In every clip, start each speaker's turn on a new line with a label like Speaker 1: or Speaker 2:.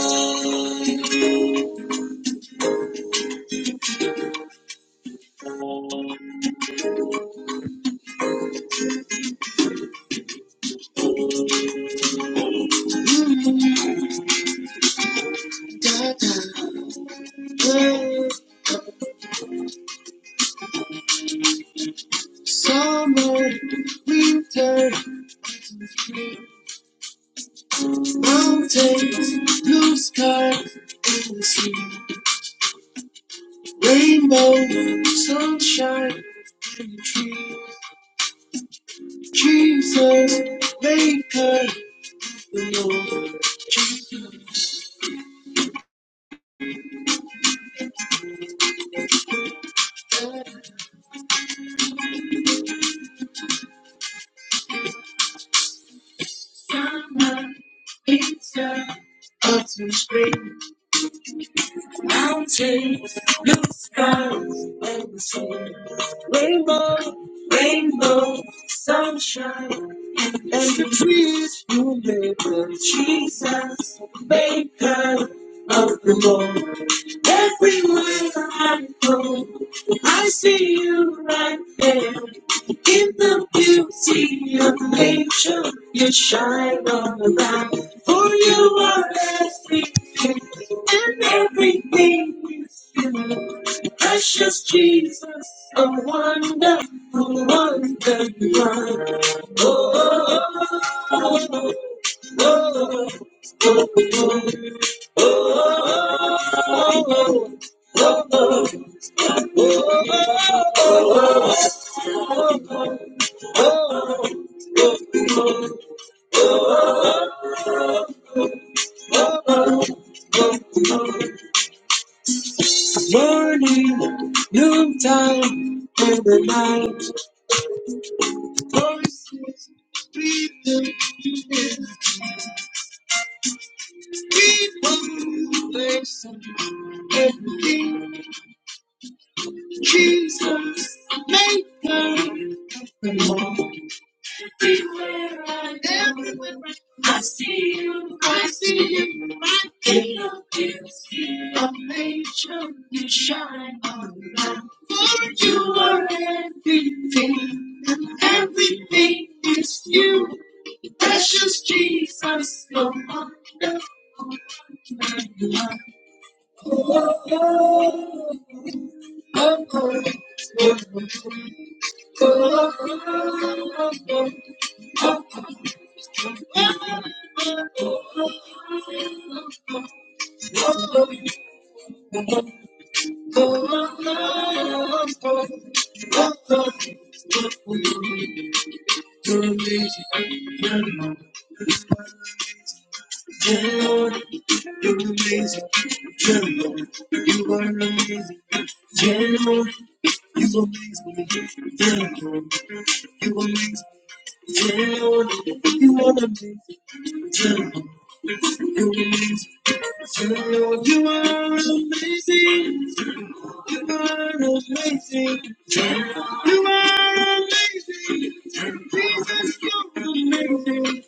Speaker 1: Summer, winter, mountains, blue sky, and the sea, rainbow, sunshine, and the tree. Jesus, maker, the Lord. Summer, winter, autumn, spring. Mountains, blue skies, and the sea. Rainbow, rainbow, sunshine, and the trees you made with Jesus, maker of the Lord. Everywhere I go, I see you right there. In the beauty of nature, you shine all around. For you are everything, and everything is you. Precious Jesus, a wonderful wonder you are. Oh, oh, oh, oh, oh. oh, oh. Morning, noontime, and the night. Voices, breathing. Person, everything, Jesus, maker, of the Lord. everywhere I go, everywhere I see you, I see you, I think of you, a nature you shine on light. For you are everything, and everything is you, precious Jesus, you're wonderful. my love. Thank you. Lord, you're amazing. Yeah, Lord, you are amazing. Yeah, Lord, you amaze me. Yeah, Lord, you amaze me. Yeah, Lord, you are amazing. Yeah, Lord, you amaze me. Yeah, Lord, you are amazing. You are amazing. You are amazing. Jesus, you're amazing.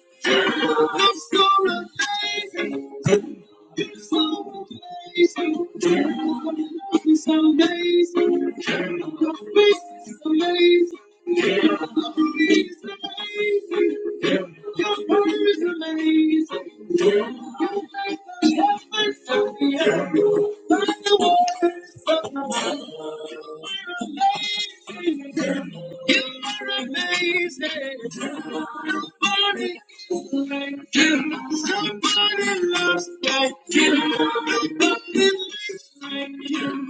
Speaker 1: You're so amazing. Somebody loves like you. Somebody loves like you.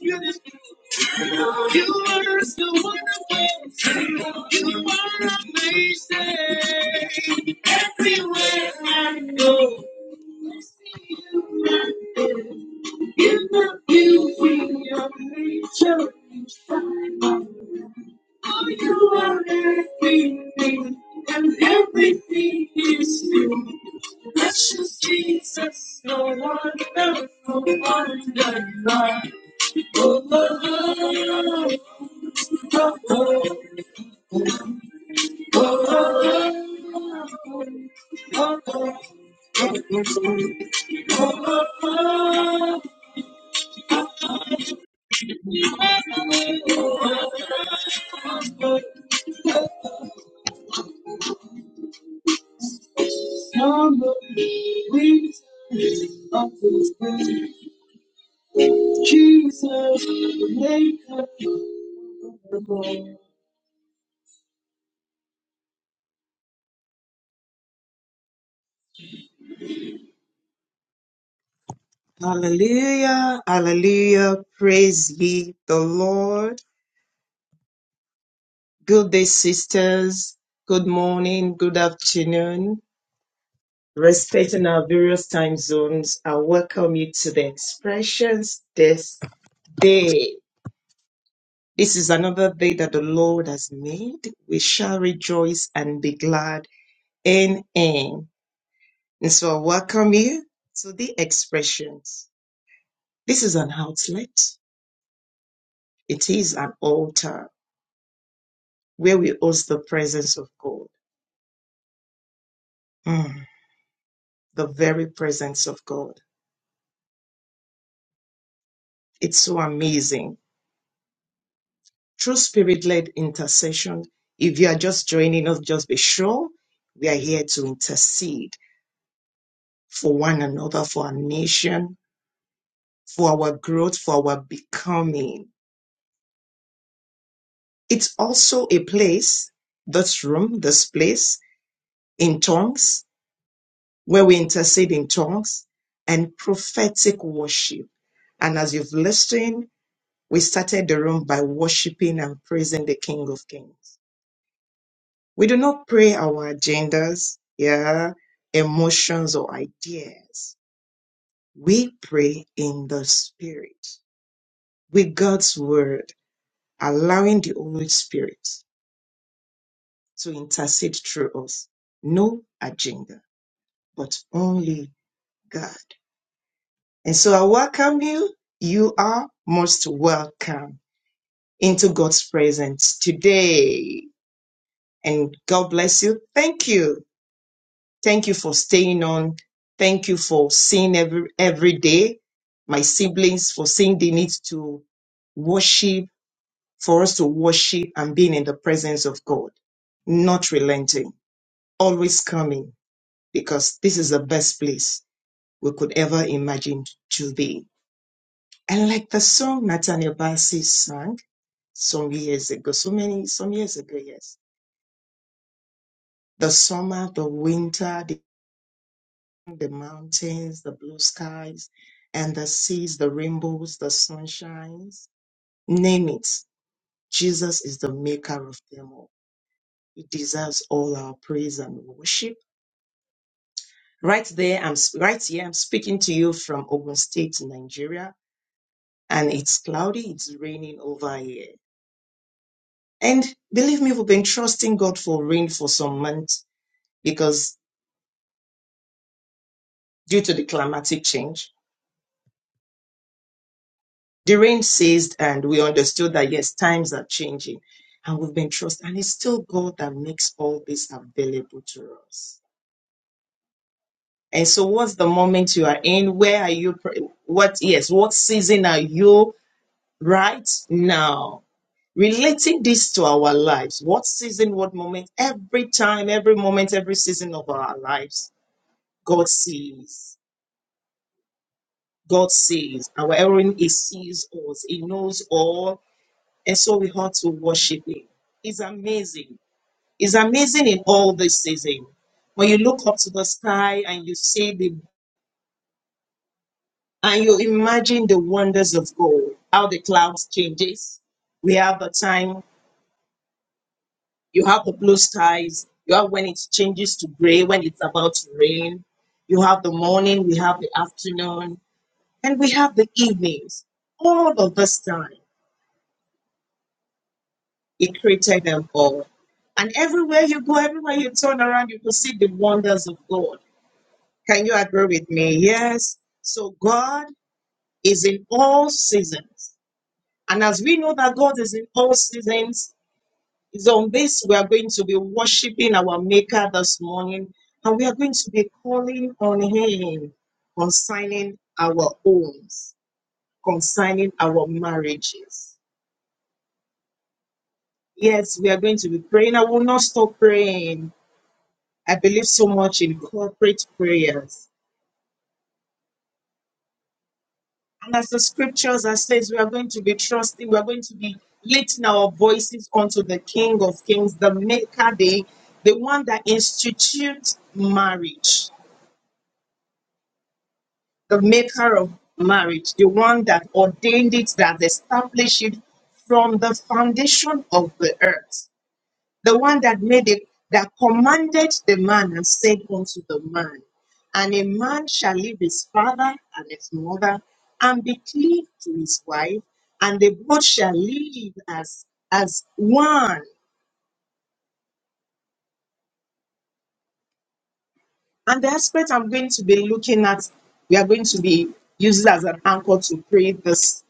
Speaker 1: You are so wonderful. You are amazing. Everywhere I go, in the beauty of nature, oh, you are everything, and everything is you. Precious Jesus, no wonderful, wonder you are. Oh, oh, oh, oh, oh, oh, oh. oh. Hallelujah, hallelujah, praise be the Lord. Good day, sisters. Good morning, good afternoon. Respecting our various time zones, I welcome you to the expressions this day. This is another day that the Lord has made. We shall rejoice and be glad in it. And so I welcome you to the expressions. This is an outlet. It is an altar where we host the presence of God. Mm, the very presence of God. It's so amazing. Through spirit-led intercession, if you are just joining us, just be sure we are here to intercede for one another, for our nation, for our growth, for our becoming. It's also a place, this room, this place, in tongues, where we intercede in tongues and prophetic worship. And as you've listened, we started the room by worshiping and praising the King of Kings. We do not pray our agendas, yeah, emotions or ideas. We pray in the Spirit with God's Word, allowing the Holy Spirit to intercede through us. No agenda, but only God. And so I welcome you. You are most welcome into God's presence today. And God bless you. Thank you. Thank you for staying on. Thank you for seeing every, every day. My siblings for seeing the need to worship, for us to worship and being in the presence of God, not relenting, always coming because this is the best place we could ever imagine to be. And like the song Nathaniel Bassey sang some years ago, so many, some years ago, yes. The summer, the winter, the, the mountains, the blue skies, and the seas, the rainbows, the sunshines, name it. Jesus is the maker of them all. He deserves all our praise and worship. Right there, I'm right here. I'm speaking to you from Ogun State, Nigeria and it's cloudy, it's raining over here. And believe me, we've been trusting God for rain for some months because due to the climatic change, the rain ceased and we understood that yes, times are changing. And we've been trusting, and it's still God that makes all this available to us. And so, what's the moment you are in? Where are you? pr- What, yes, what season are you right now? relating this to our lives what season what moment every time every moment every season of our lives god sees god sees our Elohim he sees us he knows all and so we ought to worship him it's amazing it's amazing in all this season when you look up to the sky and you see the and you imagine the wonders of god how the clouds changes we have the time You have the blue skies. You have when it changes to gray, when it's about to rain. You have the morning, we have the afternoon, and we have the evenings. All of this time, He created them all. And everywhere you go, everywhere you turn around, you will see the wonders of God. Can you agree with me? Yes. So God is in all seasons. And as we know that God is in all seasons, It's on this we are going to be worshiping our Maker this morning, and we are going to be calling on Him concerning our homes, concerning our marriages. Yes, we are going to be praying. I will not stop praying. I believe so much in corporate prayers. And as the scriptures are says, we are going to be trusting, we are going to be lifting our voices unto the King of Kings, the Maker, the, the one that institutes marriage the maker of marriage, the one that ordained it, that established it from the foundation of the earth, the one that made it, that commanded the man and said unto the man, And a man shall leave his father and his mother and be cleaved to his wife, and they both shall live as, as one. And the aspect I'm going to be looking at, we are going to be using as an anchor to pray this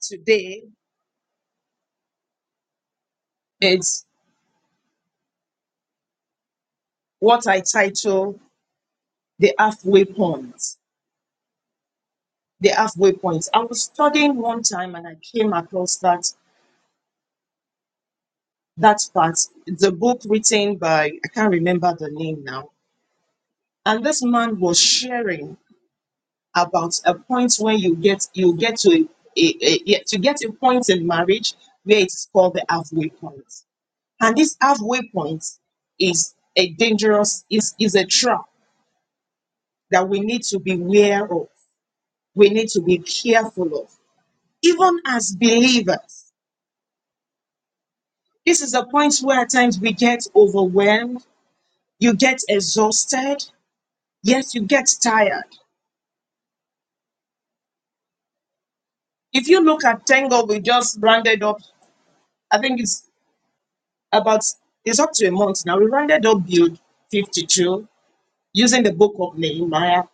Speaker 1: today what I title the halfway point. The halfway point. I was studying one time and I came across that that part. It's a book written by I can't remember the name now. And this man was sharing about a point when you get you get to a, a, a, a- to get a point in marriage where it's called the halfway point. And this halfway point is a dangerous is is a trap that we need to be aware of. We need to be careful of even as believers, this is a point where at times we get overwhelmed, you get exhausted, yes, you get tired. If you look at Tango, we just rounded up, I think it's about it's up to a month now. We rounded up build 52 using the book of Nehemiah.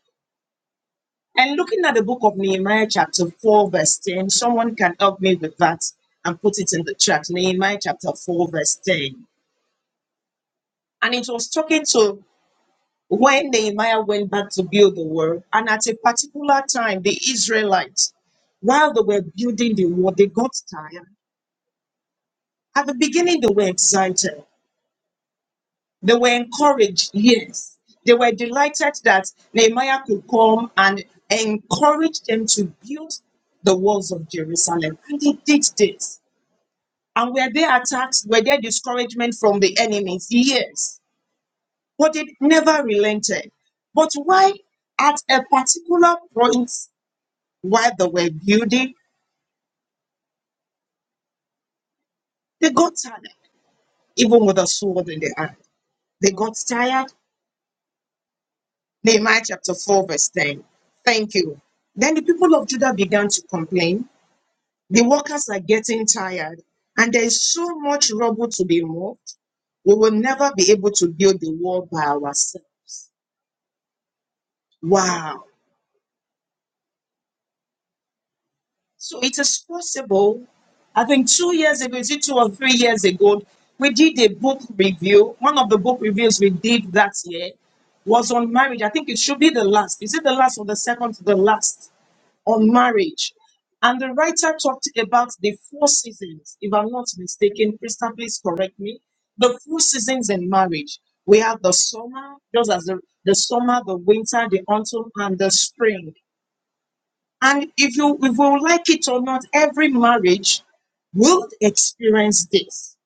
Speaker 1: And looking at the book of Nehemiah, chapter 4, verse 10, someone can help me with that and put it in the chat. Nehemiah chapter 4, verse 10. And it was talking to When Nehemiah went back to build the wall, and at a particular time, the Israelites, while they were building the wall, they got tired. At the beginning, they were excited. They were encouraged, yes. They were delighted that Nehemiah could come and encourage them to build the walls of Jerusalem. And they did this. And were there attacks? Were there discouragement from the enemies? Yes. But it never relented. But why at a particular point While they were building, they got tired, even with a sword in their hand. They got tired. Nehemiah chapter 4, verse 10. Thank you. Then the people of Judah began to complain. The workers are getting tired, and there is so much rubble to be moved. We will never be able to build the wall by ourselves. Wow. So it is possible. I think two years ago, is it two or three years ago, we did a book review. One of the book reviews we did that year was on marriage. I think it should be the last. Is it the last or the second to the last on marriage? And the writer talked about the four seasons. If I'm not mistaken, Krista, please correct me. The four seasons in marriage. We have the summer, just as the, the summer, the winter, the autumn, and the spring and if you if you like it or not, every marriage will experience this.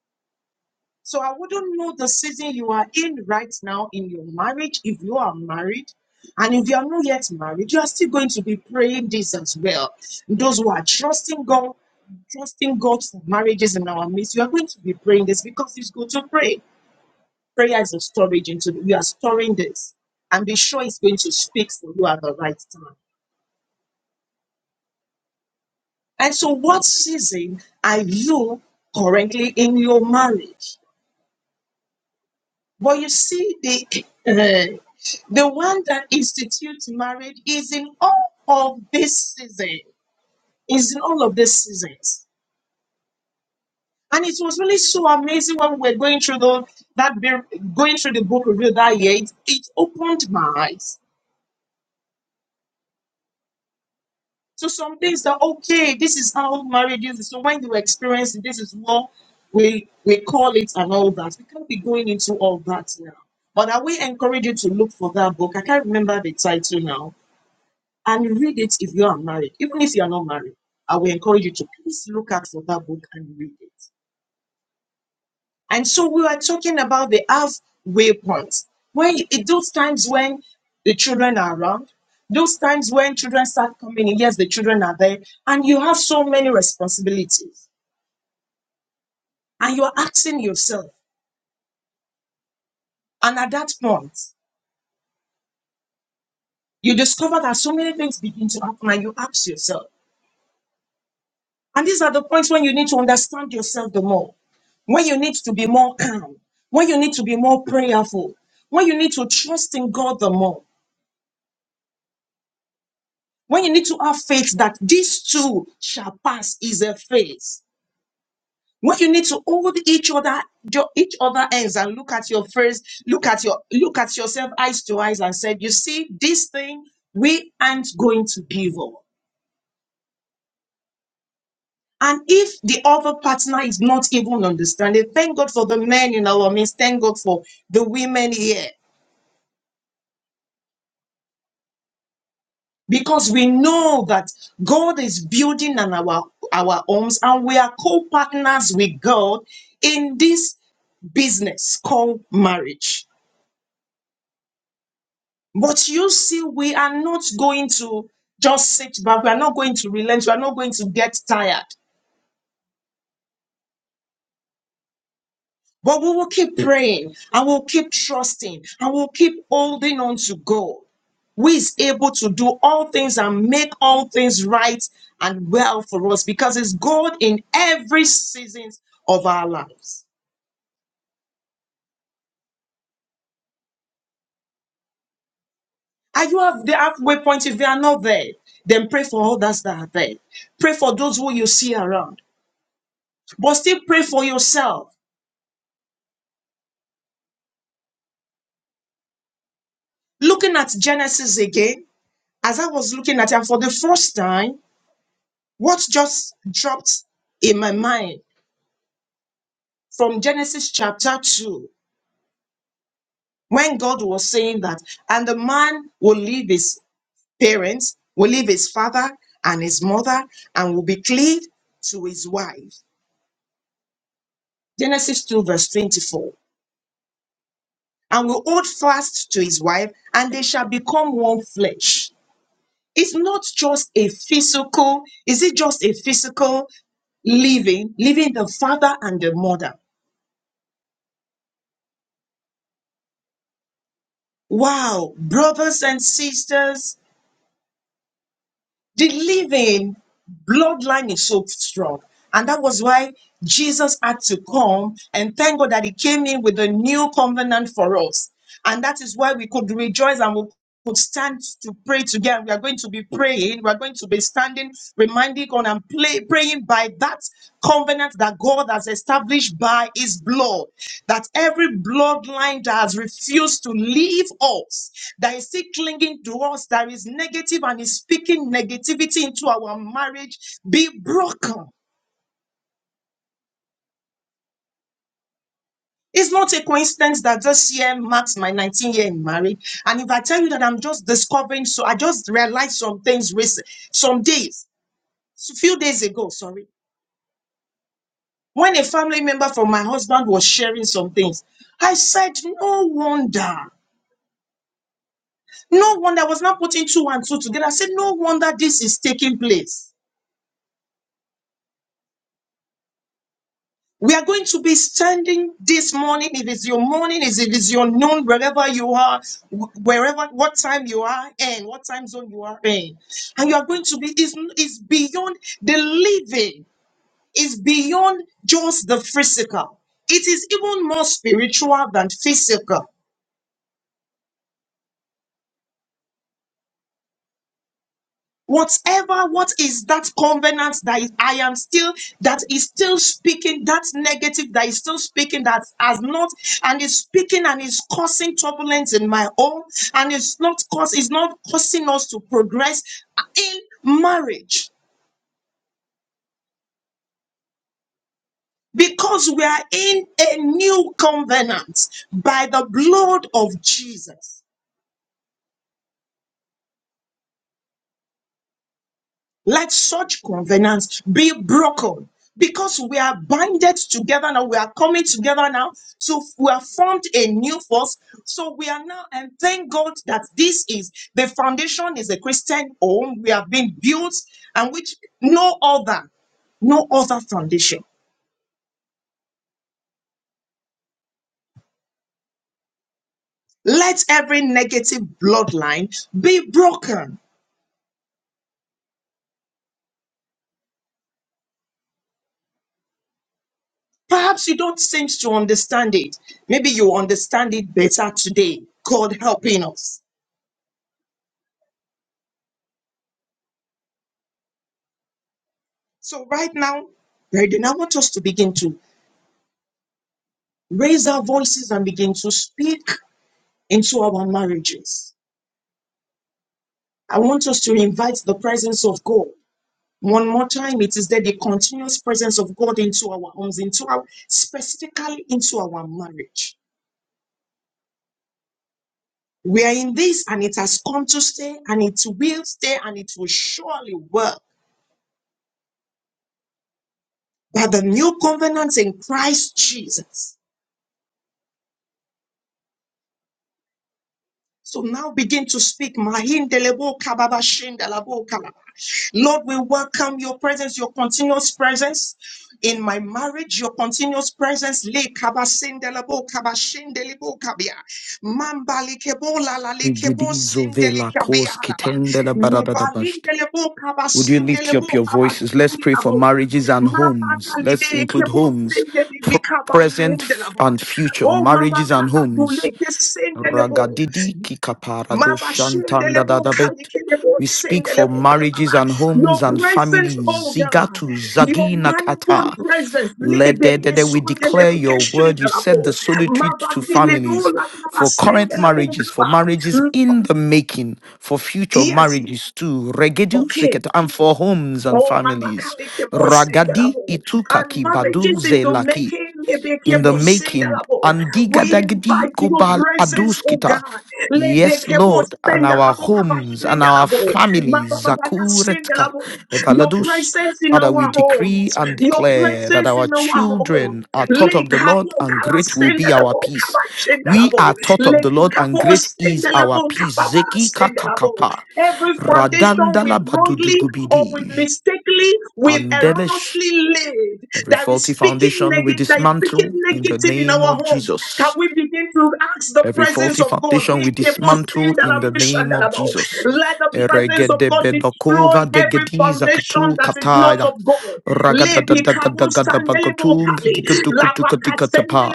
Speaker 1: So I wouldn't know the season you are in right now in your marriage if you are married. And if you are not yet married, you are still going to be praying this as well. Those who are trusting God, trusting God for marriages in our midst, you are going to be praying this because it's good to pray. Prayer is a storage into we are storing this. And be sure it's going to speak for you at the right time. And so, what season are you currently in your marriage? But you see, the uh, the one that institutes marriage is in all of this season, is in all of these seasons. And it was really so amazing when we were going through the that bir- going through the book of Ruth that year. It, it opened my eyes So some things that okay, this is how marriage is. So when you experience it, this is what we we call it and all that. We can't be going into all that now. But I will encourage you to look for that book. I can't remember the title now. And read it if you are married, even if you are not married. I will encourage you to please look out for that book and read it. And so we were talking about the half way point. When you- it, those times when the children are around, those times when children start coming in, yes, the children are there, and you have so many responsibilities, and you are asking yourself, and at that point, you discover that so many things begin to happen, and you ask yourself, and these are the points when you need to understand yourself the more, when you need to be more calm, when you need to be more prayerful, when you need to trust in God the more When you need to have faith that this too shall pass is a faith. When you need to hold each other, jo- each other hands, and look at your face, look at your look at yourself eyes to eyes and said, You see, this thing we aren't going to give up. And if the other partner is not even understanding, thank God for the men in our midst, thank God for the women here. because we know that God is building on our, our homes and we are co-partners with God in this business called marriage. But you see, we are not going to just sit back. We are not going to relent. We are not going to get tired. But we will keep praying and we'll keep trusting and we'll keep holding on to God. who is able to do all things and make all things right and well for us because it's God in every season of our lives. Are you have the halfway point? If they are not there, then pray for others that are there. Pray for those who you see around, but still pray for yourself. Looking at Genesis again, as I was looking at it, and for the first time, what just dropped in my mind from Genesis chapter 2, when God was saying that, and the man will leave his parents, will leave his father and his mother and will be cleaved to his wife. Genesis 2, verse 24. And will hold fast to his wife, and they shall become one flesh. It's not just a physical, is it just a physical living, Leaving the father and the mother? Wow, brothers and sisters, The living bloodline is so strong. And that was why Jesus had to come. And thank God that He came in with a new covenant for us. And that is why we could rejoice and we could stand to pray together. We are going to be praying. We are going to be standing, on and play, praying by that covenant that God has established by his blood. That every bloodline that has refused to leave us, that is still clinging to us, that is negative and is speaking negativity into our marriage, be broken. It's not a coincidence that this year marks my 19 year in marriage. And if I tell you that I'm just discovering, so I just realized some things recent, some days, a few days ago, sorry When a family member from my husband was sharing some things, I said, No wonder. No wonder I was not putting two and two together. I said, No wonder this is taking place. We are going to be standing this morning. If It is your morning, is it is your noon, wherever you are, wh- wherever what time you are in, what time zone you are in. And you are going to be is is beyond the living, is beyond just the physical. It is even more spiritual than physical. Whatever, what is that covenant that is, I am still, that is still speaking, that negative that is still speaking, that has not, and is speaking and is causing turbulence in my home, and it's not cause, it's not causing us to progress in marriage because we are in a new covenant by the blood of Jesus. Let such covenants be broken because we are binded together now. We are coming together now. So we are formed a new force. So we are now, and thank God that this is the foundation is a Christian home. We have been built and which no other, no other foundation. Let every negative bloodline be broken. Perhaps you don't seem to understand it. Maybe you understand it better today. God helping us. So right now, Brethren, I want us to begin to raise our voices and begin to speak into our marriages. I want us to invite the presence of God. One more time, it is there the continuous presence of God into our homes, into our specifically into our marriage. We are in this and it has come to stay and it will stay and it will surely work by the new covenant in Christ Jesus. So now begin to speak. Mahindelebo kababa shindelebo kababa. Lord, we welcome your presence, your continuous presence. In my marriage, your continuous presence, le kabasindelebo kabashindelebo kabia, mambalikebo lalalikebo
Speaker 2: Rigidizo vela
Speaker 1: sindelikabi
Speaker 2: kos
Speaker 1: alaba,
Speaker 2: kitende la barada da basht.
Speaker 1: mebalindelebo
Speaker 2: Would you lift
Speaker 1: kabasindelebo
Speaker 2: up your voices? Let's pray for
Speaker 1: kabashindelebo,
Speaker 2: marriages and homes. Let's include
Speaker 1: mapakalidelekebo
Speaker 2: homes, pr- present f-
Speaker 1: sindelibikabalindelaba,
Speaker 2: and future,
Speaker 1: oh
Speaker 2: marriages and
Speaker 1: mapakala
Speaker 2: homes.
Speaker 1: duleke sindelebo,
Speaker 2: Ragadidi kikaparado
Speaker 1: Mama shindele bo kali
Speaker 2: shantandadadabet.
Speaker 1: kele
Speaker 2: We speak for marriages and
Speaker 1: Your
Speaker 2: homes and
Speaker 1: presence, oh
Speaker 2: families.
Speaker 1: God,
Speaker 2: Zigatu
Speaker 1: your
Speaker 2: zagina
Speaker 1: manifold
Speaker 2: kata.
Speaker 1: presence,
Speaker 2: Let
Speaker 1: lebe
Speaker 2: the- the-
Speaker 1: ke
Speaker 2: the- we
Speaker 1: sondele
Speaker 2: declare your word. You said the solitary
Speaker 1: Mama
Speaker 2: to
Speaker 1: kile
Speaker 2: families
Speaker 1: kaba
Speaker 2: for current
Speaker 1: sendele bo
Speaker 2: marriages, for marriages in the making, for future
Speaker 1: Yes,
Speaker 2: marriages too. Regedu
Speaker 1: okay.
Speaker 2: seketa and for homes and
Speaker 1: Oh, Mama
Speaker 2: families.
Speaker 1: Karikebo
Speaker 2: Ragadi
Speaker 1: Sindarabo. And
Speaker 2: itukaki
Speaker 1: Mama
Speaker 2: badu
Speaker 1: is in the
Speaker 2: zelaki
Speaker 1: making
Speaker 2: in the
Speaker 1: Lebekebo
Speaker 2: making.
Speaker 1: Sindarabo. We
Speaker 2: Andigadagadi
Speaker 1: invite your
Speaker 2: gobal
Speaker 1: presence, oh God.
Speaker 2: aduskita. Yes,
Speaker 1: Lebekebo
Speaker 2: Lord, and our
Speaker 1: Sindarabo Kaba
Speaker 2: homes and our
Speaker 1: Sindarabo. Mama
Speaker 2: families,
Speaker 1: Mama
Speaker 2: Zakuretka,
Speaker 1: Sindarabo. Your
Speaker 2: Evaladus.
Speaker 1: presence in
Speaker 2: Father, we
Speaker 1: our
Speaker 2: decree
Speaker 1: homes.
Speaker 2: and
Speaker 1: Your
Speaker 2: declare that
Speaker 1: presence
Speaker 2: our
Speaker 1: in our homes.
Speaker 2: children are taught of the
Speaker 1: Lekabo
Speaker 2: Lord and
Speaker 1: Kala
Speaker 2: great will be our
Speaker 1: Sindarabo
Speaker 2: peace.
Speaker 1: Kaba
Speaker 2: We
Speaker 1: Sindarabo.
Speaker 2: are taught of the Lord and
Speaker 1: Lekabo
Speaker 2: great is our
Speaker 1: Sindarabo
Speaker 2: peace.
Speaker 1: Kaba
Speaker 2: Zeki
Speaker 1: Sindarabo.
Speaker 2: kakakapa,
Speaker 1: Every foundation we've
Speaker 2: radandala
Speaker 1: wrongly or we
Speaker 2: badudugubidi,
Speaker 1: mistakenly, we've
Speaker 2: Andelesh
Speaker 1: erroneously laid
Speaker 2: Every
Speaker 1: that is
Speaker 2: faulty
Speaker 1: speaking
Speaker 2: foundation we
Speaker 1: negative, that is speaking
Speaker 2: dismantle in the
Speaker 1: negative in
Speaker 2: name
Speaker 1: our
Speaker 2: of
Speaker 1: homes. Can
Speaker 2: Jesus.
Speaker 1: we begin to ask the
Speaker 2: Every
Speaker 1: presence
Speaker 2: faulty
Speaker 1: of God?
Speaker 2: foundation
Speaker 1: Let
Speaker 2: we dismantle in the name of Jesus.
Speaker 1: the presence of
Speaker 2: Eregede
Speaker 1: God destroy
Speaker 2: bedokova
Speaker 1: every
Speaker 2: degediza
Speaker 1: foundation
Speaker 2: katu
Speaker 1: that is not
Speaker 2: kataya.
Speaker 1: of God.
Speaker 2: Ragada da
Speaker 1: Lebi
Speaker 2: da ga da ga da bagotung digudukutikatikatapa.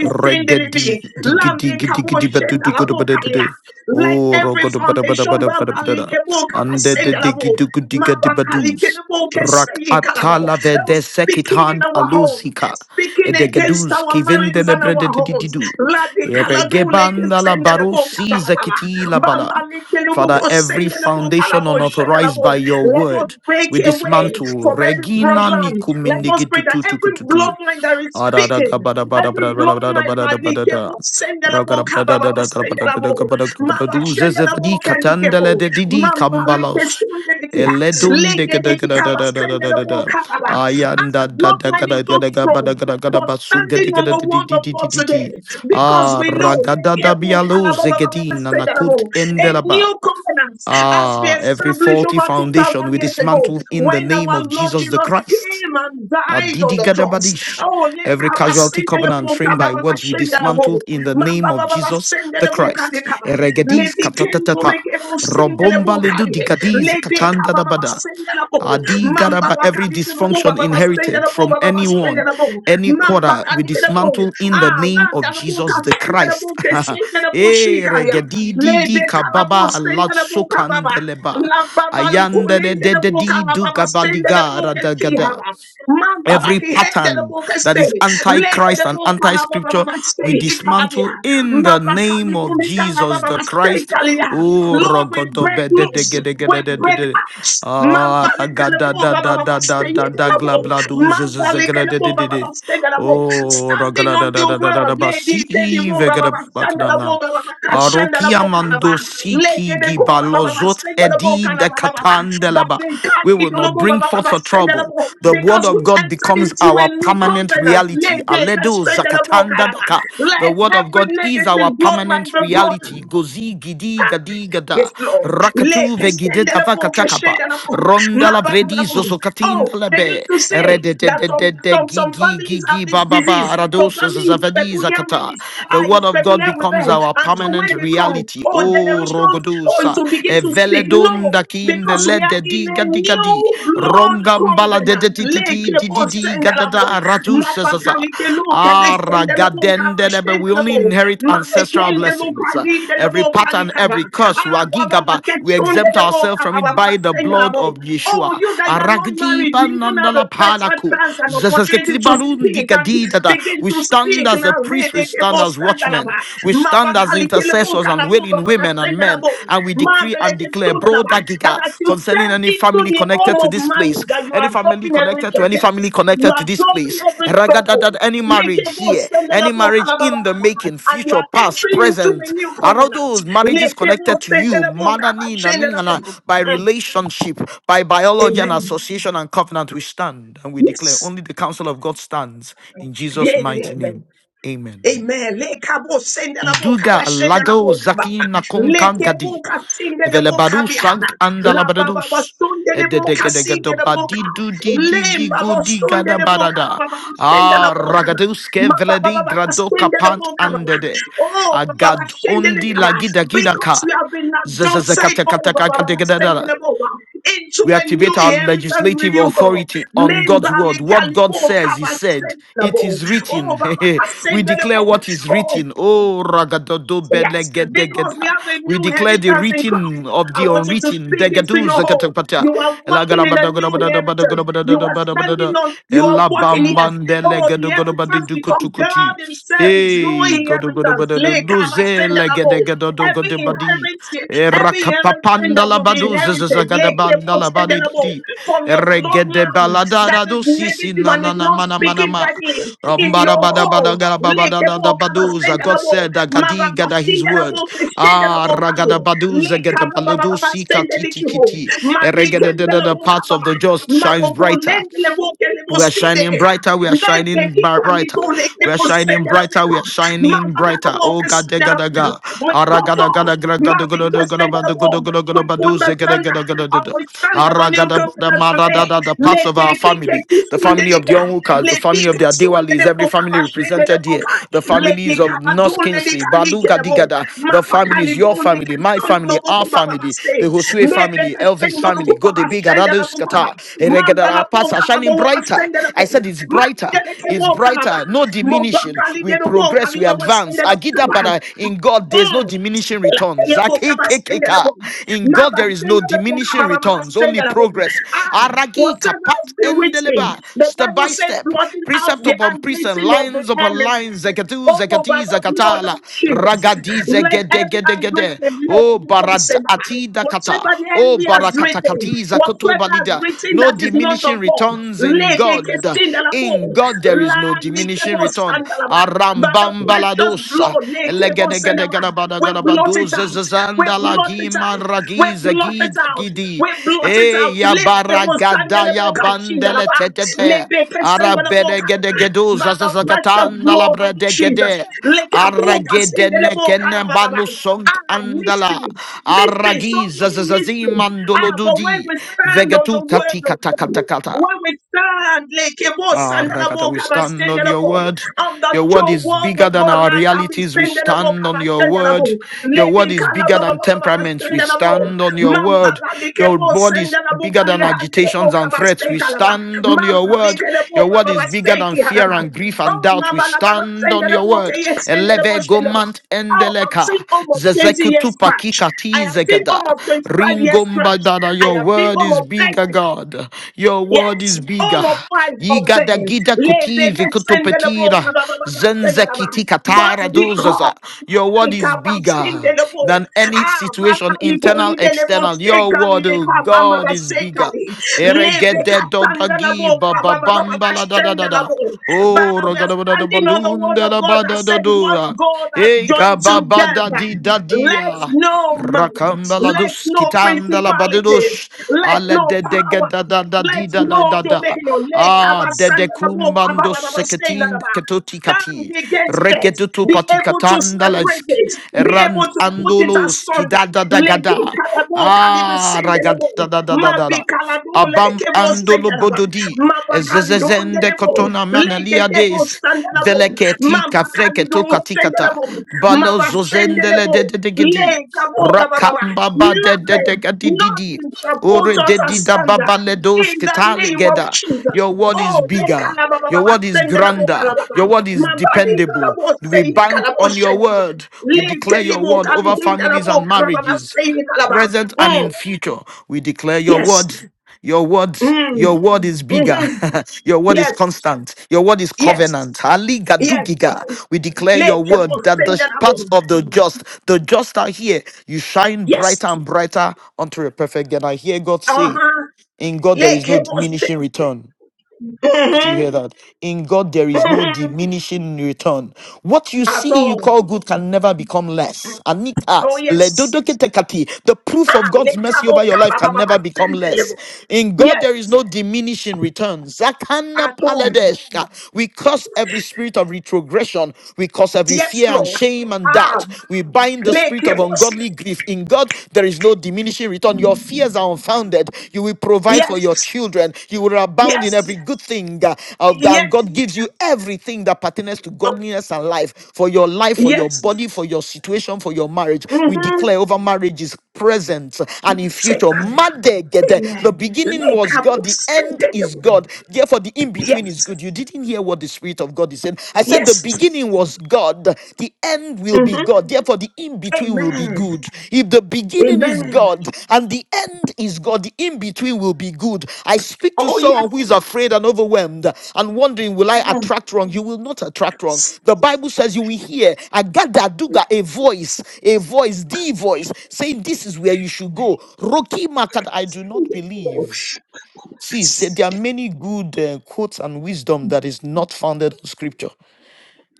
Speaker 2: Regedi digi digi digi di badudugudu
Speaker 1: let
Speaker 2: Oh,
Speaker 1: every
Speaker 2: rogodo bada bada
Speaker 1: foundation
Speaker 2: bada
Speaker 1: bow
Speaker 2: bada bada.
Speaker 1: Kalikebo
Speaker 2: Ande de digi
Speaker 1: Kalasendelabo,
Speaker 2: dugu diga
Speaker 1: Maba
Speaker 2: di badus.
Speaker 1: Kalikenebo Keseyi Kalabo.
Speaker 2: Rakatala
Speaker 1: Oh,
Speaker 2: vede
Speaker 1: Speaking
Speaker 2: sekitan
Speaker 1: in our homes,
Speaker 2: alusika.
Speaker 1: speaking against
Speaker 2: Edegedus
Speaker 1: our
Speaker 2: kivinde
Speaker 1: marriages and our
Speaker 2: lebrede
Speaker 1: homes.
Speaker 2: dididu.
Speaker 1: Labi Kalado Leke
Speaker 2: Eregebanda la
Speaker 1: Sendelabo
Speaker 2: barosi
Speaker 1: Kabababa,
Speaker 2: zekiti la bala.
Speaker 1: Bamba Likenebo
Speaker 2: Father, every
Speaker 1: Kosendelabo
Speaker 2: foundation
Speaker 1: Kalabo
Speaker 2: unauthorized
Speaker 1: Shendelabo.
Speaker 2: by your
Speaker 1: Let us
Speaker 2: word,
Speaker 1: break
Speaker 2: we
Speaker 1: away
Speaker 2: dismantle.
Speaker 1: from every
Speaker 2: Regina
Speaker 1: bloodline. Let us pray that every
Speaker 2: nikumindigitututututu.
Speaker 1: bloodline that is
Speaker 2: Arada
Speaker 1: speaking,
Speaker 2: gabada bada
Speaker 1: every
Speaker 2: bada bada bada
Speaker 1: bloodline that
Speaker 2: bada bada da.
Speaker 1: Likenebo Sendelabo
Speaker 2: Ragada bada da
Speaker 1: Kabababa
Speaker 2: da gabada da da
Speaker 1: Sendelabo.
Speaker 2: gabada gabada
Speaker 1: Mama
Speaker 2: du
Speaker 1: shende na
Speaker 2: zezevdi
Speaker 1: boke
Speaker 2: katandele
Speaker 1: andikebo.
Speaker 2: de didi
Speaker 1: Mamba leke
Speaker 2: kambalos.
Speaker 1: shende dekia.
Speaker 2: Eledun de
Speaker 1: Lege
Speaker 2: gada gada
Speaker 1: dekika
Speaker 2: da
Speaker 1: ba
Speaker 2: da da da
Speaker 1: shende
Speaker 2: da
Speaker 1: na
Speaker 2: da da.
Speaker 1: boka baba. Our
Speaker 2: Ayanda da da
Speaker 1: bloodline is
Speaker 2: gada
Speaker 1: so
Speaker 2: gada gabada
Speaker 1: strong.
Speaker 2: gada gada
Speaker 1: But
Speaker 2: basu gada
Speaker 1: standing on
Speaker 2: gada
Speaker 1: the
Speaker 2: di di
Speaker 1: word
Speaker 2: di
Speaker 1: of
Speaker 2: di
Speaker 1: God
Speaker 2: di di
Speaker 1: today,
Speaker 2: di.
Speaker 1: because
Speaker 2: Ah,
Speaker 1: we know
Speaker 2: ragada da
Speaker 1: dekebo
Speaker 2: bialo
Speaker 1: kalaba baba baba
Speaker 2: zegedin
Speaker 1: shende na
Speaker 2: nanakut
Speaker 1: bo. a
Speaker 2: endelaba.
Speaker 1: new covenant as we
Speaker 2: Ah, every
Speaker 1: established
Speaker 2: faulty
Speaker 1: over
Speaker 2: foundation
Speaker 1: 2,000
Speaker 2: we
Speaker 1: years ago
Speaker 2: dismantle in the
Speaker 1: when
Speaker 2: name
Speaker 1: our
Speaker 2: of
Speaker 1: Lord
Speaker 2: Jesus the
Speaker 1: Jesus
Speaker 2: Christ.
Speaker 1: came and died on the cross.
Speaker 2: Adidigadabadish.
Speaker 1: Oh,
Speaker 2: Every
Speaker 1: lekaba
Speaker 2: casualty
Speaker 1: shende na
Speaker 2: covenant
Speaker 1: boka
Speaker 2: framed by
Speaker 1: baba baba
Speaker 2: words we
Speaker 1: shende na bo.
Speaker 2: dismantle in the
Speaker 1: Mamba
Speaker 2: name of
Speaker 1: baba baba
Speaker 2: Jesus
Speaker 1: shende
Speaker 2: the
Speaker 1: na boka
Speaker 2: Christ.
Speaker 1: dekaba le
Speaker 2: Eregedis
Speaker 1: dikembo
Speaker 2: katatatata.
Speaker 1: le ke mo sindele bo
Speaker 2: Robomba ledu
Speaker 1: khale le
Speaker 2: digadiz
Speaker 1: de khaba ba ba
Speaker 2: katandadabada.
Speaker 1: sendela bo mamba
Speaker 2: Adigadaba.
Speaker 1: ba
Speaker 2: Every
Speaker 1: khali ke bo ba
Speaker 2: dysfunction
Speaker 1: ba ba sendela
Speaker 2: inherited
Speaker 1: bo
Speaker 2: from
Speaker 1: ba ba ba
Speaker 2: anyone,
Speaker 1: sendela bo
Speaker 2: any
Speaker 1: mamba
Speaker 2: quarter, we
Speaker 1: khali ke bo
Speaker 2: dismantle in the
Speaker 1: ah
Speaker 2: name
Speaker 1: landa
Speaker 2: of
Speaker 1: bo ka
Speaker 2: Jesus the
Speaker 1: sendela bo
Speaker 2: Christ.
Speaker 1: ke sendela bo shi
Speaker 2: Eh,
Speaker 1: kali. ah.
Speaker 2: regedididi
Speaker 1: Lebe kalabo
Speaker 2: kababa
Speaker 1: stende le boka baba.
Speaker 2: latsokandeleba.
Speaker 1: La baba li kulende le boka
Speaker 2: Ayandedededi
Speaker 1: la baba stende le boka si
Speaker 2: dugabadigaradagada.
Speaker 1: haba. Man baba
Speaker 2: Every
Speaker 1: ki hende le
Speaker 2: pattern
Speaker 1: boka
Speaker 2: that is
Speaker 1: stende. Lebe le
Speaker 2: anti-Christ and
Speaker 1: boka la baba
Speaker 2: anti-scripture,
Speaker 1: baba
Speaker 2: we
Speaker 1: stende ikalia.
Speaker 2: dismantle in
Speaker 1: Ma
Speaker 2: the
Speaker 1: baka
Speaker 2: name
Speaker 1: li
Speaker 2: of
Speaker 1: kulita la baba
Speaker 2: Jesus the
Speaker 1: baba stende
Speaker 2: Christ.
Speaker 1: ikalia.
Speaker 2: Oh,
Speaker 1: Lord, we break loose. We break
Speaker 2: rogodobededegedegededede.
Speaker 1: out. Man
Speaker 2: Ah,
Speaker 1: baba li kulebo baba baba stende le boka. Mandale kalabo baba baba
Speaker 2: ragadadadadadadadaglabraduzezezekedededede.
Speaker 1: stegalabo.
Speaker 2: Oh,
Speaker 1: Standing on your word, lady kalabo baba baba
Speaker 2: rogadadadadadadabasivegedabakanana.
Speaker 1: baba
Speaker 2: Arokia
Speaker 1: kashandalabo kalaba.
Speaker 2: mando
Speaker 1: Lady
Speaker 2: siki
Speaker 1: kalabo baba baba
Speaker 2: gibalozot
Speaker 1: stegalabo
Speaker 2: edi de
Speaker 1: kalaba baba baba.
Speaker 2: katan
Speaker 1: But
Speaker 2: delaba
Speaker 1: they can't
Speaker 2: we will not
Speaker 1: idolabo
Speaker 2: bring
Speaker 1: baba
Speaker 2: forth
Speaker 1: baba
Speaker 2: for trouble.
Speaker 1: stegalabo
Speaker 2: The word
Speaker 1: because we
Speaker 2: of God
Speaker 1: entered
Speaker 2: becomes
Speaker 1: into a
Speaker 2: our
Speaker 1: new
Speaker 2: permanent
Speaker 1: covenant.
Speaker 2: reality.
Speaker 1: Lady
Speaker 2: Aledo
Speaker 1: kalabo
Speaker 2: zakatanda
Speaker 1: kalaba.
Speaker 2: daka. The
Speaker 1: Let
Speaker 2: word of
Speaker 1: every
Speaker 2: God is
Speaker 1: negative
Speaker 2: our permanent
Speaker 1: bloodline be
Speaker 2: reality.
Speaker 1: broken.
Speaker 2: Gozi gidi gadi
Speaker 1: Yes,
Speaker 2: gada.
Speaker 1: Lord. Le
Speaker 2: Rakatu vegide
Speaker 1: kesendelepo,
Speaker 2: davakatakaba.
Speaker 1: kesendelepo,
Speaker 2: Ronda la vredi
Speaker 1: mabakalapo.
Speaker 2: zozokatinda
Speaker 1: Oh, they
Speaker 2: lebe.
Speaker 1: used to say that some
Speaker 2: Rededededede
Speaker 1: some some
Speaker 2: gigi
Speaker 1: families have
Speaker 2: gigi
Speaker 1: this
Speaker 2: baba
Speaker 1: disease.
Speaker 2: ba
Speaker 1: Some
Speaker 2: Rados
Speaker 1: families
Speaker 2: zavadi
Speaker 1: peculiar with
Speaker 2: zakata.
Speaker 1: this.
Speaker 2: The
Speaker 1: I
Speaker 2: word
Speaker 1: it's
Speaker 2: of God
Speaker 1: peculiar with
Speaker 2: becomes
Speaker 1: them.
Speaker 2: our
Speaker 1: And so when
Speaker 2: permanent
Speaker 1: they come,
Speaker 2: reality.
Speaker 1: oh,
Speaker 2: Oh
Speaker 1: generations, oh, it
Speaker 2: rogodusa.
Speaker 1: will begin to
Speaker 2: Eve
Speaker 1: speak. No,
Speaker 2: veledonda kinde
Speaker 1: because we are
Speaker 2: lede
Speaker 1: in a
Speaker 2: diga diga di gadi
Speaker 1: new
Speaker 2: gadi
Speaker 1: blood covenant
Speaker 2: rongambala de de ti ti ti
Speaker 1: leke
Speaker 2: di di di gada
Speaker 1: bostendelabo,
Speaker 2: da ratusa
Speaker 1: mapakalike luke
Speaker 2: ara
Speaker 1: destendelabo
Speaker 2: gadende lebe we only
Speaker 1: kapastendelabo,
Speaker 2: inherit ancestral
Speaker 1: mabekeldelabo
Speaker 2: blessings Uh, every
Speaker 1: kalindelabo
Speaker 2: pattern
Speaker 1: kalikaba,
Speaker 2: every curse
Speaker 1: ah,
Speaker 2: wa
Speaker 1: baba
Speaker 2: gigaba we exempt
Speaker 1: naketsundelabo
Speaker 2: ourselves from it by the blood
Speaker 1: kabababastendelabo.
Speaker 2: of
Speaker 1: Oh,
Speaker 2: Yeshua
Speaker 1: you that you are not
Speaker 2: aragdi
Speaker 1: married, you even have
Speaker 2: panandala
Speaker 1: a better
Speaker 2: palaku
Speaker 1: chance and opportunity to
Speaker 2: zezesketibarundi
Speaker 1: speak and
Speaker 2: gadida
Speaker 1: begin
Speaker 2: we
Speaker 1: to
Speaker 2: stand
Speaker 1: speak
Speaker 2: as a priest we stand as
Speaker 1: now.
Speaker 2: watchmen
Speaker 1: Laba,
Speaker 2: we stand as
Speaker 1: Mabakali Kelebu,
Speaker 2: intercessors girls and
Speaker 1: Kalabu,
Speaker 2: wailing
Speaker 1: Baba,
Speaker 2: women and men.
Speaker 1: Sendalabu,
Speaker 2: And we decree and
Speaker 1: Mabeleke
Speaker 2: declare, Broda
Speaker 1: But
Speaker 2: Giga,
Speaker 1: as you
Speaker 2: concerning
Speaker 1: step
Speaker 2: any
Speaker 1: into
Speaker 2: family
Speaker 1: the home
Speaker 2: connected to
Speaker 1: of
Speaker 2: this place,
Speaker 1: marriage, that you
Speaker 2: any
Speaker 1: are
Speaker 2: family
Speaker 1: dropping every
Speaker 2: connected to any
Speaker 1: jacket,
Speaker 2: family
Speaker 1: you
Speaker 2: connected to
Speaker 1: are
Speaker 2: this
Speaker 1: dropping
Speaker 2: place,
Speaker 1: every
Speaker 2: Ragadadad,
Speaker 1: trouble.
Speaker 2: any marriage
Speaker 1: Lekebo,
Speaker 2: here, any
Speaker 1: Sendalabu,
Speaker 2: marriage
Speaker 1: Kalababa,
Speaker 2: in the making,
Speaker 1: And you
Speaker 2: future,
Speaker 1: are
Speaker 2: past,
Speaker 1: entering into a
Speaker 2: present,
Speaker 1: new
Speaker 2: are all
Speaker 1: covenant.
Speaker 2: those marriages
Speaker 1: Lekebo,
Speaker 2: connected to you,
Speaker 1: Sendalabu, Kalababa,
Speaker 2: Manani,
Speaker 1: Sendalabu.
Speaker 2: Naningana, by
Speaker 1: Mm.
Speaker 2: relationship, by biology and
Speaker 1: Amen.
Speaker 2: association and covenant, we stand and we declare
Speaker 1: Yes.
Speaker 2: only the counsel of God stands in Jesus'
Speaker 1: Yeah, yeah,
Speaker 2: mighty
Speaker 1: Amen.
Speaker 2: name. Amen.
Speaker 1: Amen. Le kabo sende la Lekabo sendelabo
Speaker 2: Iduga
Speaker 1: kaba shendelabo
Speaker 2: lago
Speaker 1: kaba.
Speaker 2: zaki nakon kangadi.
Speaker 1: Lekebo kasindelabo
Speaker 2: Evelebadu
Speaker 1: kabiaba.
Speaker 2: sank
Speaker 1: La baba ba
Speaker 2: andalabadus.
Speaker 1: sunde Le kasindelabo
Speaker 2: Edegedegedobadi
Speaker 1: kaba.
Speaker 2: du di di
Speaker 1: Lemba
Speaker 2: gigo di gada
Speaker 1: boka kaba
Speaker 2: barada.
Speaker 1: baba sunde le
Speaker 2: Ah,
Speaker 1: boka. kaba.
Speaker 2: ragaduske
Speaker 1: Ma baba
Speaker 2: veledi grado
Speaker 1: baba
Speaker 2: kapant andede.
Speaker 1: Oh, Baba
Speaker 2: Agad ondi
Speaker 1: Shendelekaba,
Speaker 2: lagida
Speaker 1: because
Speaker 2: gidaka.
Speaker 1: we have been adopted oh, Baba Baba
Speaker 2: Zazazakatakatakagadegedada.
Speaker 1: Shendelekaba, into
Speaker 2: We
Speaker 1: a new
Speaker 2: activate our
Speaker 1: inheritance with
Speaker 2: legislative
Speaker 1: you, God.
Speaker 2: authority on
Speaker 1: Name
Speaker 2: God's
Speaker 1: Bali
Speaker 2: word. What God
Speaker 1: Kalibo
Speaker 2: says, He
Speaker 1: Kaba
Speaker 2: said, it
Speaker 1: Shendelebo.
Speaker 2: is
Speaker 1: Oh,
Speaker 2: written.
Speaker 1: Baba send
Speaker 2: we
Speaker 1: it
Speaker 2: declare
Speaker 1: over. Oh,
Speaker 2: what is
Speaker 1: Baba Shendelebo.
Speaker 2: written. Oh, ragadodo
Speaker 1: Yes, because
Speaker 2: belegedegeda.
Speaker 1: we have a
Speaker 2: We
Speaker 1: new
Speaker 2: declare the
Speaker 1: inheritance in Christ.
Speaker 2: written of
Speaker 1: I
Speaker 2: the
Speaker 1: want you to
Speaker 2: unwritten.
Speaker 1: speak into
Speaker 2: Degadu
Speaker 1: your home.
Speaker 2: zakatapata.
Speaker 1: You are walking in a new inheritance. You are standing
Speaker 2: Elagalabadogodobadobadobadobadobadobadobadobadobadobada.
Speaker 1: on, you are walking, yes. Oh, the inheritance because God
Speaker 2: Elabambandelegedogolobadidukutukuti.
Speaker 1: Himself is your
Speaker 2: Hey,
Speaker 1: inheritance. Lay, cover,
Speaker 2: duze
Speaker 1: send, and
Speaker 2: legede
Speaker 1: above.
Speaker 2: gedodo
Speaker 1: Every
Speaker 2: gode badi.
Speaker 1: inheritance, every inheritance
Speaker 2: Erakapapanda
Speaker 1: that
Speaker 2: la
Speaker 1: you've
Speaker 2: badu
Speaker 1: inherited,
Speaker 2: zezagada
Speaker 1: like a
Speaker 2: banda
Speaker 1: most
Speaker 2: la badi di.
Speaker 1: from your
Speaker 2: Eregede
Speaker 1: bloodline
Speaker 2: balada
Speaker 1: that
Speaker 2: da
Speaker 1: is negative
Speaker 2: na
Speaker 1: and
Speaker 2: na
Speaker 1: is
Speaker 2: na
Speaker 1: not
Speaker 2: mana mana
Speaker 1: speaking rightly in
Speaker 2: Ambara
Speaker 1: your
Speaker 2: bada bada
Speaker 1: home.
Speaker 2: gada
Speaker 1: Like a more
Speaker 2: baduza. God
Speaker 1: tenable,
Speaker 2: said that
Speaker 1: mother
Speaker 2: gadi gada his word.
Speaker 1: tenable,
Speaker 2: Ah
Speaker 1: tenable,
Speaker 2: ragada baduza
Speaker 1: like
Speaker 2: gede
Speaker 1: a
Speaker 2: baludu
Speaker 1: baba
Speaker 2: sika titi
Speaker 1: tenable,
Speaker 2: kiti. Eregede
Speaker 1: mabikin
Speaker 2: de de the
Speaker 1: tenable,
Speaker 2: paths of the just shines
Speaker 1: maboko
Speaker 2: brighter.
Speaker 1: lend tenable, tenable,
Speaker 2: We are shining
Speaker 1: tenable.
Speaker 2: brighter. We are
Speaker 1: Then the
Speaker 2: shining bri-
Speaker 1: kika
Speaker 2: brighter.
Speaker 1: like
Speaker 2: We are shining brighter. We are shining brighter. Oh God, de gada ga.
Speaker 1: when
Speaker 2: Ara
Speaker 1: cut
Speaker 2: gada
Speaker 1: off,
Speaker 2: gada gada
Speaker 1: man,
Speaker 2: gada
Speaker 1: be
Speaker 2: gada gada gada
Speaker 1: questioned
Speaker 2: gada gada
Speaker 1: above.
Speaker 2: gada
Speaker 1: We
Speaker 2: gada badu
Speaker 1: put
Speaker 2: ze gada
Speaker 1: asunder
Speaker 2: gada gada
Speaker 1: and
Speaker 2: gada.
Speaker 1: we stand on a
Speaker 2: Ara
Speaker 1: new
Speaker 2: gada bada
Speaker 1: confidence from
Speaker 2: mada da
Speaker 1: it.
Speaker 2: da. The
Speaker 1: Let
Speaker 2: parts of
Speaker 1: the
Speaker 2: our
Speaker 1: kick a
Speaker 2: family,
Speaker 1: kiss
Speaker 2: the
Speaker 1: on the
Speaker 2: family of the
Speaker 1: liga.
Speaker 2: Onwukas, the
Speaker 1: Let the
Speaker 2: family of the
Speaker 1: kiss on
Speaker 2: Adewalis,
Speaker 1: the
Speaker 2: every
Speaker 1: book of
Speaker 2: family
Speaker 1: a shin in the
Speaker 2: represented here,
Speaker 1: book.
Speaker 2: the
Speaker 1: Let the
Speaker 2: families of North
Speaker 1: Kamadun, let the
Speaker 2: Kingsley, Balu
Speaker 1: Kalikilabo,
Speaker 2: Gadigada, the
Speaker 1: Mama
Speaker 2: families, your
Speaker 1: Kalibon, the
Speaker 2: family, my
Speaker 1: Kasun, the
Speaker 2: family,
Speaker 1: book
Speaker 2: our
Speaker 1: Baba
Speaker 2: family, the
Speaker 1: State.
Speaker 2: Josue
Speaker 1: Maybe
Speaker 2: family,
Speaker 1: the
Speaker 2: Elvis
Speaker 1: single
Speaker 2: family,
Speaker 1: book
Speaker 2: Go
Speaker 1: of
Speaker 2: the
Speaker 1: a
Speaker 2: Big
Speaker 1: shin in the
Speaker 2: Arados
Speaker 1: book
Speaker 2: Kata,
Speaker 1: of
Speaker 2: Eregada
Speaker 1: Mamba la
Speaker 2: our parts are
Speaker 1: boca
Speaker 2: shining brighter brighter. I said it's brighter. It's
Speaker 1: ba.
Speaker 2: brighter. No
Speaker 1: Moba
Speaker 2: diminishing.
Speaker 1: kali
Speaker 2: We
Speaker 1: de
Speaker 2: progress. We advance. Agida Bada. In God, there's no
Speaker 1: Mm.
Speaker 2: diminishing returns.
Speaker 1: Lakaya boka
Speaker 2: Zaki
Speaker 1: basenda la
Speaker 2: kekeka.
Speaker 1: boka.
Speaker 2: In God,
Speaker 1: Maba
Speaker 2: there is no
Speaker 1: senda la boka,
Speaker 2: diminishing
Speaker 1: baba baba
Speaker 2: returns. Only
Speaker 1: senda la boka.
Speaker 2: progress.
Speaker 1: Ah,
Speaker 2: Aragi
Speaker 1: whatever has
Speaker 2: kapat
Speaker 1: been written,
Speaker 2: endeleba.
Speaker 1: the
Speaker 2: Step
Speaker 1: Bible
Speaker 2: by
Speaker 1: says,
Speaker 2: step.
Speaker 1: blotting out
Speaker 2: Precept
Speaker 1: the
Speaker 2: upon precept.
Speaker 1: handwriting of the
Speaker 2: Lines upon
Speaker 1: enemy.
Speaker 2: lines. Zekatu
Speaker 1: Oh, by
Speaker 2: zekati
Speaker 1: the blood
Speaker 2: zekatala.
Speaker 1: of Jesus,
Speaker 2: Ragadi
Speaker 1: let every
Speaker 2: zegedegedegede.
Speaker 1: handwriting lay
Speaker 2: Oh
Speaker 1: in
Speaker 2: barad
Speaker 1: sin.
Speaker 2: atida kata.
Speaker 1: Whatsoever the
Speaker 2: Oh
Speaker 1: enemy has
Speaker 2: barakata
Speaker 1: written,
Speaker 2: katiza koto
Speaker 1: whatsoever has
Speaker 2: balida.
Speaker 1: written
Speaker 2: No
Speaker 1: that is not
Speaker 2: diminishing
Speaker 1: of God,
Speaker 2: returns returns in God.
Speaker 1: Lekekesindalabo,
Speaker 2: In God, there is no diminishing return.
Speaker 1: Lanikebosandalaba. by the precious
Speaker 2: Arambambaladosa.
Speaker 1: blood, Lekebosandaba, we blot it out, we blot it out, we blot it out,
Speaker 2: Elegedegedegedabadagadabadozezezeandalagimaragizegidgidi.
Speaker 1: we blot it out, Lekebosandalabokashindalaba,
Speaker 2: Eyabaragadayabandeletetete.
Speaker 1: Lebekesendalabokadaba. by the kesindalabo kalaba, but the precious blood of Jesus.
Speaker 2: Arabedegedegedozazazakatandalabredegede.
Speaker 1: Lekabokasindelabokadababa. Ah,
Speaker 2: Aragedenekenebanusongkandala.
Speaker 1: mysteries, mysteries, so many mysteries. Ah, but when
Speaker 2: Aragizazazazimandolodudi.
Speaker 1: we stand on the
Speaker 2: Vegetu
Speaker 1: word of
Speaker 2: katika
Speaker 1: God,
Speaker 2: takatakata.
Speaker 1: when we stand like a boss
Speaker 2: Ah,
Speaker 1: and a
Speaker 2: Rakata,
Speaker 1: book
Speaker 2: we
Speaker 1: of a
Speaker 2: stand on
Speaker 1: standard
Speaker 2: your
Speaker 1: above,
Speaker 2: word.
Speaker 1: on the
Speaker 2: Your word
Speaker 1: true
Speaker 2: is
Speaker 1: word of
Speaker 2: bigger than
Speaker 1: God,
Speaker 2: our
Speaker 1: like a
Speaker 2: realities. We
Speaker 1: standard above,
Speaker 2: stand
Speaker 1: of
Speaker 2: on
Speaker 1: a
Speaker 2: your
Speaker 1: standard of
Speaker 2: word. Your
Speaker 1: Lady
Speaker 2: word is bigger than
Speaker 1: Calababa
Speaker 2: temperaments. We
Speaker 1: standard of
Speaker 2: stand on your
Speaker 1: Mamba
Speaker 2: word.
Speaker 1: like a
Speaker 2: Your
Speaker 1: boss
Speaker 2: word
Speaker 1: and
Speaker 2: is
Speaker 1: a book
Speaker 2: bigger
Speaker 1: and
Speaker 2: than
Speaker 1: a
Speaker 2: agitations
Speaker 1: book of
Speaker 2: and
Speaker 1: a
Speaker 2: threats.
Speaker 1: steak
Speaker 2: We
Speaker 1: alaba.
Speaker 2: stand on your
Speaker 1: Mamba like
Speaker 2: word.
Speaker 1: a
Speaker 2: Your
Speaker 1: book
Speaker 2: word
Speaker 1: of
Speaker 2: is
Speaker 1: a
Speaker 2: bigger
Speaker 1: steak
Speaker 2: than fear
Speaker 1: alaba.
Speaker 2: and grief and
Speaker 1: Oh,
Speaker 2: doubt. We
Speaker 1: Mamba, Mamba,
Speaker 2: stand
Speaker 1: send
Speaker 2: on
Speaker 1: the
Speaker 2: your
Speaker 1: book,
Speaker 2: word.
Speaker 1: extend the
Speaker 2: Eleve
Speaker 1: bush in the book.
Speaker 2: gomant
Speaker 1: Oh, I've
Speaker 2: endeleka.
Speaker 1: seen home of 20
Speaker 2: Zezekutu
Speaker 1: years crash. I
Speaker 2: pakikati
Speaker 1: have seen
Speaker 2: zegeda.
Speaker 1: home of 25
Speaker 2: Ringo
Speaker 1: years crash. I
Speaker 2: Your
Speaker 1: have seen
Speaker 2: word
Speaker 1: home
Speaker 2: is
Speaker 1: of
Speaker 2: bigger,
Speaker 1: 30.
Speaker 2: God. Your word
Speaker 1: Yes,
Speaker 2: is bigger.
Speaker 1: all of five of
Speaker 2: Yiga
Speaker 1: them.
Speaker 2: da gida
Speaker 1: Lay the
Speaker 2: kutivi
Speaker 1: send the book,
Speaker 2: kutupetira.
Speaker 1: blah, blah, blah, blah, blah, send the
Speaker 2: Zenze
Speaker 1: book.
Speaker 2: kiti katara
Speaker 1: But
Speaker 2: dozaza.
Speaker 1: because
Speaker 2: Your
Speaker 1: they
Speaker 2: word is
Speaker 1: can't
Speaker 2: bigger
Speaker 1: send the book.
Speaker 2: than any
Speaker 1: Ah,
Speaker 2: situation,
Speaker 1: Bakali
Speaker 2: internal,
Speaker 1: Koli de Levo
Speaker 2: external. Your
Speaker 1: Sekali
Speaker 2: word,
Speaker 1: de
Speaker 2: oh
Speaker 1: Pamama
Speaker 2: God, is bigger.
Speaker 1: Sekali. Lebe
Speaker 2: Eregede dodagi
Speaker 1: Katsandalabo Kabababa
Speaker 2: bababambala da da da da.
Speaker 1: Shendalabo.
Speaker 2: Oh,
Speaker 1: But we are
Speaker 2: ragadabada da
Speaker 1: standing on the word
Speaker 2: badunda
Speaker 1: of
Speaker 2: la
Speaker 1: God that
Speaker 2: bada da
Speaker 1: said, What
Speaker 2: dura.
Speaker 1: God has
Speaker 2: Hey,
Speaker 1: joined
Speaker 2: gababa
Speaker 1: together,
Speaker 2: di da
Speaker 1: let
Speaker 2: rakambaladus
Speaker 1: no man,
Speaker 2: Rakamba la
Speaker 1: let
Speaker 2: dus
Speaker 1: no
Speaker 2: kitanda la
Speaker 1: principalities,
Speaker 2: badus.
Speaker 1: let
Speaker 2: Ale
Speaker 1: no
Speaker 2: de de ge da
Speaker 1: power.
Speaker 2: da da di
Speaker 1: Let's
Speaker 2: da
Speaker 1: go,
Speaker 2: da da da.
Speaker 1: Dominion.
Speaker 2: Ah,
Speaker 1: Let
Speaker 2: de de kumbando seketin ketoti
Speaker 1: Stand
Speaker 2: kati.
Speaker 1: against it.
Speaker 2: Reketutu
Speaker 1: Be able to
Speaker 2: patikatanda
Speaker 1: separate
Speaker 2: lesk.
Speaker 1: it. Be able
Speaker 2: Rand
Speaker 1: to put it
Speaker 2: andolos ki
Speaker 1: asunder.
Speaker 2: da da da
Speaker 1: Let
Speaker 2: gada.
Speaker 1: Levi kalabo kalibe
Speaker 2: Ah,
Speaker 1: sendelebo. Mabi
Speaker 2: ragadadadadadada.
Speaker 1: kalado Let the
Speaker 2: Abam
Speaker 1: kebo
Speaker 2: andolo
Speaker 1: sendelebo.
Speaker 2: bododi,
Speaker 1: Maba kalido
Speaker 2: ezezezende
Speaker 1: ndelebo.
Speaker 2: kotona
Speaker 1: Le de
Speaker 2: manalia
Speaker 1: kebo
Speaker 2: des,
Speaker 1: sendelebo.
Speaker 2: veleketi
Speaker 1: Maba kalido
Speaker 2: kafreketo katikata,
Speaker 1: sendelebo.
Speaker 2: balo
Speaker 1: Maba
Speaker 2: zozendele
Speaker 1: sendelebo.
Speaker 2: de de de
Speaker 1: Le
Speaker 2: gedi,
Speaker 1: kabo baba baba.
Speaker 2: rakambaba de de de
Speaker 1: Nothing,
Speaker 2: gadi didi,
Speaker 1: nothing shall put
Speaker 2: ore de
Speaker 1: us
Speaker 2: di da
Speaker 1: asunder
Speaker 2: baba le
Speaker 1: in
Speaker 2: dos
Speaker 1: the
Speaker 2: ketale
Speaker 1: name of
Speaker 2: geda.
Speaker 1: Jesus.
Speaker 2: Your word is
Speaker 1: Oh, then
Speaker 2: bigger,
Speaker 1: Kalababa,
Speaker 2: your word is
Speaker 1: send the Labo
Speaker 2: grander, your
Speaker 1: Kalababa.
Speaker 2: word is
Speaker 1: Mabadi
Speaker 2: dependable.
Speaker 1: Kalabo, say
Speaker 2: We
Speaker 1: the
Speaker 2: bank
Speaker 1: Kalabo
Speaker 2: on your
Speaker 1: Shenaba.
Speaker 2: word, we declare your
Speaker 1: Lebo
Speaker 2: word over
Speaker 1: Kalabin, the
Speaker 2: families
Speaker 1: Labo
Speaker 2: and
Speaker 1: Kalababa,
Speaker 2: marriages
Speaker 1: say the Kalababa.
Speaker 2: present and
Speaker 1: Mm,
Speaker 2: in future. We declare your
Speaker 1: Yes.
Speaker 2: word, your word,
Speaker 1: Mm.
Speaker 2: your word is bigger,
Speaker 1: Mm-hmm.
Speaker 2: your word is
Speaker 1: Yes.
Speaker 2: constant, your word is
Speaker 1: Yes.
Speaker 2: covenant. Ali
Speaker 1: Yes.
Speaker 2: Gadugiga. We declare your word
Speaker 1: Lekebo,
Speaker 2: that
Speaker 1: send
Speaker 2: the
Speaker 1: the
Speaker 2: paths
Speaker 1: Labo.
Speaker 2: of the just, the just are here. You shine
Speaker 1: Yes.
Speaker 2: brighter and brighter unto a perfect. And I hear God
Speaker 1: Uh
Speaker 2: say,
Speaker 1: huh.
Speaker 2: In God there is no
Speaker 1: Lekebo, send.
Speaker 2: diminishing return. Did you
Speaker 1: Mm-hmm.
Speaker 2: hear that? In God, there is no diminishing return. What you
Speaker 1: At
Speaker 2: see you
Speaker 1: all.
Speaker 2: call good can never become less. Anika,
Speaker 1: Oh, yes.
Speaker 2: ledodoketekati. the proof
Speaker 1: Ah,
Speaker 2: of
Speaker 1: le
Speaker 2: God's mercy
Speaker 1: gabo
Speaker 2: over your
Speaker 1: kaba
Speaker 2: life
Speaker 1: baba
Speaker 2: can
Speaker 1: baba
Speaker 2: never become
Speaker 1: sende
Speaker 2: less.
Speaker 1: lebo.
Speaker 2: In God, there is
Speaker 1: Yes,
Speaker 2: no diminishing return. Zakana
Speaker 1: at home.
Speaker 2: paladeshka. We curse every spirit of retrogression. We curse every
Speaker 1: Yes,
Speaker 2: fear and
Speaker 1: Lord.
Speaker 2: shame and
Speaker 1: Ah,
Speaker 2: doubt. We bind the
Speaker 1: make
Speaker 2: spirit
Speaker 1: him.
Speaker 2: of ungodly grief. In God, there is no no diminishing return. Your fears are unfounded. You will provide for your
Speaker 1: Yes,
Speaker 2: children. You will abound in
Speaker 1: yes,
Speaker 2: every good thing uh, of that. And God
Speaker 1: yes,
Speaker 2: gives you everything that pertains to
Speaker 1: oh,
Speaker 2: godliness and life for your life, for your
Speaker 1: yes.
Speaker 2: body, for your situation, for your marriage. We
Speaker 1: Mm-hmm.
Speaker 2: declare over marriages present and in future.
Speaker 1: Satan.
Speaker 2: Madegede. The
Speaker 1: Amen.
Speaker 2: beginning
Speaker 1: Make
Speaker 2: was
Speaker 1: up
Speaker 2: God,
Speaker 1: or
Speaker 2: the
Speaker 1: send
Speaker 2: end
Speaker 1: them,
Speaker 2: is God. Therefore, the in between
Speaker 1: Yes,
Speaker 2: is good. You didn't hear what the Spirit of God is saying. I said, The beginning
Speaker 1: yes.
Speaker 2: beginning was God, the end will be
Speaker 1: Mm-hmm.
Speaker 2: God. Therefore, the in between will be
Speaker 1: Amen.
Speaker 2: good. If the beginning is
Speaker 1: Amen.
Speaker 2: God and the end is God, the in between will be good. I speak to
Speaker 1: Oh,
Speaker 2: someone who
Speaker 1: yes.
Speaker 2: is afraid and overwhelmed and wondering, will I attract wrong? You will not attract wrong. The Bible says you will hear a gada duga, a voice, a voice, the voice saying, This is where you should go. Roki Makat, I do not believe. See, he said there are many good uh, quotes and wisdom that is not founded on scripture.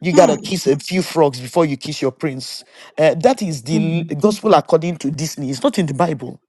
Speaker 2: You gotta kiss a few frogs before you kiss your prince. Uh, that is the
Speaker 1: Mm.
Speaker 2: l- gospel according to Disney. It's not in the Bible.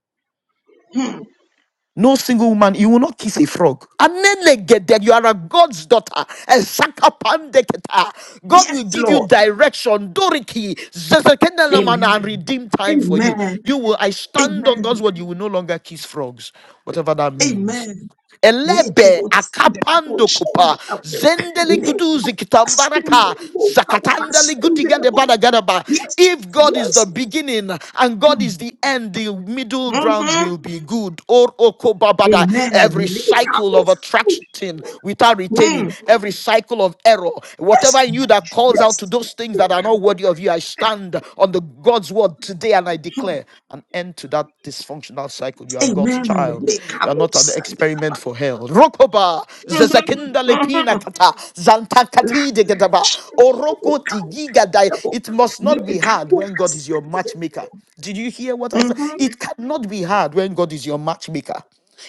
Speaker 2: No single woman, you will not kiss a frog. Anelegede, You are a God's daughter. Esakapandeketa. God
Speaker 1: Yes,
Speaker 2: will give you
Speaker 1: Lord.
Speaker 2: direction, doriki, zezekendelamana, and
Speaker 1: Amen.
Speaker 2: redeem time for you.
Speaker 1: Amen.
Speaker 2: You will, I stand on God's
Speaker 1: Amen.
Speaker 2: word, you will no longer kiss frogs, whatever that means.
Speaker 1: Amen.
Speaker 2: Elebe
Speaker 1: Lekebo sende labo,
Speaker 2: akapando
Speaker 1: shende
Speaker 2: kupa
Speaker 1: labo.
Speaker 2: zendele
Speaker 1: Lekebo
Speaker 2: guduzi
Speaker 1: asende
Speaker 2: kitambaraka
Speaker 1: labo, kaba
Speaker 2: zakatanda
Speaker 1: asende
Speaker 2: ligudiga de
Speaker 1: labo.
Speaker 2: badagadaba.
Speaker 1: Yes,
Speaker 2: If God is
Speaker 1: yes.
Speaker 2: the beginning and God
Speaker 1: Mm-hmm.
Speaker 2: is the end, the middle ground
Speaker 1: Amen.
Speaker 2: will be good. Or okobabada. Every cycle
Speaker 1: Lekebo
Speaker 2: of
Speaker 1: sende
Speaker 2: attraction
Speaker 1: labo.
Speaker 2: without retaining,
Speaker 1: Mm.
Speaker 2: every cycle of error,
Speaker 1: Yes,
Speaker 2: whatever in you that calls out to
Speaker 1: yes.
Speaker 2: those things that are not
Speaker 1: Lekebo
Speaker 2: worthy of you, I
Speaker 1: sende
Speaker 2: stand on the God's word today and I
Speaker 1: labo.
Speaker 2: declare an end to that dysfunctional cycle. You are God's
Speaker 1: Amen.
Speaker 2: child. You are
Speaker 1: Lekebo
Speaker 2: not an
Speaker 1: sende labo.
Speaker 2: experiment for hell. Rokoba zezekinda
Speaker 1: Mhm.
Speaker 2: lepina kata zantakati
Speaker 1: Mhm.
Speaker 2: degadaba oroko tigigadai. It must not be hard when God is your matchmaker. Did you hear what I said? It cannot be hard when God is your matchmaker.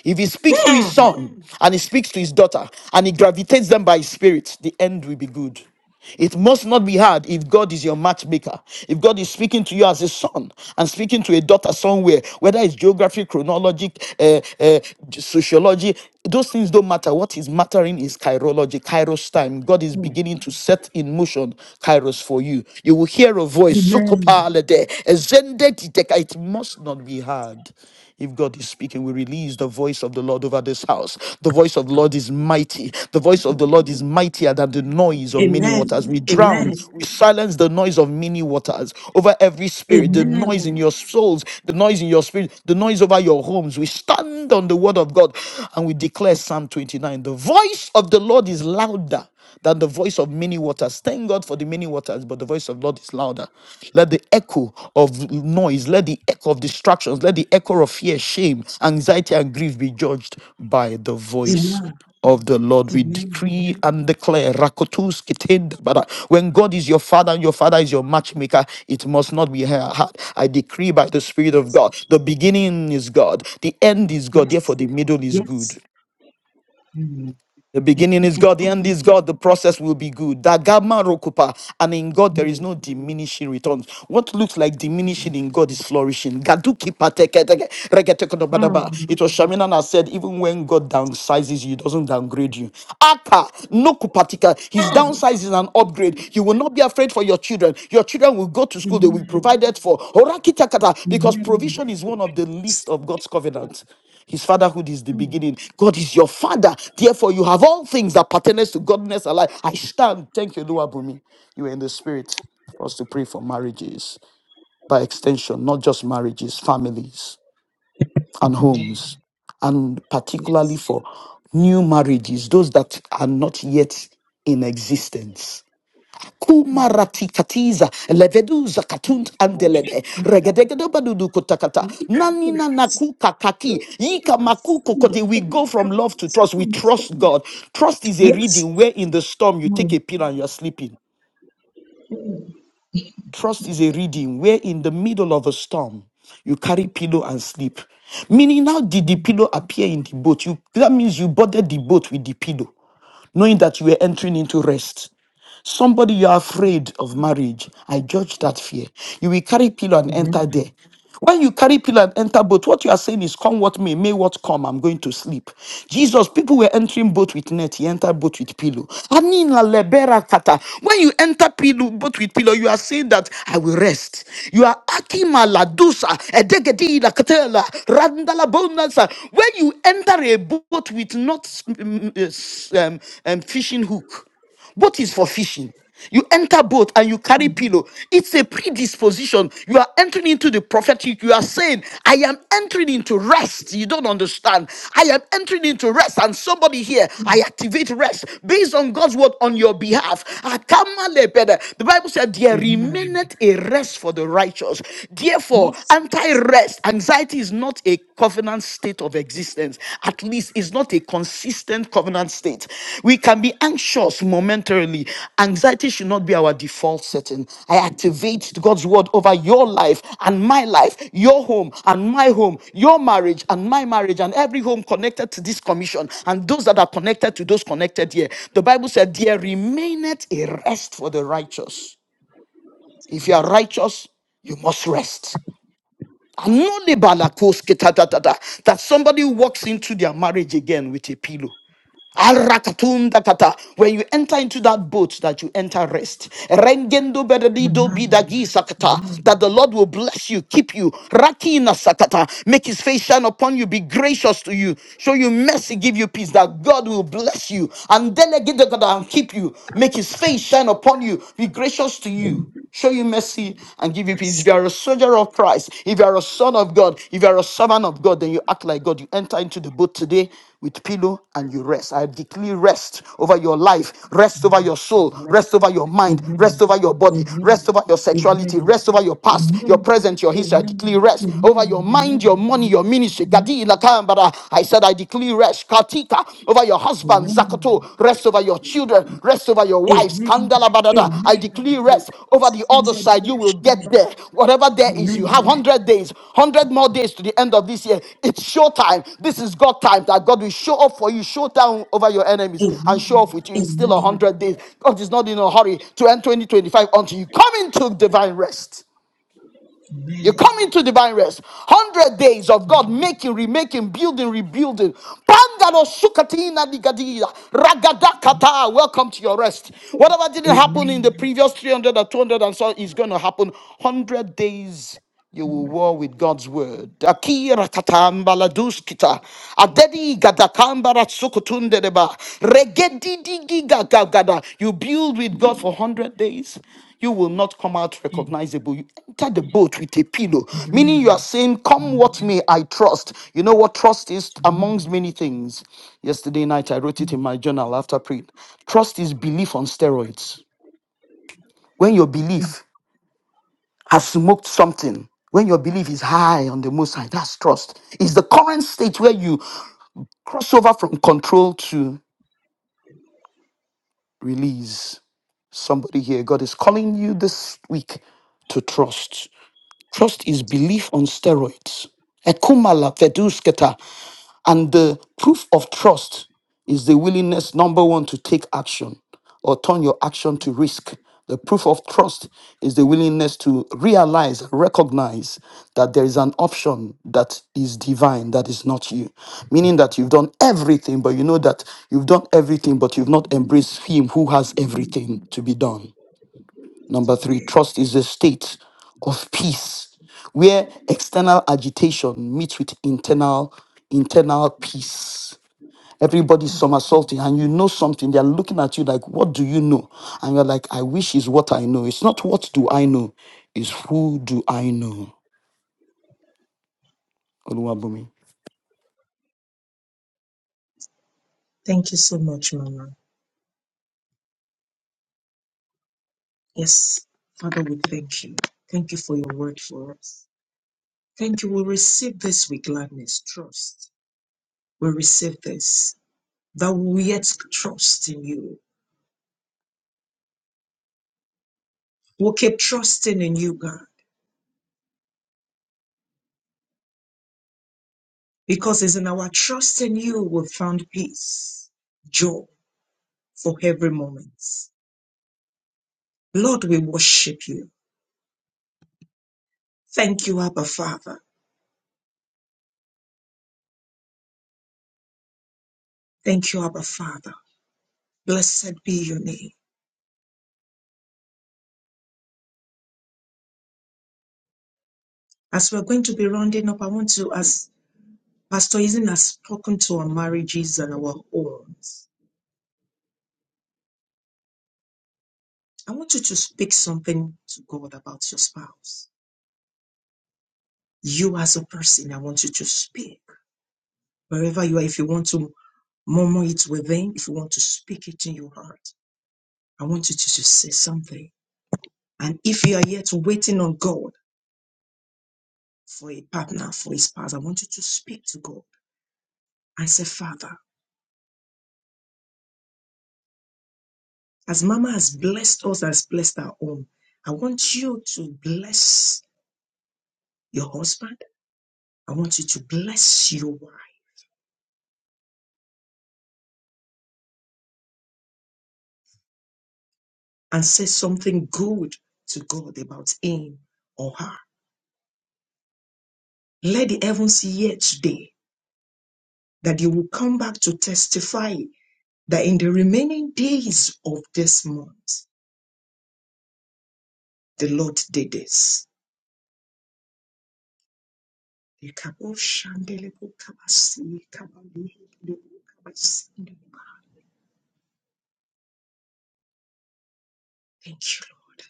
Speaker 2: If he speaks to his son and he speaks to his daughter and he gravitates them by his spirit, the end will be good. It must not be hard if God is your matchmaker. If God is speaking to you as a son and speaking to a daughter somewhere, whether it's geography, chronology, uh, uh, sociology, those things don't matter. What is mattering is chirology, kairos time. God is
Speaker 1: Hmm.
Speaker 2: beginning to set in motion kairos for you. You will hear a voice,
Speaker 1: Amen.
Speaker 2: "Sokopalede, ezende dideka." it must not be hard. If God is speaking, we release the voice of the Lord over this house. The voice of the Lord is mighty. The voice of the Lord is mightier than the noise of many
Speaker 1: Amen.
Speaker 2: waters. We drown,
Speaker 1: Amen.
Speaker 2: we silence the noise of many waters over every spirit, the noise
Speaker 1: Amen.
Speaker 2: in your souls, the noise in your spirit, the noise over your homes. We stand on the word of God and we declare Psalm 29 the voice of the Lord is louder than the voice of many waters. Thank God for the many waters, but the voice of Lord is louder. Let the echo of noise, let the echo of distractions, let the echo of fear, shame, anxiety, and grief be judged by the voice
Speaker 1: Amen.
Speaker 2: of the Lord. We
Speaker 1: Amen.
Speaker 2: decree and declare. Rakotus kitend bara. When God is your father and your father is your matchmaker, it must not be hard. I decree by the Spirit of
Speaker 1: Yes.
Speaker 2: God. The beginning is God, the end is God,
Speaker 1: Yes.
Speaker 2: therefore the middle is good.
Speaker 1: Yes. Mm-hmm.
Speaker 2: The beginning is God, the end is God, the process will be good. Dagama rokupa. And in God, there is
Speaker 1: Amen.
Speaker 2: no diminishing returns. What looks like diminishing in God is flourishing. Gaduki pateke teke, regetekodobadaba.
Speaker 1: Amen.
Speaker 2: It was Shamina that said, even when God downsizes you, he doesn't downgrade you. Aka, no kupatika.
Speaker 1: Hmm.
Speaker 2: His
Speaker 1: Hmm.
Speaker 2: downsize is an upgrade.
Speaker 1: Yes.
Speaker 2: You will not be afraid for your children. Your children will go to school, they will be
Speaker 1: Amen.
Speaker 2: provided for. Horakitakata, Because provision is one of the least of God's covenants. His fatherhood is the beginning. God is your father. Therefore, you have all things that pertains to godliness and life. I stand. Thank you, Luabumi. You are in the spirit for us to pray for marriages, by extension, not just marriages, families and homes, and particularly for new marriages, those that are not yet in existence kumaratikatiza leveduza katunt andelede
Speaker 1: Amen. Yes.
Speaker 2: regedegedobadudu kotakata nanina
Speaker 1: Yes.
Speaker 2: nakukakaki yika makuko kote we go from love to trust we trust God trust is a reading where in the storm you take a
Speaker 1: Amen.
Speaker 2: pill and you're sleeping Trust is a reading where in the middle of a storm you carry pillow and sleep. Meaning, how did the pillow appear in the boat? You that means you boarded the boat with the pillow, knowing that you were entering into rest. Somebody you are afraid of marriage. I judge that fear. You will carry pillow and enter
Speaker 1: Amen.
Speaker 2: there. When you carry pillar and enter boat, what you are saying is, Come what may, may what come, I'm going to sleep. Jesus, people were entering boat with net, he entered boat with pillow. Anina lebera kata. When you enter pillow, boat with pillow, you are saying that I will rest. You are akima la dusa, edegedi la katela, randala bonanza. When you enter a boat with not mm, mm, um, um, fishing hook, Boat is for fishing. You enter boat and you carry pillow. It's a predisposition. You are entering into the prophetic. You are saying, I am entering into rest. You don't understand. I am entering into rest. And somebody here, I activate rest based on God's word on your behalf. Akamalebede. The Bible said, There
Speaker 1: Amen.
Speaker 2: remaineth a rest for the righteous. Therefore,
Speaker 1: Yes.
Speaker 2: anti rest, anxiety is not a covenant state of existence. At least it's not a consistent covenant state. We can be anxious momentarily. Anxiety should not be our default setting. I activate God's word over your life and my life, your home and my home, your marriage and my marriage, and every home connected to this commission and those that are connected to those connected here. The Bible said, There remaineth a rest for the righteous. If you are righteous, you must rest. Anonibalakosketatata. That somebody walks into their marriage again with a pillow. Arakatundakata. When you enter into that boat, that you enter rest. Rengendo beredido
Speaker 1: Amen.
Speaker 2: bidagi sakata. That the Lord will bless you, keep you. Rakina sakata. Make his face shine upon you, be gracious to you, show you mercy, give you peace. That God will bless you and delegate the God and keep you. Make his face shine upon you, be gracious to you show you mercy and give you peace. If
Speaker 1: Yes.
Speaker 2: you are a soldier of Christ, if you are a son of God, if you are a servant of God, then you act like God. You enter into the boat today with pillow and you rest. I declare rest over your life, rest over your soul,
Speaker 1: Amen.
Speaker 2: rest over your mind, rest
Speaker 1: Amen.
Speaker 2: over your body,
Speaker 1: Amen.
Speaker 2: rest over your
Speaker 1: Amen.
Speaker 2: sexuality, rest over your past,
Speaker 1: Amen.
Speaker 2: your
Speaker 1: Amen.
Speaker 2: present, your history. I
Speaker 1: Amen.
Speaker 2: declare rest over
Speaker 1: Amen.
Speaker 2: your
Speaker 1: Amen.
Speaker 2: mind, your money, your ministry.
Speaker 1: Amen.
Speaker 2: Gadi ilakambara. I said I declare rest katika over your husband,
Speaker 1: Amen.
Speaker 2: Zakato, rest over your children, rest over your wives, Kandala Badada. I declare rest over the
Speaker 1: Because in
Speaker 2: other
Speaker 1: the
Speaker 2: side. You will
Speaker 1: devotion,
Speaker 2: get there. Whatever there is,
Speaker 1: Amen.
Speaker 2: you have 100 days, 100 more days to the end of this year. It's show time. This is God time that God will show up for you, show down over your enemies, and
Speaker 1: Amen.
Speaker 2: show off with you. It's still
Speaker 1: Amen.
Speaker 2: 100 days. God is not in a hurry to end 2025 until you come into divine rest. You come into divine rest. Hundred days of God making, remaking, building, rebuilding. Pandaro sukatina digadia. Ragadakata. Welcome to your rest. Whatever didn't happen in the
Speaker 1: Amen.
Speaker 2: previous 300 or 200 and so is going to happen 100 days you will war with God's word. Akira katambala duskita. Adedi gadakambara sukutundereba. Regedidigi You build with God for 100 days. You will not come out recognizable. You enter the boat with a pillow, meaning
Speaker 1: Amen.
Speaker 2: you are saying, Come what may, I trust. You know what trust is amongst many things. Yesterday night, I wrote it in my journal after praying. Trust is belief on steroids. When your belief has smoked something, when your belief is high on the most high, that's trust. It's the current state where you cross over from control to release. Somebody here, God is calling you this week to trust. Trust is belief on steroids. Ekumala vedusketa And the proof of trust is the willingness, number one, to take action or turn your action to risk. The proof of trust is the willingness to realize, recognize that there is an option that is divine, that is not you. Meaning that you've done everything, but you know that you've done everything, but you've not embraced Him who has everything to be done. Number three, trust is a state of peace where external agitation meets with internal internal peace. Everybody's somersaulting, and you know something. They're looking at you like, "What do you know?" And you're like, "I wish is what I know. It's not what do I know, it's who do I know." Oluwabumi.
Speaker 1: Thank you so much, Mama. Yes, Father, we thank you. Thank you for your word for us. Thank you. We receive this with gladness, trust. We receive this that we yet trust in you. We'll keep trusting in you, God, because it's in our trust in you we found peace, joy for every moment. Lord, we worship you. Thank you, Abba Father. Thank you, Abba Father. Blessed be your name. As we're going to be rounding up, I want to ask Pastor Pastorism has spoken to our marriages and our homes. I want you to speak something to God about your spouse. You as a person, I want you to speak. Wherever you are, if you want to murmur it within, if you want to speak it in your heart, I want you to just say something. And if you are yet waiting on God for a partner, for a spouse, I want you to speak to God and say, Father, as Mama has blessed us, has blessed our home, I want you to bless your husband. I want you to bless your wife and say something good to God about him or her. Let the heavens hear today that you will come back to testify that in the remaining days of this month, the Lord did this. Thank you, Lord.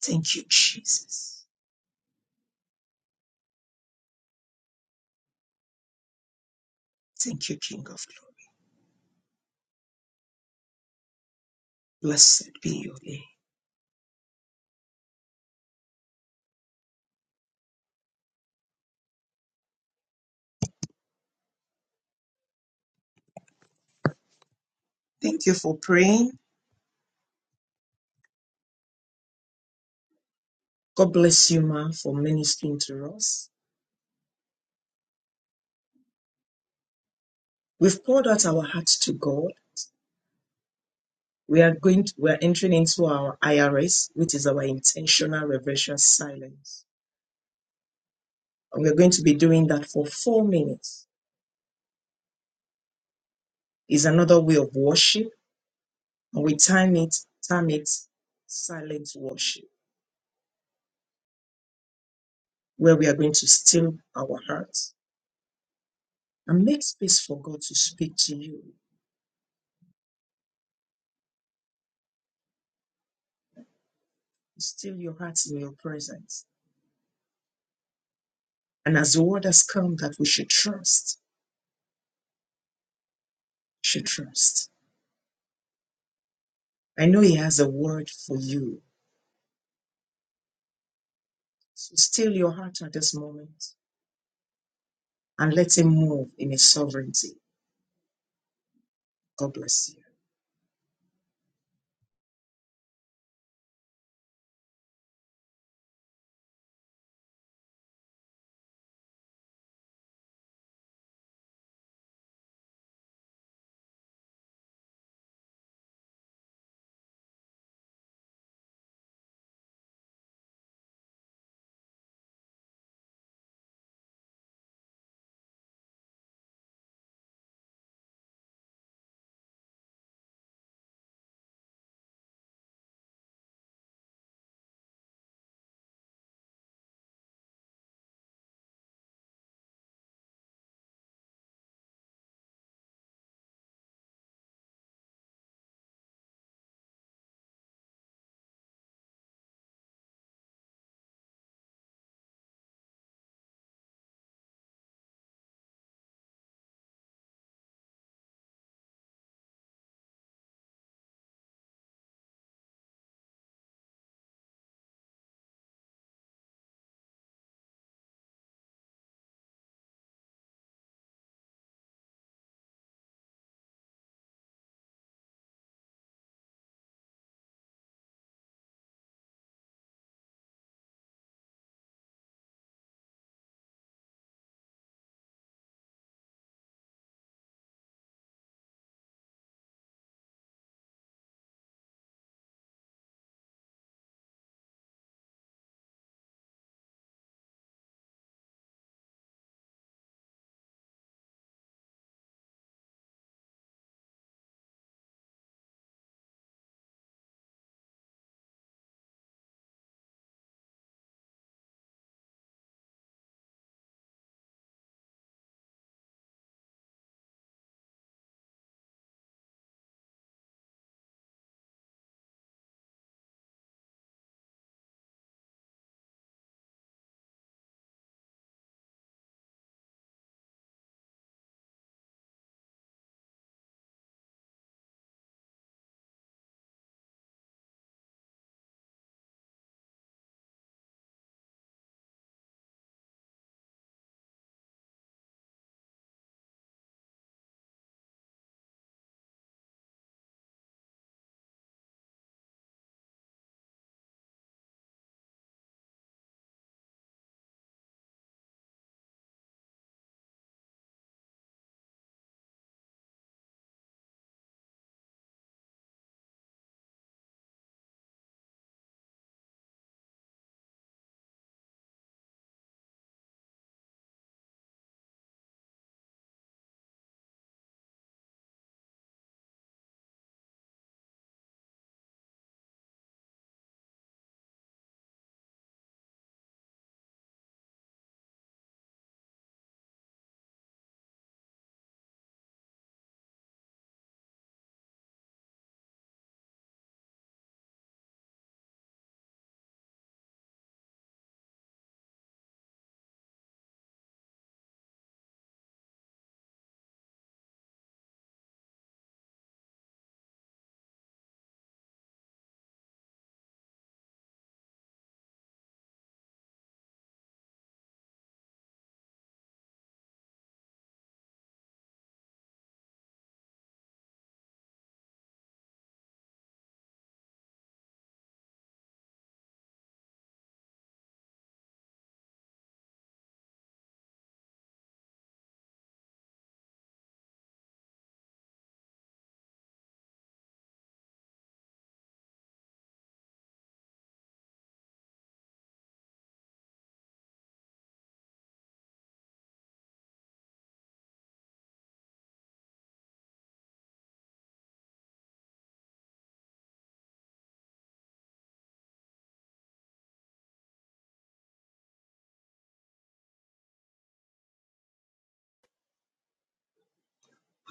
Speaker 1: Thank you, Jesus. Thank you, King of Glory. Blessed be your name. Thank you for praying. God bless you, Ma, for ministering to us. We've poured out our hearts to God. We are going to, we are entering into our IRS, which is our intentional reverential silence. And we're going to be doing that for four minutes. Is another way of worship, and we time it, time it silent worship, where we are going to still our hearts and make space for God to speak to you. Still your hearts in your presence. And as the word has come that we should trust, should trust. I know He has a word for you. So still your heart at this moment and let Him move in His sovereignty. God bless you.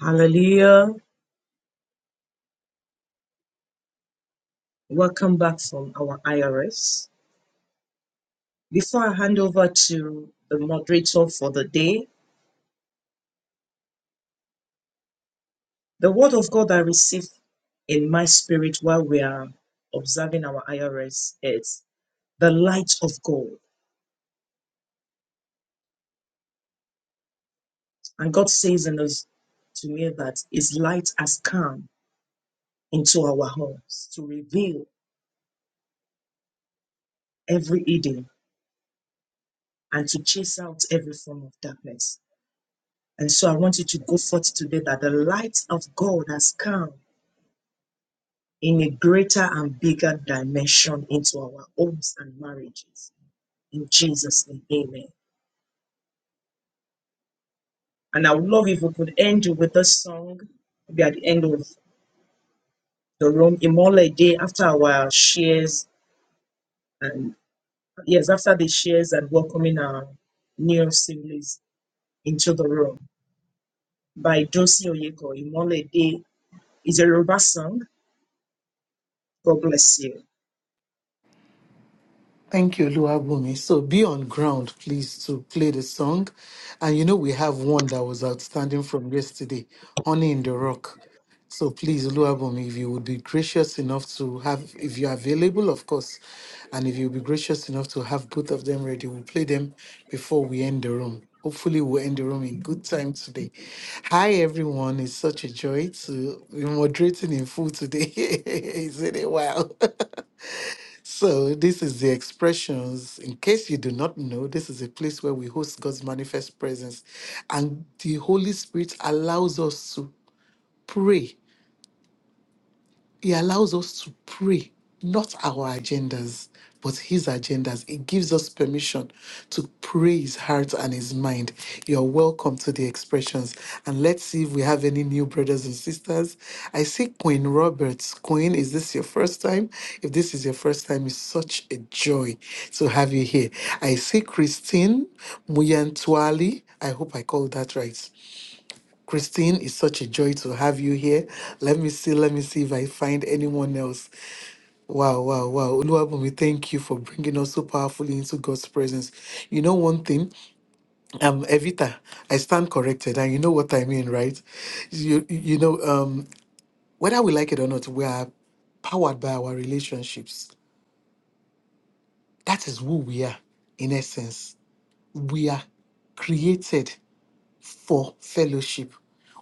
Speaker 1: Hallelujah. Welcome back from our IRS. Before I hand over to the moderator for the day, the word of God I received in my spirit while we are observing our IRS is the light of God. And God says in us to me that His light has come into our homes to reveal every hidden and to chase out every form of darkness. And so I want you to go forth today that the light of God has come in a greater and bigger dimension into our homes and marriages. In Jesus' name, amen. And I would love if we could end with a song, maybe at the end of the room, Imole Day, after our shares and yes, after the shares and welcoming our new siblings into the room by Dosi Oyeko, Imole Day. is a Yoruba song God bless you.
Speaker 3: Thank you, Luabumi. So be on ground, please, to play the song. And you know, we have one that was outstanding from yesterday, Honey in the Rock. So please, Luabumi, if you would be gracious enough to have, if you're available, of course, and if you'll be gracious enough to have both of them ready, we'll play them before we end the room. Hopefully, we'll end the room in good time today. Hi, everyone. It's such a joy to be moderating in full today. It's been a while. So, this is the expressions. In case you do not know, this is a place where we host God's manifest presence, and the Holy Spirit allows us to pray he allows us to pray, not our agendas, but His agendas. It gives us permission to pray His heart and His mind. You're welcome to the expressions. And let's see if we have any new brothers and sisters. I see Queen Roberts. Queen, is this your first time? If this is your first time, it's such a joy to have you here. I see Christine Muyantwali. I hope I called that right. Christine, it's such a joy to have you here. Let me see, let me see if I find anyone else. Wow, wow, wow. Oluwabumi, thank you for bringing us so powerfully into God's presence. You know one thing, um, Evita, I stand corrected, and you know what I mean, right? You, you know, um, whether we like it or not, we are powered by our relationships. That is who we are, in essence. We are created for fellowship.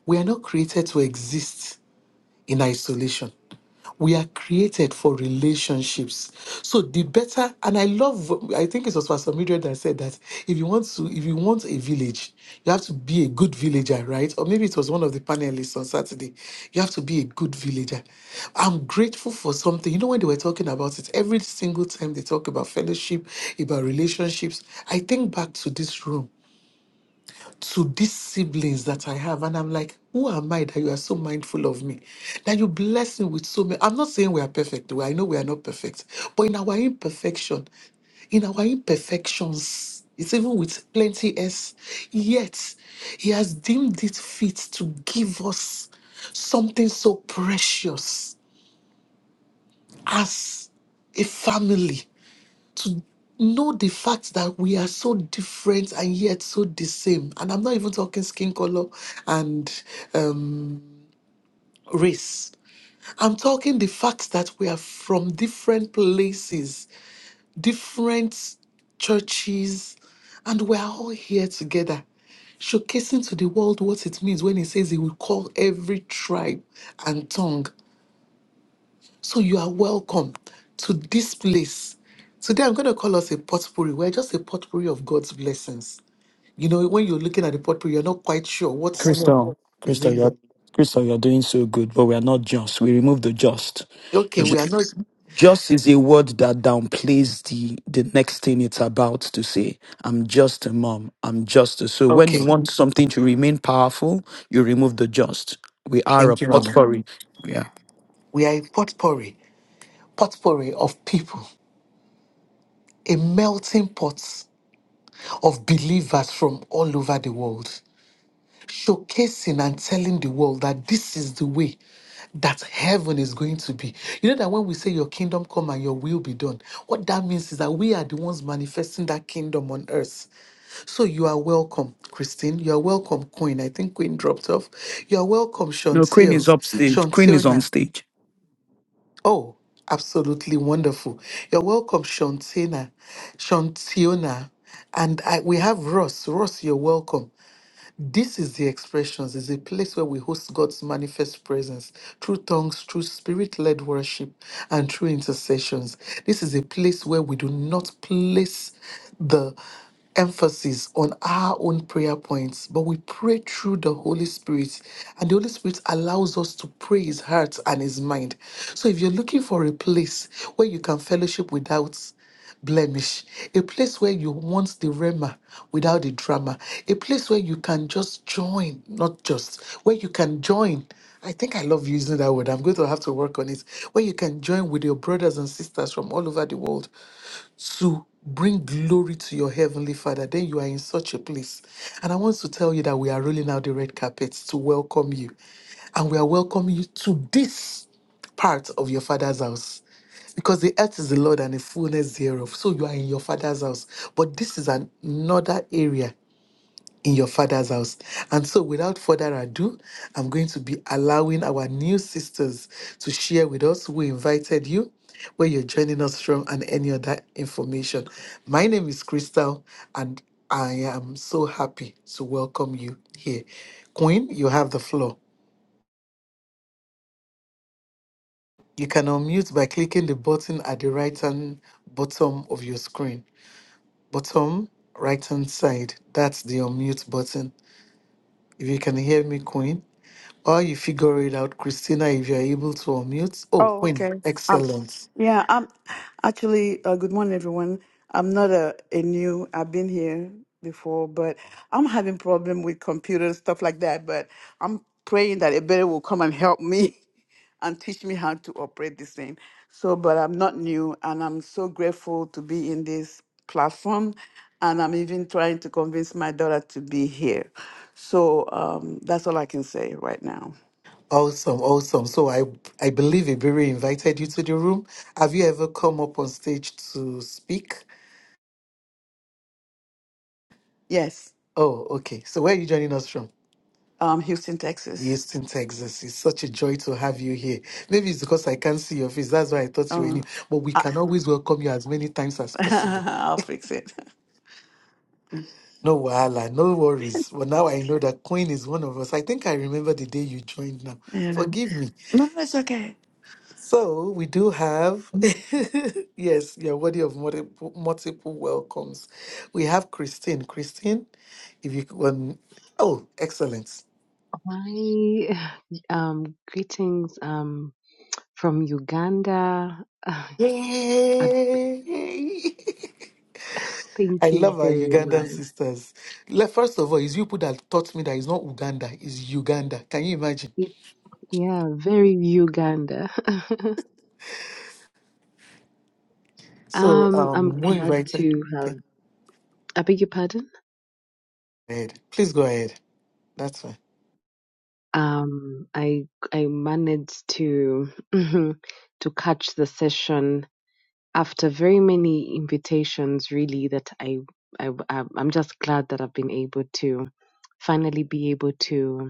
Speaker 3: We are not created to exist in isolation. We are created for relationships. So the better, and I love, I think it was Pastor Mildred that said that if you want to, if you want a village, you have to be a good villager, right? Or maybe it was one of the panelists on Saturday. You have to be a good villager. I'm grateful for something. You know, when they were talking about it, every single time they talk about fellowship, about relationships, I think back to this room to these siblings that I have. And I'm like, who am I that you are so mindful of me? That you bless me with so many. I'm not saying we are perfect, though. I know we are not perfect. But in our imperfection, in our imperfections, it's even with plenty S, yet He has deemed it fit to give us something so precious as a family to know the fact that we are so different and yet so the same. And I'm not even talking skin color and um, race. I'm talking the fact that we are from different places, different churches, and we are all here together, showcasing to the world what it means when he says he will call every tribe and tongue So you are welcome to this place. Today I'm going to call us a potpourri. We're just a potpourri of God's blessings. You know, when you're looking at the potpourri, you're not quite sure what smell
Speaker 2: Crystal,
Speaker 3: is
Speaker 2: Crystal,
Speaker 3: in
Speaker 2: you're
Speaker 3: there.
Speaker 2: Crystal, you're doing so good, but we are not just. We remove the just.
Speaker 3: Okay, we are not.
Speaker 2: Just is a word that downplays the the next thing it's about to say. I'm just a mom. I'm just a so when you
Speaker 3: Okay,
Speaker 2: want something to remain powerful, you remove the just. We are a
Speaker 3: thank you, Mama.
Speaker 2: potpourri. Yeah.
Speaker 3: We are a potpourri, potpourri of people, a melting pot of believers from all over the world. showcasing and telling the world that this is the way that heaven is going to be. You know that when we say your kingdom come and your will be done, what that means is that we are the ones manifesting that kingdom on earth. So you are welcome, Christine. You are welcome, Queen. I think Queen dropped off. You are welcome,
Speaker 2: No, Queen is
Speaker 3: Shantil.
Speaker 2: upstage. Queen is on
Speaker 3: Shantilna.
Speaker 2: stage.
Speaker 3: Oh, absolutely wonderful. You're welcome, Shantina. Shantiona. And I, we have Ross. Ross, you're welcome. This is the expressions, is a place where we host God's manifest presence through tongues, through spirit led worship, and through intercessions. This is a place where we do not place the emphasis on our own prayer points, but we pray through the Holy Spirit, and the Holy Spirit allows us to pray His heart and His mind. So if you're looking for a place where you can fellowship without blemish, a place where you want the rema without the drama, a place where you can just join, not just, where you can join. I think I love using that word. I'm going to have to work on it. Where you can join with your brothers and sisters from all over the world to bring glory to your heavenly father then you are in such a place and i want to tell you that we are rolling out the red carpets to welcome you and we are welcoming you to this part of your father's house because the earth is the lord and the fullness thereof so you are in your father's house but this is an- another area in your father's house. And so, without further ado, I'm going to be allowing our new sisters to share with us who invited you, where you're joining us from, and any other information. My name is Crystal, and I am so happy to welcome you here. Queen, you have the floor. You can unmute by clicking the button at the right hand bottom of your screen. Bottom right hand side, that's the unmute button. If you can hear me, Queen. While you figure it out, Christina, if you're able to unmute. Oh,
Speaker 4: Oh,
Speaker 3: Queen,
Speaker 4: okay. Um,
Speaker 3: excellent.
Speaker 4: yeah, I'm actually, uh, good morning, everyone. I'm not a, a new, I've been here before, but I'm having problem with computers, stuff like that. But I'm praying that a better will come and help me and teach me how to operate this thing. So, but I'm not new, and I'm so grateful to be in this platform. And I'm even trying to convince my daughter to be here. So um, that's all I can say right now.
Speaker 3: Awesome, awesome. So I I believe Ibiri invited you to the room. Have you ever come up on stage to speak?
Speaker 4: Yes,
Speaker 3: Oh, okay. So where are you joining us from?
Speaker 4: um, Houston, Texas.
Speaker 3: Houston, Texas. It's such a joy to have you here. Maybe it's because I can't see your face. That's why I thought you were new.
Speaker 4: Um,
Speaker 3: But we
Speaker 4: I,
Speaker 3: can always welcome you as many times as possible.
Speaker 4: I'll fix it.
Speaker 3: No wahala, no worries. Well, now I know that Queen is one of us. I think I remember the day you joined now.
Speaker 4: Yeah.
Speaker 3: Forgive me.
Speaker 4: No, it's okay.
Speaker 3: So we do have, yes, you're worthy of multiple, multiple welcomes. We have Christine. Christine, if you can, oh, excellent.
Speaker 5: My um, greetings um, from Uganda. Uh,
Speaker 3: Yay! I
Speaker 5: Thank you
Speaker 3: love our
Speaker 5: very
Speaker 3: Ugandan
Speaker 5: much.
Speaker 3: sisters. Le- First of all, it's you people that taught me that it's not Uganda, it's Uganda. Can you imagine?
Speaker 5: It, yeah, very Uganda.
Speaker 3: So
Speaker 5: um, I'm
Speaker 3: um, we
Speaker 5: glad
Speaker 3: invited.
Speaker 5: to have.
Speaker 3: Okay, go
Speaker 5: I beg your pardon.
Speaker 3: ahead. Please go ahead. That's fine.
Speaker 5: Um, I I managed to to catch the session after very many invitations. Really, that I I I'm I'm just glad that I've been able to finally be able to.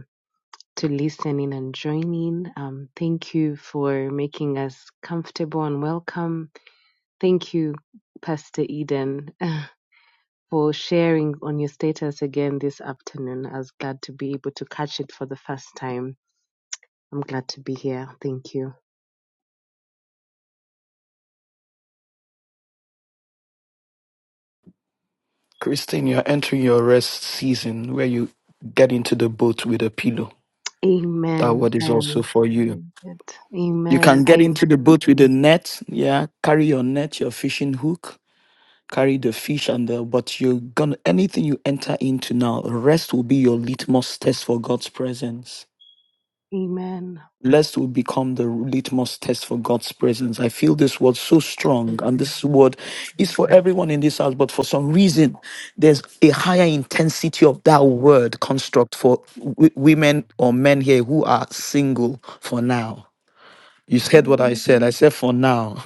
Speaker 5: to listening and joining. Um, thank you for making us comfortable and welcome. Thank you, Pastor Eden, for sharing on your status again this afternoon. I was glad to be able to catch it for the first time. I'm glad to be here. Thank you.
Speaker 2: Christine, you're entering your rest season where you get into the boat with a pillow. that
Speaker 5: Amen.
Speaker 2: word is
Speaker 5: I
Speaker 2: also for you.
Speaker 5: receive it.
Speaker 2: You
Speaker 5: Amen.
Speaker 2: can get
Speaker 5: I.
Speaker 2: into the boat with a net, yeah. Carry your net, your fishing hook, carry the fish and the but you're gonna anything you enter into now, rest will be your litmus test for God's presence.
Speaker 5: Amen.
Speaker 2: Rest will become the litmus test for God's presence. I feel this word so strong, and this word is for everyone in this house, but for some reason, there's a higher intensity of that word construct for w- women or men here who are single for now You said what
Speaker 5: Amen.
Speaker 2: I said. I said for now,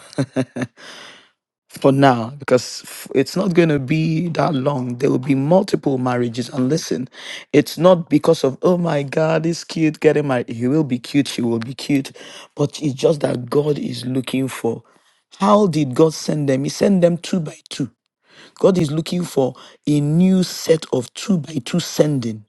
Speaker 2: for now, because f- it's not going to be that long. There will be multiple marriages. And listen, it's not because of, oh my God, this cute getting married. He will be cute, she will be cute. But it's just that God is looking for. How did God send them? He sent them two by two. God is looking for a new set of two by two sending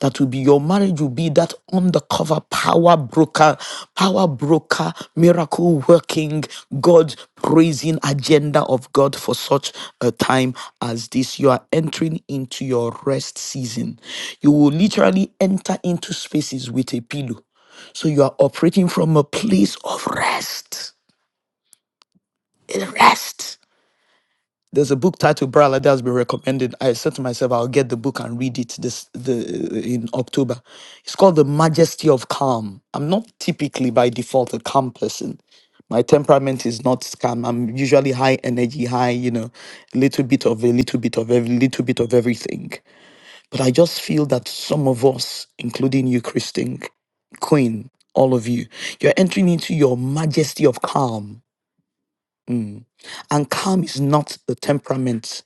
Speaker 2: that will be your marriage will be that undercover power broker, power broker, miracle working, God praising agenda of God for such a time as this. You are entering into your rest season. You will literally enter into spaces with a pillow. So you are operating from a place of rest. Rest. There's a book titled Brala that's been recommended. I said to myself, I'll get the book and read it this the in October. It's called The Majesty of Calm. I'm not typically by default a calm person. My temperament is not calm. I'm usually high energy, high, you know, little bit of a little bit of every little bit of everything. But I just feel that some of us, including you, Christine, Queen, all of you, you're entering into your majesty of calm. Mm. And calm is not the temperament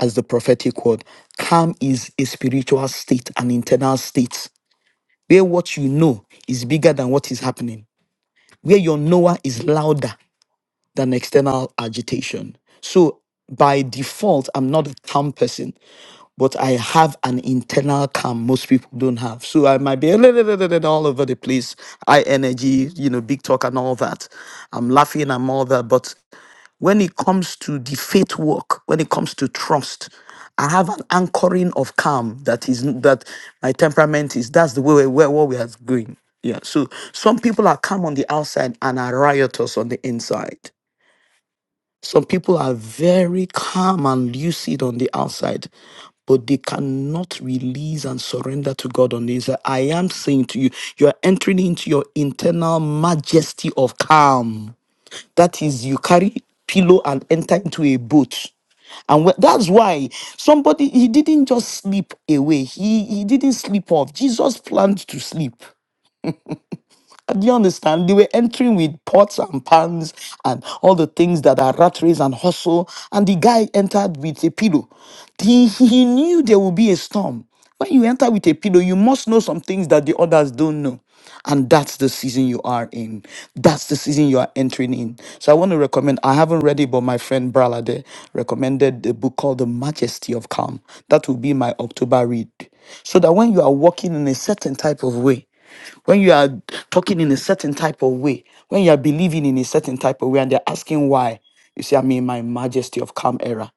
Speaker 2: as the prophetic word. Calm is a spiritual state, an internal state, where what you know is bigger than what is happening, where your knower is louder than external agitation. So by default, I'm not a calm person, but I have an internal calm most people don't have. So I might be all over the place, high energy, you know, big talk and all that. I'm laughing, I'm all that. But when it comes to the faith work, when it comes to trust, I have an anchoring of calm that is that my temperament is. That's the way where what we are going. Yeah. So some people are calm on the outside and are riotous on the inside. Some people are very calm and lucid on the outside, but they cannot release and surrender to God on the inside. I am saying to you, you are entering into your internal majesty of calm. That is, you carry pillow and enter into a boat. And wh- that's why somebody he didn't just sleep away. He he didn't sleep off. Jesus planned to sleep. Uh, Do you understand? They were entering with pots and pans and all the things that are rat race and hustle. And the guy entered with a pillow. He, he knew there would be a storm. When you enter with a pillow, you must know some things that the others don't know. And that's the season you are in. That's the season you are entering in. So I want to recommend, I haven't read it, but my friend Bralade recommended the book called The Majesty of Calm. That will be my October read. So that when you are walking in a certain type of way, when you are talking in a certain type of way, when you are believing in a certain type of way, and they're asking why, you say, I'm in my majesty of calm era.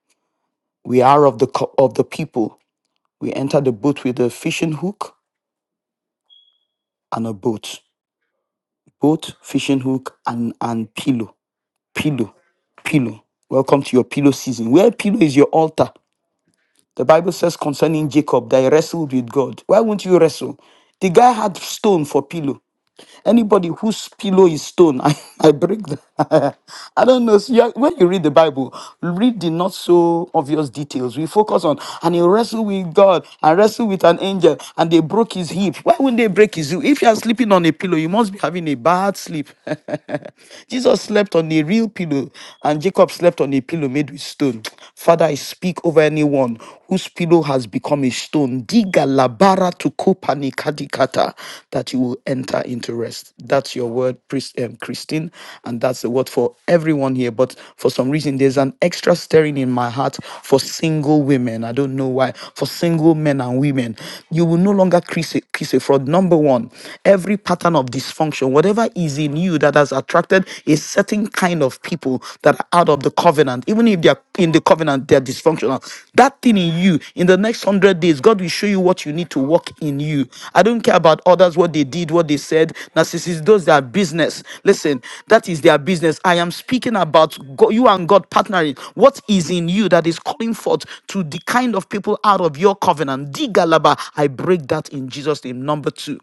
Speaker 2: We are of the co- of the people. We enter the boat with a fishing hook and a boat. Boat, fishing hook, and and pillow. Pillow. Pillow. Welcome to your pillow season. Where pillow is your altar. The Bible says concerning Jacob that he wrestled with God. Why won't you wrestle? The guy had stone for pillow. Anybody whose pillow is stone, I, I break that. I don't know. So you are- when you read the Bible, read the not so obvious details. We focus on, and he wrestled with God and wrestled with an angel, and they broke his hip. Why wouldn't they break his hip? If you are sleeping on a pillow, you must be having a bad sleep. Jesus slept on a real pillow, and Jacob slept slept on a pillow made with stone. Father, I speak over anyone whose pillow has become a stone. Diga labara to kopanikadikata that you will enter into rest. That's your word, priest, um, Christine, and that's the word for everyone here. But for some reason, there's an extra stirring in my heart for single women. I don't know why. For single men and women, you will no longer kiss a, kiss a fraud. Number one, every pattern of dysfunction, whatever is in you you that has attracted a certain kind of people that are out of the covenant, even if they are in the covenant, they are dysfunctional. That thing in you, in the next hundred days, God will show you what you need to work in you. I don't care about others, what they did, what they said. Narcissists, those their business. Listen, that is their business. I am speaking about God, you and God partnering. What is in you that is calling forth to the kind of people out of your covenant? Digalaba, I break that in Jesus' name. Number two,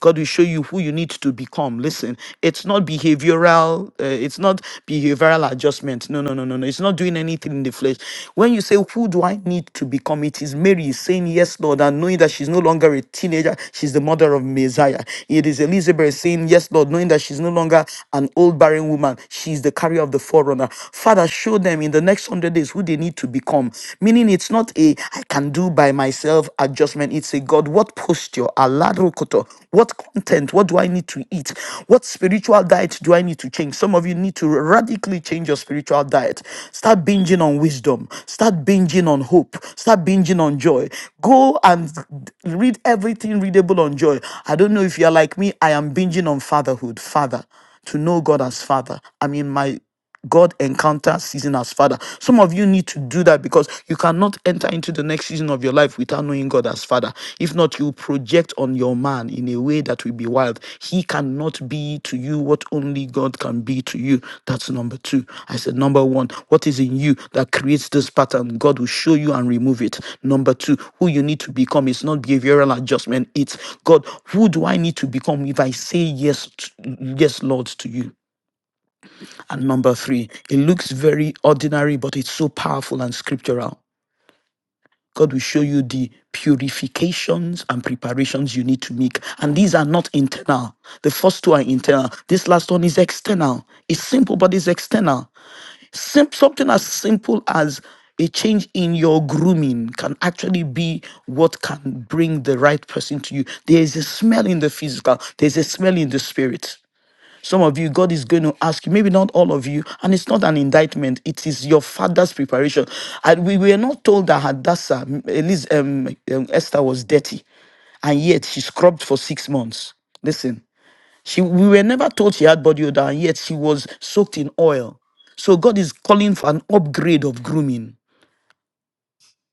Speaker 2: God will show you who you need to become. Listen, it's not behavioral, uh, it's not behavioral adjustment. No, no, no, no, no. It's not doing anything in the flesh. When you say, Who do I need to become? It is Mary saying, Yes, Lord, and knowing that she's no longer a teenager, she's the mother of Messiah. It is Elizabeth saying, Yes, Lord, knowing that she's no longer an old barren woman, she's the carrier of the forerunner. Father, show them in the next hundred days who they need to become. Meaning, it's not a I can and do by myself adjustment. It's a God, what posture, alarokoto, what content, what do I need to eat? What spiritual diet do I need to change? Some of you need to radically change your spiritual diet. Start binging on wisdom, start binging on hope, start binging on joy. Go and read everything readable on joy. I don't know if you're like me, I am binging on fatherhood, father, to know God as father. I mean, my God encounter season as Father. Some of you need to do that because you cannot enter into the next season of your life without knowing God as Father. If not, you project on your man in a way that will be wild. He cannot be to you what only God can be to you. That's number two. I said, number one, what is in you that creates this pattern? God will show you and remove it. Number two, who you need to become. is not behavioral adjustment. It's God, who do I need to become if I say yes, to, yes, Lord, to you? And number three, it looks very ordinary, but it's so powerful and scriptural. God will show you the purifications and preparations you need to make. And these are not internal. The first two are internal. This last one is external. It's simple, but it's external. Sim- something as simple as a change in your grooming can actually be what can bring the right person to you. There is a smell in the physical, there's a smell in the spirit. Some of you, God is going to ask you, maybe not all of you, and it's not an indictment. It is your father's preparation. And we were not told that Hadassah, m- Eliz, um, um, Esther was dirty, and yet she scrubbed for six months. Listen, she we were never told she had body odor, and yet she was soaked in oil. So God is calling for an upgrade of grooming.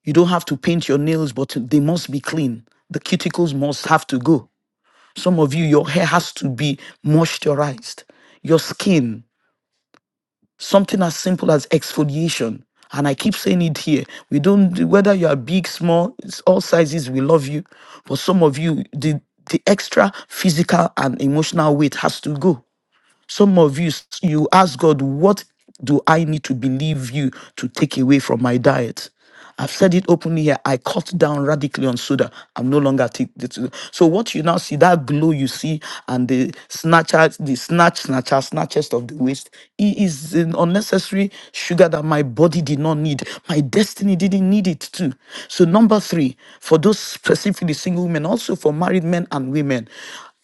Speaker 2: You don't have to paint your nails, but they must be clean. The cuticles must have to go. Some of you, your hair has to be moisturized. Your skin something as simple as exfoliation and i keep saying it here we don't whether you are big small it's all sizes we love you but some of you the the extra physical and emotional weight has to go some of you, s- you ask God, what do I need to believe you to take away from my diet? I've said it openly here. I cut down radically on soda. I'm no longer taking the So what you now see, that glow you see, and the snatchers, the snatch, snatcher, snatches of the waist, it is an unnecessary sugar that my body did not need. My destiny didn't need it too. So number three, for those specifically single women, also for married men and women,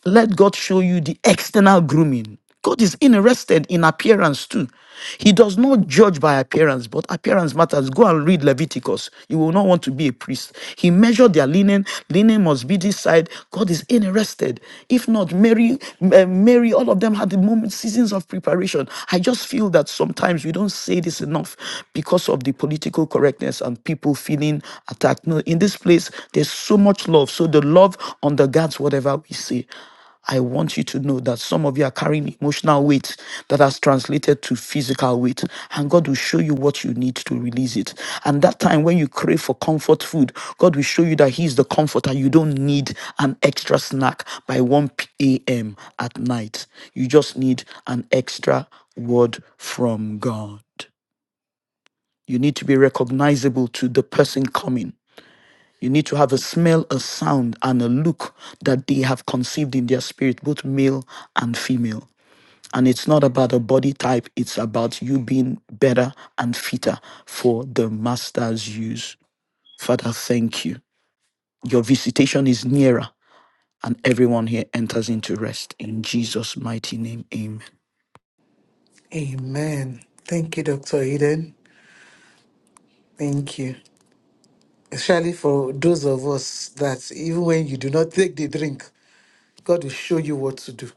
Speaker 2: let God show you the external grooming. God is interested in appearance too. He does not judge by appearance, but appearance matters. Go and read Leviticus. You will not want to be a priest. He measured their linen. Linen must be this side. God is interested. If not, Mary, uh, Mary, all of them had the moment seasons of preparation. I just feel that sometimes we don't say this enough because of the political correctness and people feeling attacked. No, in this place, there's so much love. So the love undergirds whatever we say. I want you to know that some of you are carrying emotional weight that has translated to physical weight, and God will show you what you need to release it. And that time when you crave for comfort food, God will show you that He is the comforter. You don't need an extra snack by 1 p.m. at night. You just need an extra word from God. You need to be recognizable to the person coming. You need to have a smell, a sound, and a look that they have conceived in their spirit, both male and female. And it's not about a body type, it's about you being better and fitter for the master's use. Father, thank you. Your visitation is nearer, and everyone here enters into rest. In Jesus' mighty name, Amen.
Speaker 3: Amen. Thank you, Dr. Eden. Thank you. especially for those of us that even when you do not take the drink, God will show you what to do.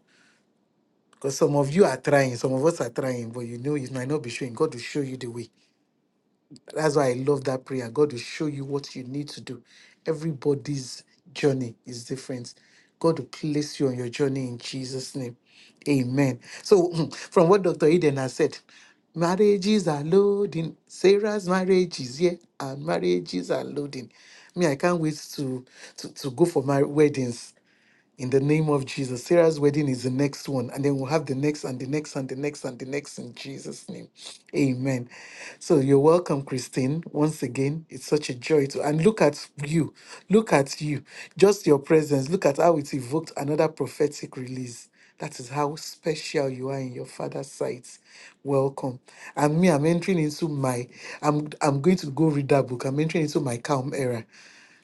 Speaker 3: Because some of you are trying, some of us are trying, but you know it might not be showing. God will show you the way. That's why I love that prayer. God will show you what you need to do. Everybody's journey is different. God will place you on your journey in Jesus' name. Amen. So, from what Dr. Eden has said, marriages are loading. Sarah's marriage is here, and marriages are loading. Me, I can't wait to to, to go for my weddings in the name of Jesus. Sarah's wedding is the next one, and then we'll have the next and the next and the next and the next in Jesus' name. Amen. So you're welcome, Christine. Once again, it's such a joy to and look at you. Look at you. Just your presence. Look at how it evoked another prophetic release. That is how special you are in your father's sight. Welcome. And me, I'm entering into my, I'm I'm going to go read that book. I'm entering into my calm era.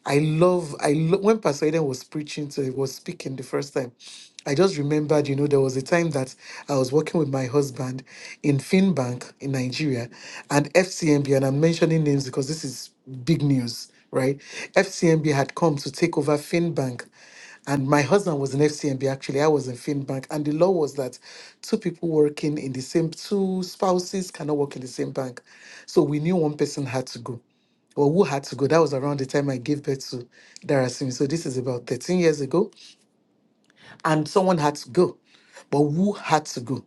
Speaker 3: I love, I lo- when Pastor Eden was preaching to, was speaking the first time, I just remembered, you know, there was a time that I was working with my husband in Finbank in Nigeria and FCMB, and I'm mentioning names because this is big news, right? FCMB had come to take over Finbank. And my husband was in FCMB, actually. I was in Finbank. And the law was that two people working in the same, two spouses cannot work in the same bank. So we knew one person had to go or who had to go. That was around the time I gave birth to Darasimi. So this is about 13 years ago. And someone had to go. But who had to go?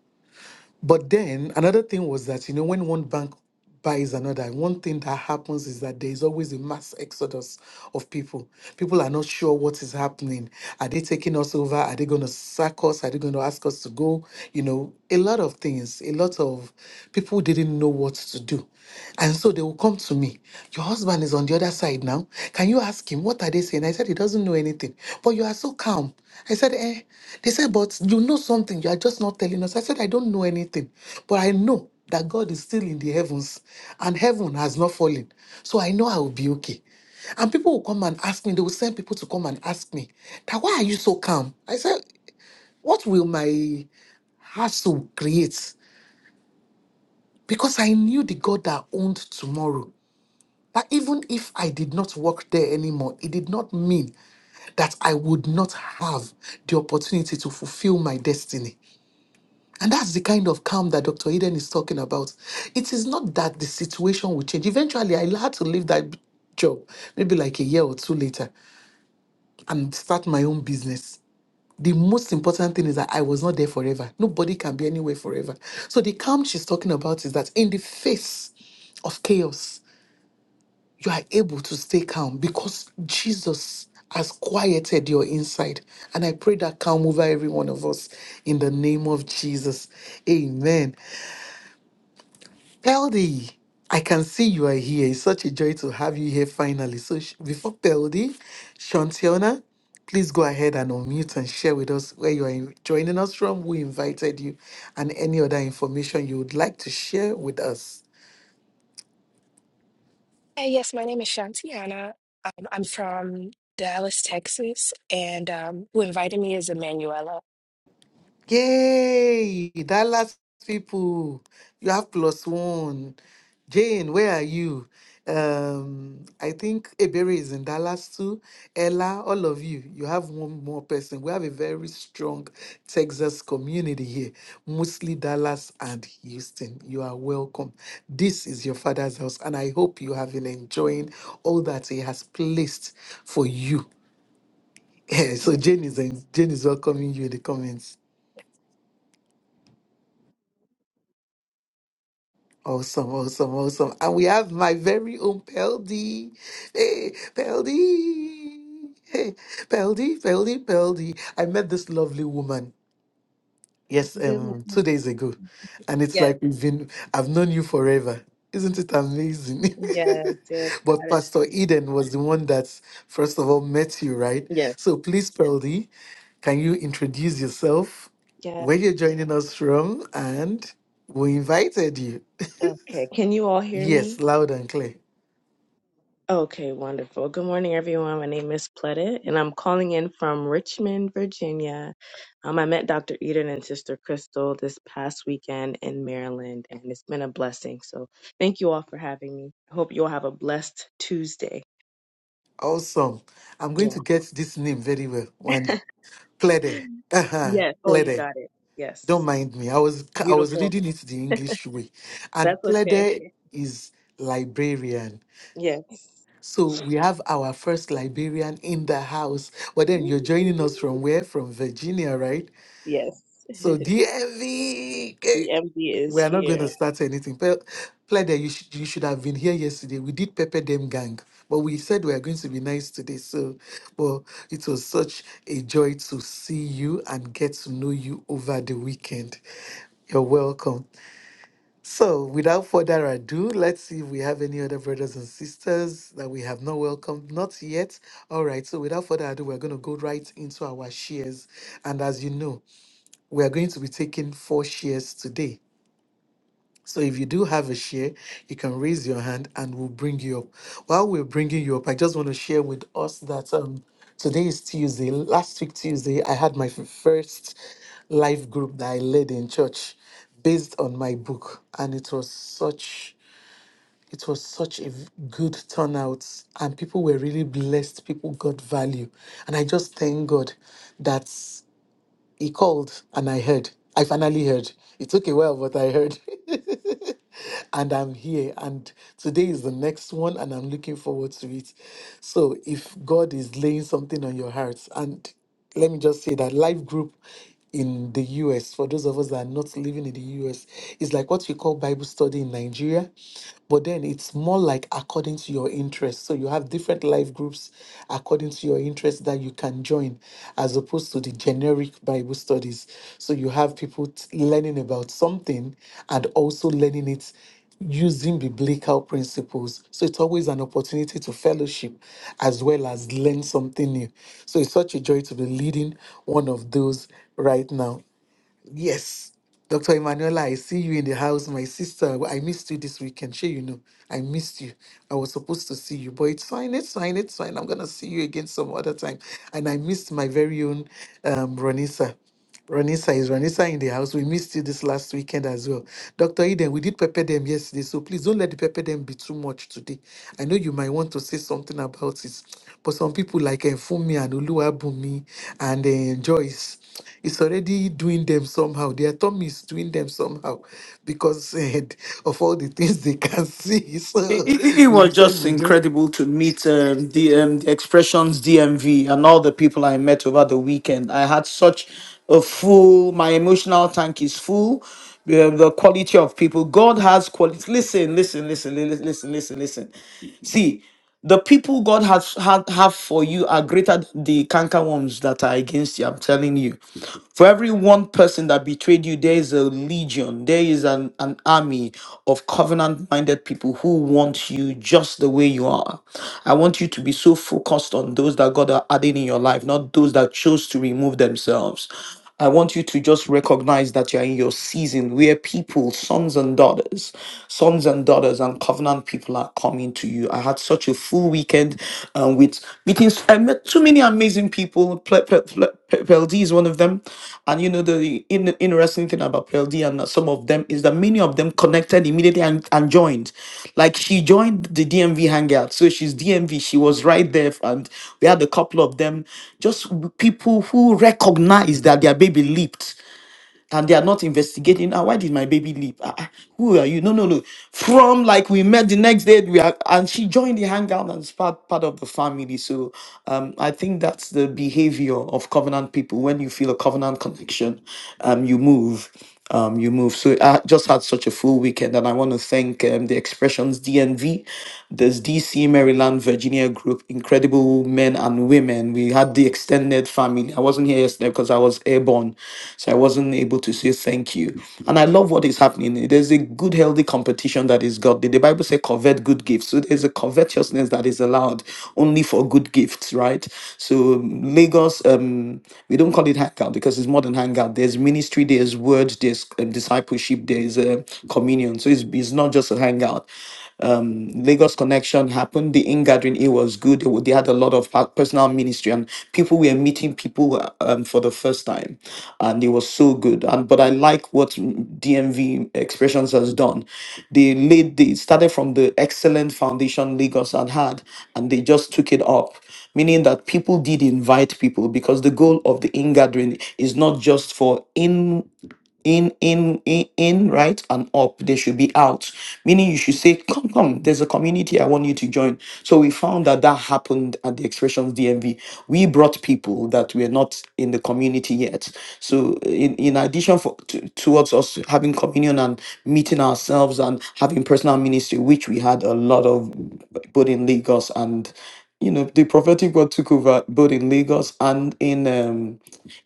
Speaker 3: But then another thing was that, you know, when one bank buys another, one thing that happens is that there is always a mass exodus of people. People are not sure what is happening. Are they taking us over? Are they going to sack us? Are they going to ask us to go? You know, a lot of things, a lot of people didn't know what to do. And so they will come to me. Your husband is on the the other side now. Can you ask him what are they saying? I said he doesn't know anything. But you are so calm. I said, eh. They said, but you know something. You are just not telling us. I said, I don't know anything. But I know that God is still in the heavens and heaven has not fallen. So I know I will be okay. And people will come and ask me, they will send people to come and ask me, that why are you so calm? I said, what will my hassle create? Because I knew the God that owned tomorrow. That even if I did not work there anymore, it did not mean that I would not have the opportunity to fulfill my destiny. And that's the kind of calm that Dr. Eden is talking about. It is not that the situation will change. Eventually, I had to leave that job, maybe like a year or two later, and start my own business. The most important thing is that I was not there forever. Nobody can be anywhere forever. So, the calm she's talking about is that in the face of chaos, you are able to stay calm because Jesus has quieted your inside. And I pray that calm over every one of us in the name of Jesus. Amen. Peldy, I can see you are here. It's such a joy to have you here finally. So sh- before Peldy, Shantiona, please go ahead and unmute and share with us where you are in- joining us from, who invited you, and any other information you would like to share with us.
Speaker 6: Hey, yes, my name is Shantiana. Um, I'm from Dallas, Texas, and um, who invited me is Emanuela.
Speaker 3: Yay! Dallas people, you have plus one. Jane, where are you? Um, I think Ebere is in Dallas too. Ella, all of you, you have one more person. We have a very strong Texas community here, mostly Dallas and Houston. You are welcome. This is your father's house, and I hope you have been enjoying all that he has placed for you. so
Speaker 6: Yeah.
Speaker 3: Jane is Jane is welcoming you in the comments. Awesome, awesome, awesome. And we have my very own Peldi, Hey, Peldi, Hey, Peldi, Peldi, Peldi. I met this lovely woman, yes,
Speaker 7: Good
Speaker 3: um, two
Speaker 7: morning.
Speaker 3: days ago. And it's
Speaker 7: Yes,
Speaker 3: like we've been, I've known you forever. Isn't it amazing?
Speaker 7: yes, yes,
Speaker 3: but
Speaker 7: God is.
Speaker 3: Pastor Eden was the one that first of all met you, right?
Speaker 7: Yes,
Speaker 3: So please, Peldi, can you introduce yourself,
Speaker 7: yes.
Speaker 3: where you're joining us from, and we invited you.
Speaker 7: Okay. Can you all hear
Speaker 3: Yes,
Speaker 7: me?
Speaker 3: loud and clear.
Speaker 7: Okay, wonderful. Good morning, everyone. My name is Pletta, and I'm calling in from Richmond, Virginia. Um, I met Dr. Eden and Sister Crystal this past weekend in Maryland, and it's been a blessing. So thank you all for having me. I hope you all have a blessed Tuesday.
Speaker 3: Awesome. I'm going to
Speaker 7: Yeah.
Speaker 3: get this name very well. And Plede. Uh-huh.
Speaker 7: Yes. Oh, you
Speaker 3: Plede.
Speaker 7: got it.
Speaker 3: Don't
Speaker 7: Yes.
Speaker 3: mind me. I was I was
Speaker 7: Beautiful.
Speaker 3: reading it the English way.
Speaker 7: That's
Speaker 3: And
Speaker 7: okay.
Speaker 3: Plede is librarian.
Speaker 7: Yes.
Speaker 3: So we have our first librarian in the house. But then you're joining us from where? From Virginia, right?
Speaker 7: Yes.
Speaker 3: So DMV.
Speaker 7: The MD is
Speaker 3: We are not
Speaker 7: here.
Speaker 3: going to start anything. Pe- Pleda, you, sh- you should have been here yesterday. We did pepper them gang, but we said we are going to be nice today. So, but it was such a joy to see you and get to know you over the weekend. You're welcome. So, without further ado, let's see if we have any other brothers and sisters that we have not welcomed. Not yet. All right. So, without further ado, we're going to go right into our shares. And as you know, we are going to be taking four shares today so if you do have a share, you can raise your hand and we'll bring you up. While we're bringing you up, I just want to share with us that um today is Tuesday. Last week Tuesday, I had my f- first life group that I led in church based on my book and it was such it was such a v- good turnout and people were really blessed. People got value. And I just thank God that he called and I heard. I finally heard. It took a while, but I heard. and I'm here. And today is the next one, and I'm looking forward to it. So, if God is laying something on your heart, and let me just say that life group in the US, for those of us that are not living in the US, is like what we call Bible study in Nigeria, but then it's more like according to your interest. So you have different life groups according to your interest that you can join, as opposed to the generic Bible studies. So you have people t- learning about something and also learning it using biblical principles. So it's always an opportunity to fellowship as well as learn something new. So it's such a joy to be leading one of those right now. Yes. Dr. Emanuela, I see you in the house. My sister, I missed you this weekend. Sure, you know, I missed you. I was supposed to see you, but it's fine, it's fine, it's fine. I'm going to see you again some other time. And I missed my very own um, Ronisa. Ranisa is Ranisa in the house. We missed you this last weekend as well. Dr. Eden, we did prepare them yesterday, so please don't let the prepare them be too much today. I know you might want to say something about it, but some people like Enfumi and Oluwabumi and uh, Joyce, it's already doing them somehow. Their tummy is doing them somehow because eh, of all the things they can see.
Speaker 2: it,
Speaker 3: So
Speaker 2: it, it
Speaker 3: we
Speaker 2: was
Speaker 3: said
Speaker 2: just
Speaker 3: we just
Speaker 2: incredible to meet um, the, um, the expressions DMV and all the people I met over the weekend. I had such a full, my emotional tank is full. The, the quality of people, God has quality. Listen, listen, listen, li- listen, listen, listen. See. The people God has had have for you are greater than the canker worms that are against you. I'm telling you. For every one person that betrayed you, there is a legion, there is an, an army of covenant minded people who want you just the way you are. I want you to be so focused on those that God are adding in your life, not those that chose to remove themselves. I want you to just recognize that you're in your season where people, sons and daughters, sons and daughters and covenant people are coming to you. I had such a full weekend um, with meetings. I met too many amazing people. Pel is one of them. And you know the in, interesting thing about PLD and some of them is that many of them connected immediately and, and joined. Like she joined the DMV hangout, so she's DMV. She was right there, and we had a couple of them, just people who recognized that their baby leaped and they are not investigating. Ah, why did my baby leave? Ah, ah, who are you? No, no, no. From like we met the next day, we are, and she joined the hangout and is part part of the family. So, um, I think that's the behavior of covenant people. When you feel a covenant connection, um, you move um, you move. So I just had such a full weekend, and I want to thank um, the Expressions DNV, this DC, Maryland, Virginia group, incredible men and women. We had the extended family. I wasn't here yesterday because I was airborne, so I wasn't able to say thank you. And I love what is happening. There's a there's a good, healthy competition that is godly. The Bible says, covet good gifts. So there's a covetousness that is allowed only for good gifts, right? So um, Lagos, um, we don't call it hangout because it's more than hangout. There's ministry, there's word, there's um, discipleship, there's uh, communion. So it's, it's not just a hangout um, Lagos connection happened. The in gathering it was good. They, they had a lot of pa- personal ministry and people were meeting people uh, um, for the first time, and it was so good. And but I like what DMV Expressions has done. They laid they started from the excellent foundation Lagos had had, and they just took it up meaning that people did invite people because the goal of the in gathering is not just for in in in in in right and up they should be out meaning you should say come come there's a community i want you to join so we found that that happened at the expressions dmv we brought people that were not in the community yet so in, in addition for to, towards us having communion and meeting ourselves and having personal ministry which we had a lot of both in lagos and you know the prophetic word took over both in lagos and in um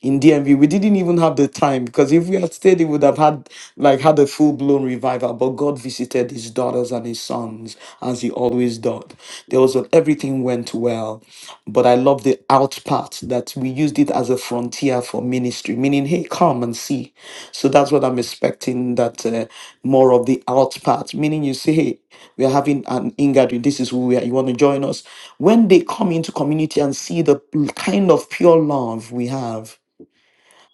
Speaker 2: in DMV. We didn't even have the time because if we had stayed, it would have had like had a full blown revival. But God visited his daughters and his sons as he always does. There was a, everything went well. But I love the out part that we used it as a frontier for ministry, meaning, hey, come and see. So that's what I'm expecting that uh, more of the out part, meaning you say, hey, we are having an ingathering. This is who we are. You want to join us? When they come into community and see the kind of pure love we have,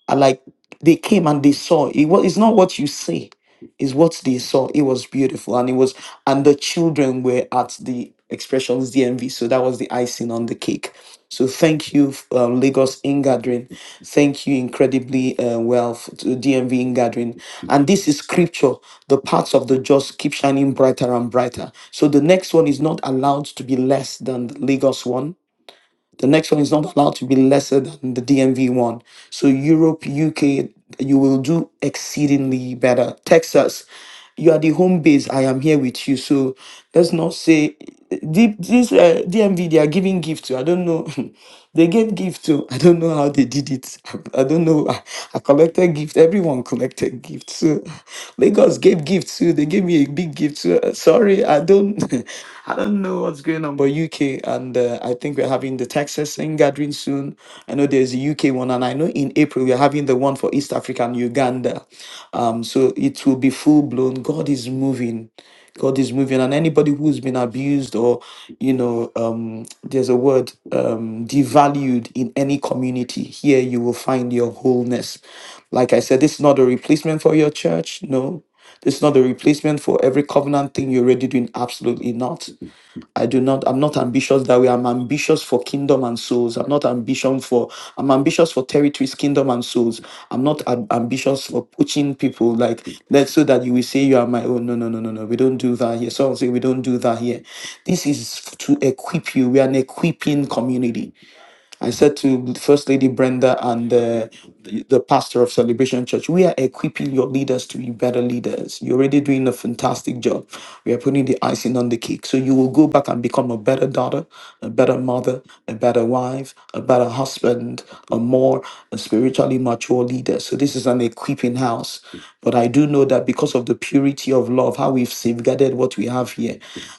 Speaker 2: I like they came and they saw it was it's not what you say is what they saw it was beautiful and it was and the children were at the expressions dmv so that was the icing on the cake so thank you um, lagos ingathering thank you incredibly uh, well f- to dmv ingathering and this is scripture the paths of the just keep shining brighter and brighter so the next one is not allowed to be less than the lagos one the next one is not allowed to be lesser than the DMV one. So Europe, UK, you will do exceedingly better. Texas, you are the home base. I am here with you. So let's not say the- this uh, DMV they are giving gifts. I don't know. They gave gift too. I don't know how they did it. I, don't know. I, I collected gift. Everyone collected gift. So Lagos gave gift too. They gave me a big gift too. Uh, Sorry, I don't. I don't know what's going on. But UK and uh, I think we're having the Texas thing gathering soon. I know there's a UK one, and I know in April we're having the one for East Africa and Uganda. Um, so it will be full blown. God is moving. God is moving, and anybody who's been abused or, you know, um, there's a word, um, devalued in any community, here you will find your wholeness. Like I said, this is not a replacement for your church. No, this is not a replacement for every covenant thing you're already doing. Absolutely not. I do not, I'm not ambitious that way. I'm ambitious for kingdom and souls. I'm not ambition for, I'm ambitious for territories, kingdom and souls. I'm not am- ambitious for poaching people like that so that you will say you are my own. No, no, no, no, no. We don't do that here. So I'm saying we don't do that here. This is to equip you. We are an equipping community. I said to First Lady Brenda and uh, the, the pastor of Celebration Church, we are equipping your leaders to be better leaders. You're already doing a fantastic job. We are putting the icing on the cake. So you will go back and become a better daughter, a better mother, a better wife, a better husband, a more spiritually mature leader. So this is an equipping house. But I do know that because of the purity of love, how we've safeguarded what we have here,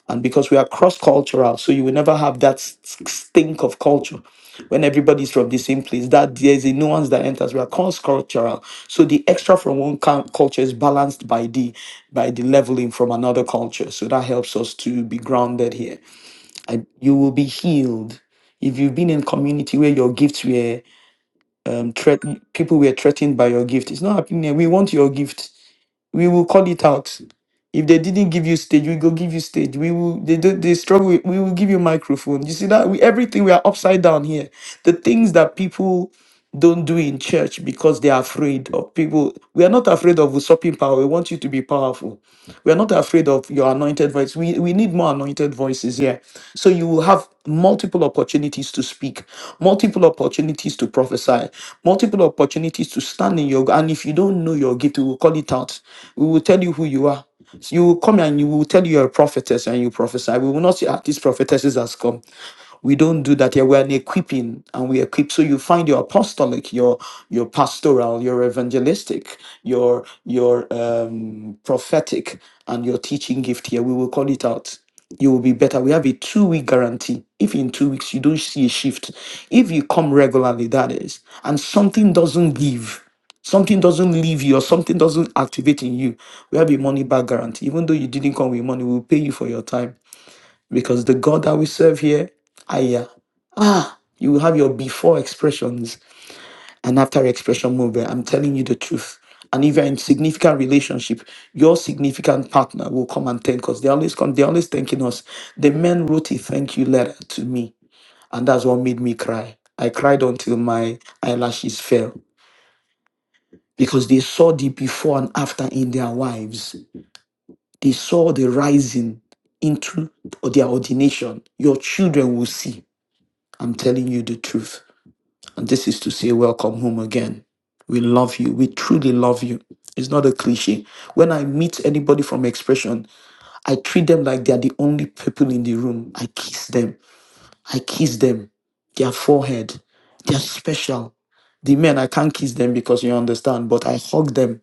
Speaker 2: and because we are cross cultural, so you will never have that s- stink of culture when everybody's from the same place, that there's a nuance that enters. We are cross-cultural. So the extra from one cul- culture is balanced by the by the leveling from another culture. So that helps us to be grounded here. And you will be healed. If you've been in community where your gifts were um, threat- people were threatened by your gift, it's not happening. here. We want your gift we will call it out. If they didn't give you stage, we go give you stage. We will they don't they struggle, with- we will give you microphone. You see that we everything we are upside down here. The things that people don't do in church because they are afraid of people. We are not afraid of usurping power. We want you to be powerful. We are not afraid of your anointed voice. We, we need more anointed voices here. So you will have multiple opportunities to speak, multiple opportunities to prophesy, multiple opportunities to stand in your and if you don't know your gift, we will call it out. We will tell you who you are. So you will come and you will tell you you're a prophetess and you prophesy. We will not say, ah, this prophetess has come. We don't do that here. We are an equipping and we equip. So you find your apostolic, your your pastoral, your evangelistic, your your um, prophetic, and your teaching gift here. We will call it out. You will be better. We have a two week guarantee. If in two weeks you don't see a shift, if you come regularly, that is, and something doesn't give, something doesn't leave you or something doesn't activate in you, we have a money back guarantee. Even though you didn't come with money, we'll pay you for your time because the God that we serve here, Aya, ah, you will have your before expressions and after expression movement. I'm telling you the truth. And if you're in significant relationship, your significant partner will come and thank us. They always come, they're always thanking us. The men wrote a thank you letter to me, and that's what made me cry. I cried until my eyelashes fell because they saw the before and after in their wives. They saw the rising into their ordination. Your children will see. I'm telling you the truth. And this is to say, welcome home again. We love you. We truly love you. It's not a cliche. When I meet anybody from Expression, I treat them like they're the only people in the room. I kiss them. I kiss them. Their forehead. They're special. The men, I can't kiss them because you understand, but I hug them.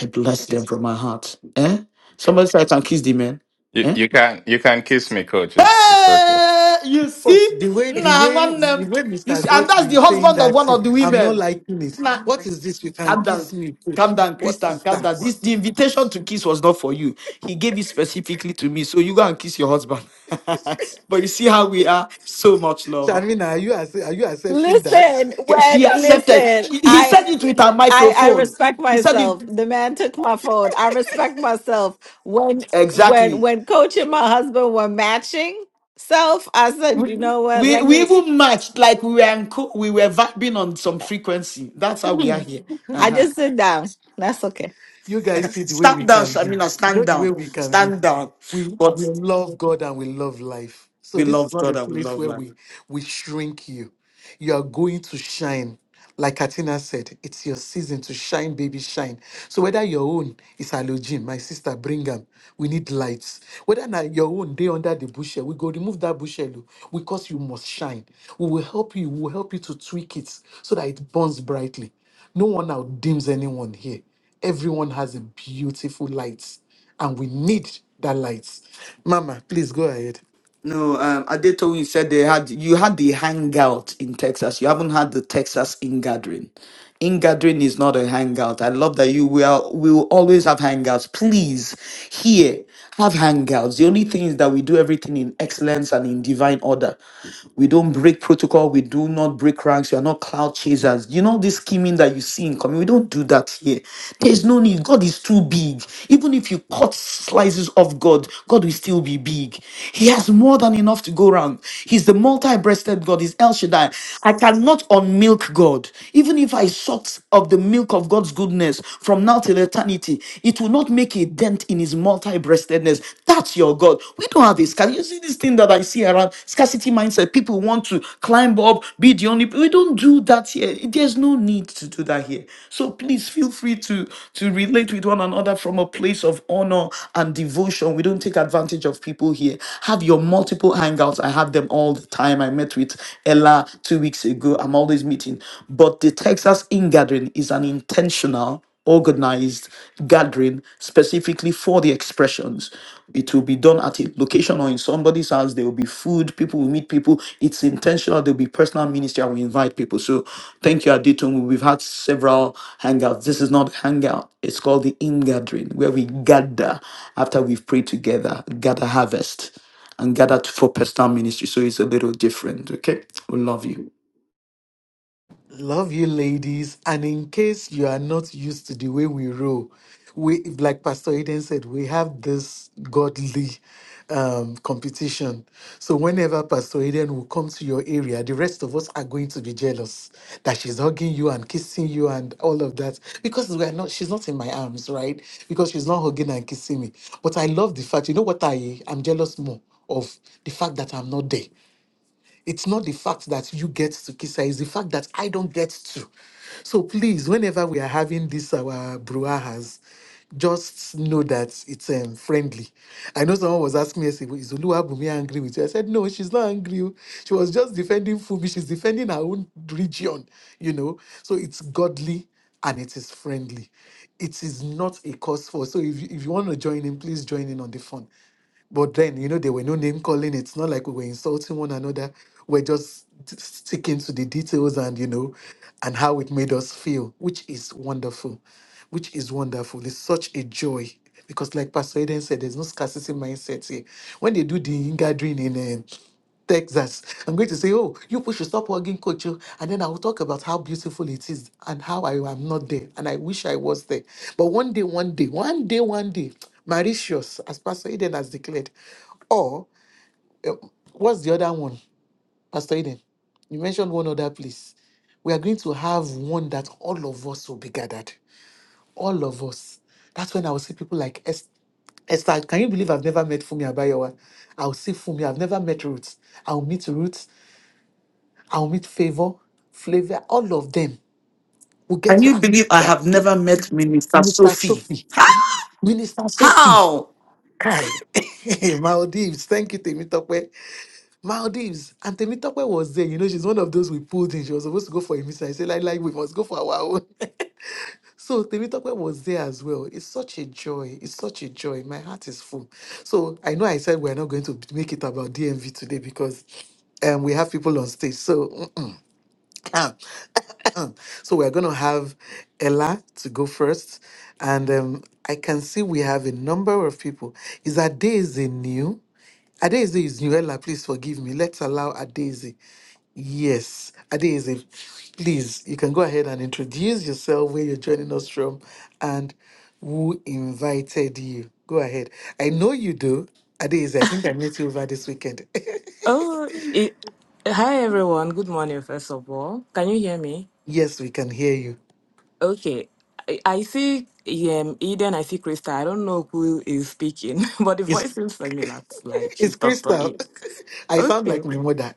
Speaker 2: I bless them from my heart. Eh? Somebody said I can kiss the men.
Speaker 8: You
Speaker 2: Eh?
Speaker 8: you can you can kiss me, coach. It's it's okay.
Speaker 2: Hey, you
Speaker 3: But
Speaker 2: see?
Speaker 3: the way the
Speaker 2: Nah,
Speaker 3: way
Speaker 2: one
Speaker 3: the
Speaker 2: um,
Speaker 3: way
Speaker 2: you see,
Speaker 3: Mr.
Speaker 2: and that's
Speaker 3: Godfrey
Speaker 2: the
Speaker 3: is saying
Speaker 2: husband of
Speaker 3: that
Speaker 2: one
Speaker 3: thing,
Speaker 2: of the
Speaker 3: I'm not
Speaker 2: women.
Speaker 3: liking it.
Speaker 2: Nah,
Speaker 3: What is this? You can
Speaker 2: calm down.
Speaker 3: kiss me,
Speaker 2: Calm
Speaker 3: coach.
Speaker 2: down,
Speaker 3: What
Speaker 2: Christian.
Speaker 3: is
Speaker 2: Calm
Speaker 3: that?
Speaker 2: down. This the invitation to kiss was not for you. He gave it specifically to me. So you go and kiss your husband. but you see how we are so much love.
Speaker 3: Shamina, are you acce- are you accepting that?
Speaker 8: Listen,
Speaker 2: Okay, She
Speaker 8: when
Speaker 2: accepted.
Speaker 8: listen,
Speaker 2: She- he
Speaker 8: I
Speaker 2: said it with her
Speaker 8: I I
Speaker 2: microphone.
Speaker 8: respect
Speaker 2: He said it
Speaker 8: myself. The man took my phone. I respect myself. When when
Speaker 2: exactly.
Speaker 8: when coach and my husband were matching self, I said,
Speaker 2: We,
Speaker 8: you know what?
Speaker 2: we,
Speaker 8: Let
Speaker 2: we even matched like we were in co- we were vibing on some frequency. That's how we are
Speaker 8: me
Speaker 2: here. Uh
Speaker 8: I
Speaker 2: huh.
Speaker 8: just sit down. That's okay.
Speaker 3: You guys see the way
Speaker 2: Stand
Speaker 3: we
Speaker 2: down,
Speaker 3: can be.
Speaker 2: Shamina.
Speaker 3: You know
Speaker 2: Stand
Speaker 3: the way
Speaker 2: down.
Speaker 3: we can be.
Speaker 2: Stand down.
Speaker 3: we
Speaker 2: But
Speaker 3: we love God and we love life. So
Speaker 2: we
Speaker 3: this is
Speaker 2: love
Speaker 3: not
Speaker 2: God
Speaker 3: a
Speaker 2: and we
Speaker 3: place
Speaker 2: love
Speaker 3: where
Speaker 2: life.
Speaker 3: we we shrink you. You are going to shine. Like Katina said, it's your season to shine, baby, shine. So whether your own is halogen, my sister, bring them. We need lights. Whether na your own day under the bushel, we go remove that bushel oh, because you must shine. We will help you. We will help you to tweak it so that it burns brightly. No one outdims anyone here. Everyone has a beautiful light and we need that light. Mama, please go ahead.
Speaker 2: No, um, Adetoyin said they had you had the hangout in Texas. You haven't had the Texas in-gathering. In-gathering is not a hangout. I love that you will we will always have hangouts. Please, here have hangouts. The only thing is that we do everything in excellence and in divine order. We don't break protocol. We do not break ranks. We are not cloud chasers. You know this scheming that you see in community. We don't do that here. There's no need. God is too big. Even if you cut slices of God, God will still be big. He has more than enough to go around. He's the multi-breasted God. He's El Shaddai. I cannot unmilk God. Even if I sucked of the milk of God's goodness from now till eternity, it will not make a dent in his multi-breastedness. That's your God. We don't have a scarcity. You see this thing that I see around scarcity mindset that people want to climb up, be the only. We don't do that here. There's no need to do that here. So please feel free to to relate with one another from a place of honor and devotion. We don't take advantage of people here. Have your multiple hangouts. I have them all the time. I met with Ella two weeks ago. I'm always meeting. But the Texas in gathering is an intentional organized gathering specifically for the expressions. It will be done at a location or in somebody's house. There will be food. People will meet people. It's intentional. There will be personal ministry. I will invite people. So thank you, Aditun. We've had several hangouts. This is not hangout. It's called the in gathering, where we gather after we've prayed together, gather harvest, and gather for personal ministry. So it's a little different. Okay, we love you.
Speaker 3: Love you, ladies. And in case you are not used to the way we roll, we, like Pastor Eden said, we have this godly um, competition. So whenever Pastor Eden will come to your area, the rest of us are going to be jealous that she's hugging you and kissing you and all of that because we are not. She's not in my arms, right? Because she's not hugging and kissing me. But I love the fact. You know what I? I'm jealous more of the fact that I'm not there. It's not the fact that you get to kiss her, it's the fact that I don't get to. So please, whenever we are having this our brouhahas, just know that it's um, friendly. I know someone was asking me, yesterday, is Oluwabumi angry with you? I said, no, she's not angry. oh. She was just defending Fubi. She's defending her own region, you know. So it's godly and it is friendly. It is not a cause for. So if you, if you want to join in, please join in on the fun. But then, you know, there were no name calling. It's not like we were insulting one another. We're just t- sticking to the details and, you know, and how it made us feel, which is wonderful. Which is wonderful. It's such a joy. Because, like Pastor Eden said, there's no scarcity mindset here. When they do the gathering in uh, Texas. I'm going to say, oh, you people should stop hugging coach. oh," And then I will talk about how beautiful it is and how I am not there. And I wish I was there. But one day, one day, one day, one day, Mauritius, as Pastor Eden has declared. Or eh, what's the other one, Pastor Eden? You mentioned one other place. We are going to have one that all of us will be gathered. All of us. That's when I will see people like Esther. Esther, can you believe I've never met Fumi Abayawa? I'll see Fumi. I've never met Ruth. I'll meet Ruth and with favor, flavor, all of them. We get
Speaker 2: Can
Speaker 3: to
Speaker 2: you
Speaker 3: ah,
Speaker 2: believe I
Speaker 3: that,
Speaker 2: have
Speaker 3: the-
Speaker 2: never met Minister
Speaker 3: Minister
Speaker 2: Sophie?
Speaker 3: Sophie. Minister Sophie.
Speaker 2: How?
Speaker 3: Kai. Maldives. Thank you, Temitope. Maldives. And Temitope was there. You know, she's one of those we pulled in. She was supposed to go for a mission. I said, like, like, we must go for our own. so Temitope was there as well. It's such a joy. It's such a joy. My heart is full. So I know I said we're not going to make it about DMV today because um, we have people on stage. So Ah. so we're going to have Ella to go first. And um, I can see we have a number of people. Is Adeze new? Adeze is new. Ella, please forgive me. Let's allow Adeze. Yes, Adeze, please, you can go ahead and introduce yourself, where you're joining us from, and who invited you. Go ahead. I know you do. Adeze, I think I met you over this weekend.
Speaker 9: Oh, it, hi everyone. Good morning, first of all. Can you hear me?
Speaker 3: yes, we can hear you.
Speaker 9: Okay. I, I see um, Eden, I see Krista. I don't know who is speaking, but the
Speaker 3: It's
Speaker 9: voice seems familiar. It's Like
Speaker 3: it's
Speaker 9: she's Dr. E.
Speaker 3: Crystal. I sound
Speaker 9: Okay.
Speaker 3: like my mother.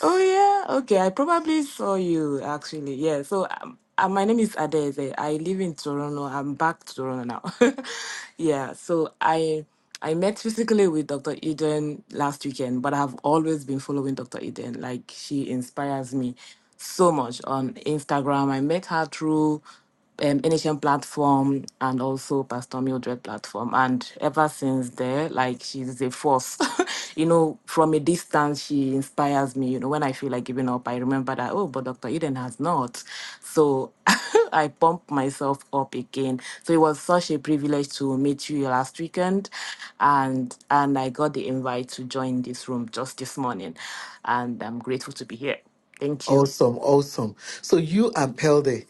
Speaker 9: Oh yeah, okay. I probably saw you actually. Yeah. So um, uh, my name is Adeze. I live in Toronto. I'm back to Toronto now. yeah. So I I met physically with Dr. Eden last weekend, but I've always been following Dr. Eden. Like she inspires me so much on Instagram. I met her through um, NHN platform and also Pastor Mildred platform. And ever since there, like she's a force. you know, from a distance, she inspires me. You know, when I feel like giving up, I remember that, oh, but Dr. Eden has not. So I pump myself up again. So it was such a privilege to meet you last weekend. And and I got the invite to join this room just this morning. And I'm grateful to be here. Thank you.
Speaker 3: Awesome, awesome. So you and Pelde,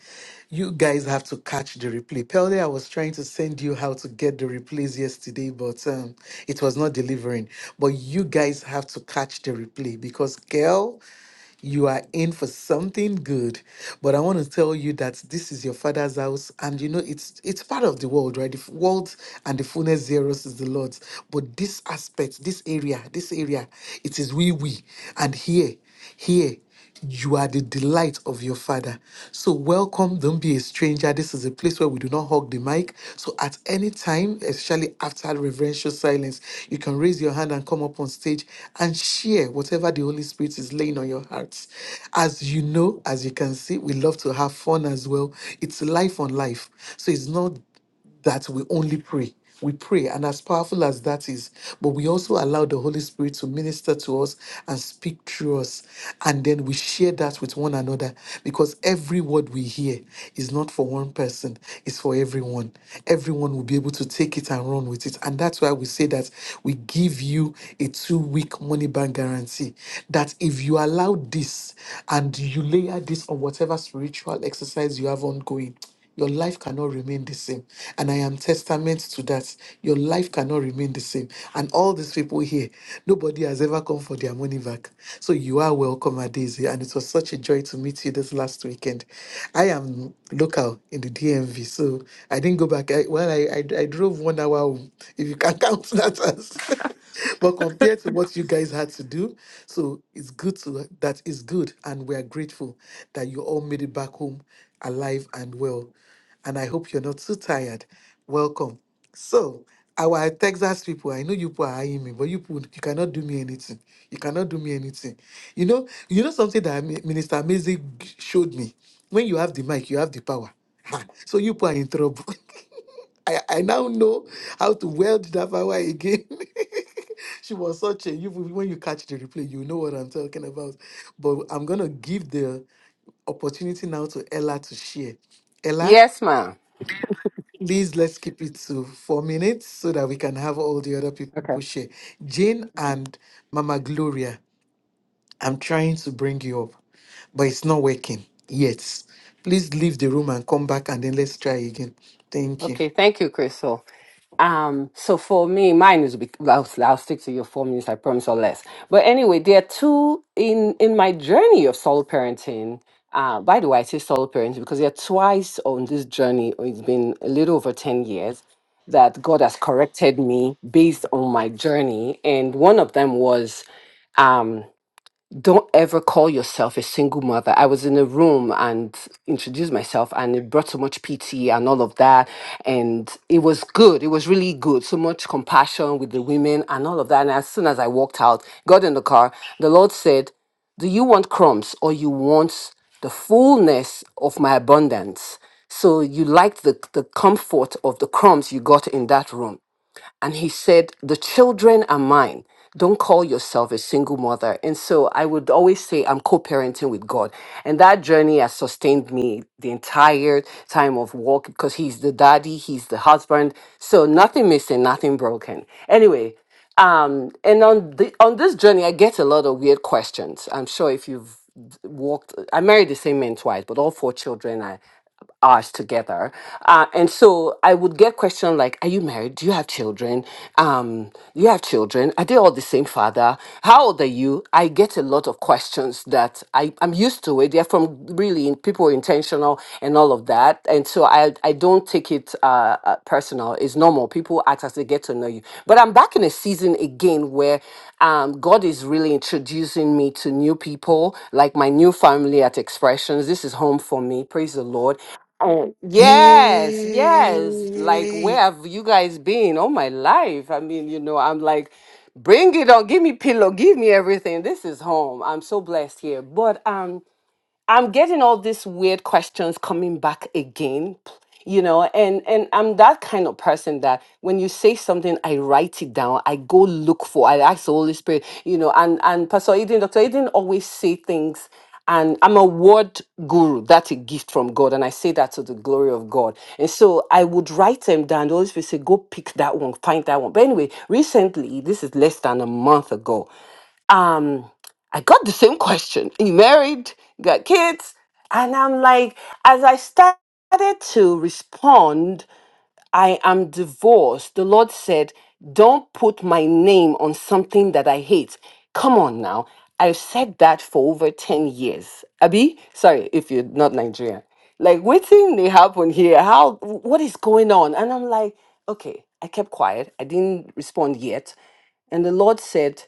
Speaker 3: you guys have to catch the replay. Pelde, I was trying to send you how to get the replays yesterday, but um, it was not delivering. But you guys have to catch the replay because girl. You are in for something good. But I want to tell you that this is your father's house, and you know it's it's part of the world, right? The f- world and the fullness thereof is the Lord's. But this aspect, this area, this area, it is we we, and here, here. You are the delight of your father. So, welcome. Don't be a stranger. This is a place where we do not hog the mic. So, at any time, especially after reverential silence, you can raise your hand and come up on stage and share whatever the Holy Spirit is laying on your hearts. As you know, as you can see, we love to have fun as well. It's life on life. So, it's not that we only pray. We pray, and as powerful as that is, but we also allow the Holy Spirit to minister to us and speak through us. And then we share that with one another because every word we hear is not for one person, it's for everyone. Everyone will be able to take it and run with it. And that's why we say that we give you a two week money bank guarantee. That if you allow this and you layer this on whatever spiritual exercise you have ongoing, your life cannot remain the same. And I am testament to that. Your life cannot remain the same. And all these people here, nobody has ever come for their money back. So you are welcome, Adesi. And it was such a joy to meet you this last weekend. I am local in the DMV, so I didn't go back. I, well, I, I, I drove one hour home, if you can count that as. but compared to what you guys had to do, so it's good to that is good, and we are grateful that you all made it back home alive and well. And I hope you're not too tired. Welcome. So, our Texas people, I know you people are eyeing me, but you people, you cannot do me anything. You cannot do me anything. You know, you know something that Mi- Minister Amazing showed me. When you have the mic, you have the power. Ha, So you people are in trouble. I, I now know how to weld that power again. she was such a you when you catch the replay, you know what I'm talking about. But I'm gonna give the opportunity now to Ella to share. Ella,
Speaker 10: Yes, ma'am.
Speaker 3: please let's keep it to four minutes so that we can have all the other people
Speaker 10: Okay.
Speaker 3: share. Jane and Mama Gloria, I'm trying to bring you up, but it's not working yet. Please leave the room and come back and then let's try again. Thank you.
Speaker 10: Okay. Thank you, Crystal. Um, so for me, mine is bec- I'll, I'll stick to your four minutes, I promise, or less. But anyway, there are two in in my journey of solo parenting. Uh, by the way, I say solo parenting because there are twice on this journey. or It's been a little over ten years that God has corrected me based on my journey, and one of them was. um, don't ever call yourself a single mother. I was in a room and introduced myself, and it brought so much pity and all of that. And it was good. It was really good. So much compassion with the women and all of that. And as soon as I walked out, got in the car, the Lord said, Do you want crumbs or you want the fullness of my abundance? So you liked the, the comfort of the crumbs you got in that room and he said, The children are mine. Don't call yourself a single mother. And so I would always say, I'm co parenting with God. And that journey has sustained me the entire time of walk because he's the daddy, he's the husband. So nothing missing, nothing broken. Anyway, um, and on the on this journey, I get a lot of weird questions. I'm sure if you've walked, I married the same man twice, but all four children are ours together. Uh, and so I would get questions like, "Are you married? Do you have children? Um, do you have children? Are they all the same father? How old are you?" I get a lot of questions questions that I, I'm used to it. They're from really in, people are intentional and all of that. And so I, I don't take it uh, uh, personal. It's normal. People act as they get to know you. But I'm back in a season again where um, God is really introducing me to new people, like my new family at Expressions. This is home for me. Praise the Lord. Yes, yes. Like, where
Speaker 3: Yay!
Speaker 10: have you guys been all my life? I mean, you know, I'm like, bring it on, give me pillow, give me everything. This is home. I'm so blessed here. But um, I'm getting all these weird questions coming back again, you know, and and I'm that kind of person that when you say something, I write it down. I go look for. I ask the Holy Spirit, you know, and and Pastor Eden, Doctor Eden always say things. And I'm a word guru. That's a gift from God. And I say that to the glory of God. And so I would write them down. The Holy Spirit say, go pick that one, find that one. But anyway, recently, this is less than a month ago, um, I got the same question. You married, you got kids, and I'm like, as I started to respond, I am divorced. The Lord said, Don't put my name on something that I hate. Come on now. I've said that for over 10 years. Abi, sorry if you're not Nigerian. Like, what thing they happen here? How, what is going on? And I'm like, okay, I kept quiet. I didn't respond yet. And the Lord said,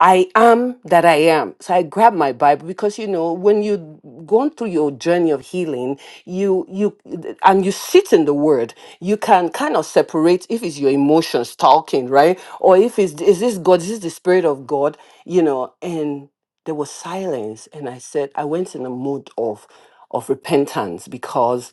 Speaker 10: I am that I am. So I grab my Bible because you know when you gone through your journey of healing, you you and you sit in the Word, you can kind of separate if it's your emotions talking, right, or if it's is this God, is this the Spirit of God, you know. And there was silence, and I said I went in a mood of of repentance because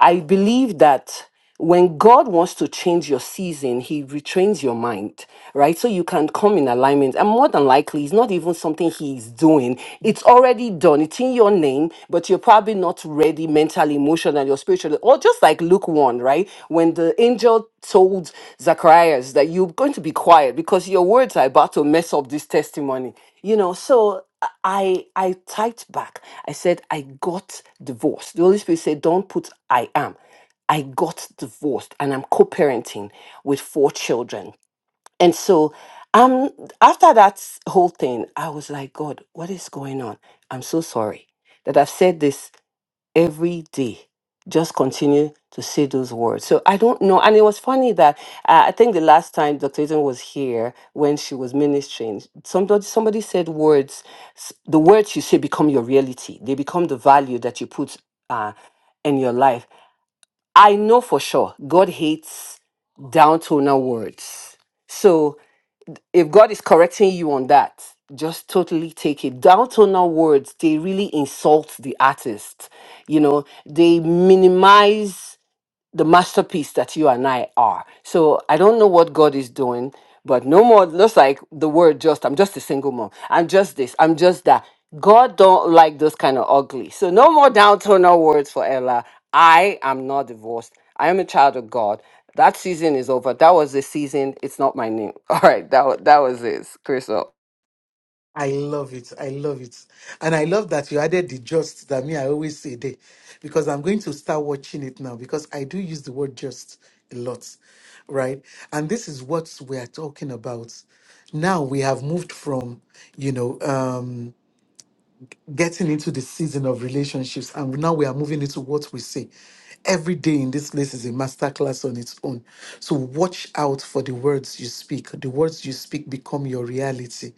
Speaker 10: I believe that when God wants to change your season, He retrains your mind, right? So you can come in alignment. And more than likely, it's not even something He's doing. It's already done. It's in your name, but you're probably not ready mentally, emotionally, or spiritually. Or just like Luke 1, right? When the angel told Zacharias that you're going to be quiet because your words are about to mess up this testimony. You know, so I I typed back. I said, I got divorced. The Holy Spirit said, Don't put I am. I got divorced and I'm co-parenting with four children. And so um after that whole thing, I was like, God, what is going on? I'm so sorry that I've said this every day. Just continue to say those words. So I don't know. And it was funny that uh, I think the last time Dr. Eden was here when she was ministering, somebody somebody said words, s- the words you say become your reality. They become the value that you put uh, in your life I know for sure God hates down toner words. So if God is correcting you on that, just totally take it. Down toner words, they really insult the artist. You know, they minimize the masterpiece that you and I are. So I don't know what God is doing, but no more looks like the word just I'm just a single mom. I'm just this. I'm just that. God don't like those kind of ugly. So no more downturner words for Ella. I am not divorced. I am a child of God. That season is over. That was the season. It's not my name. All right. That wa- that was it. Crystal.
Speaker 3: I love it. I love it. And I love that you added the just that me, I always say there, because I'm going to start watching it now because I do use the word just a lot, right? And this is what we are talking about. Now we have moved from, you know, um, getting into the season of relationships and now we are moving into what we say every day in this place is a masterclass on its own so watch out for the words you speak the words you speak become your reality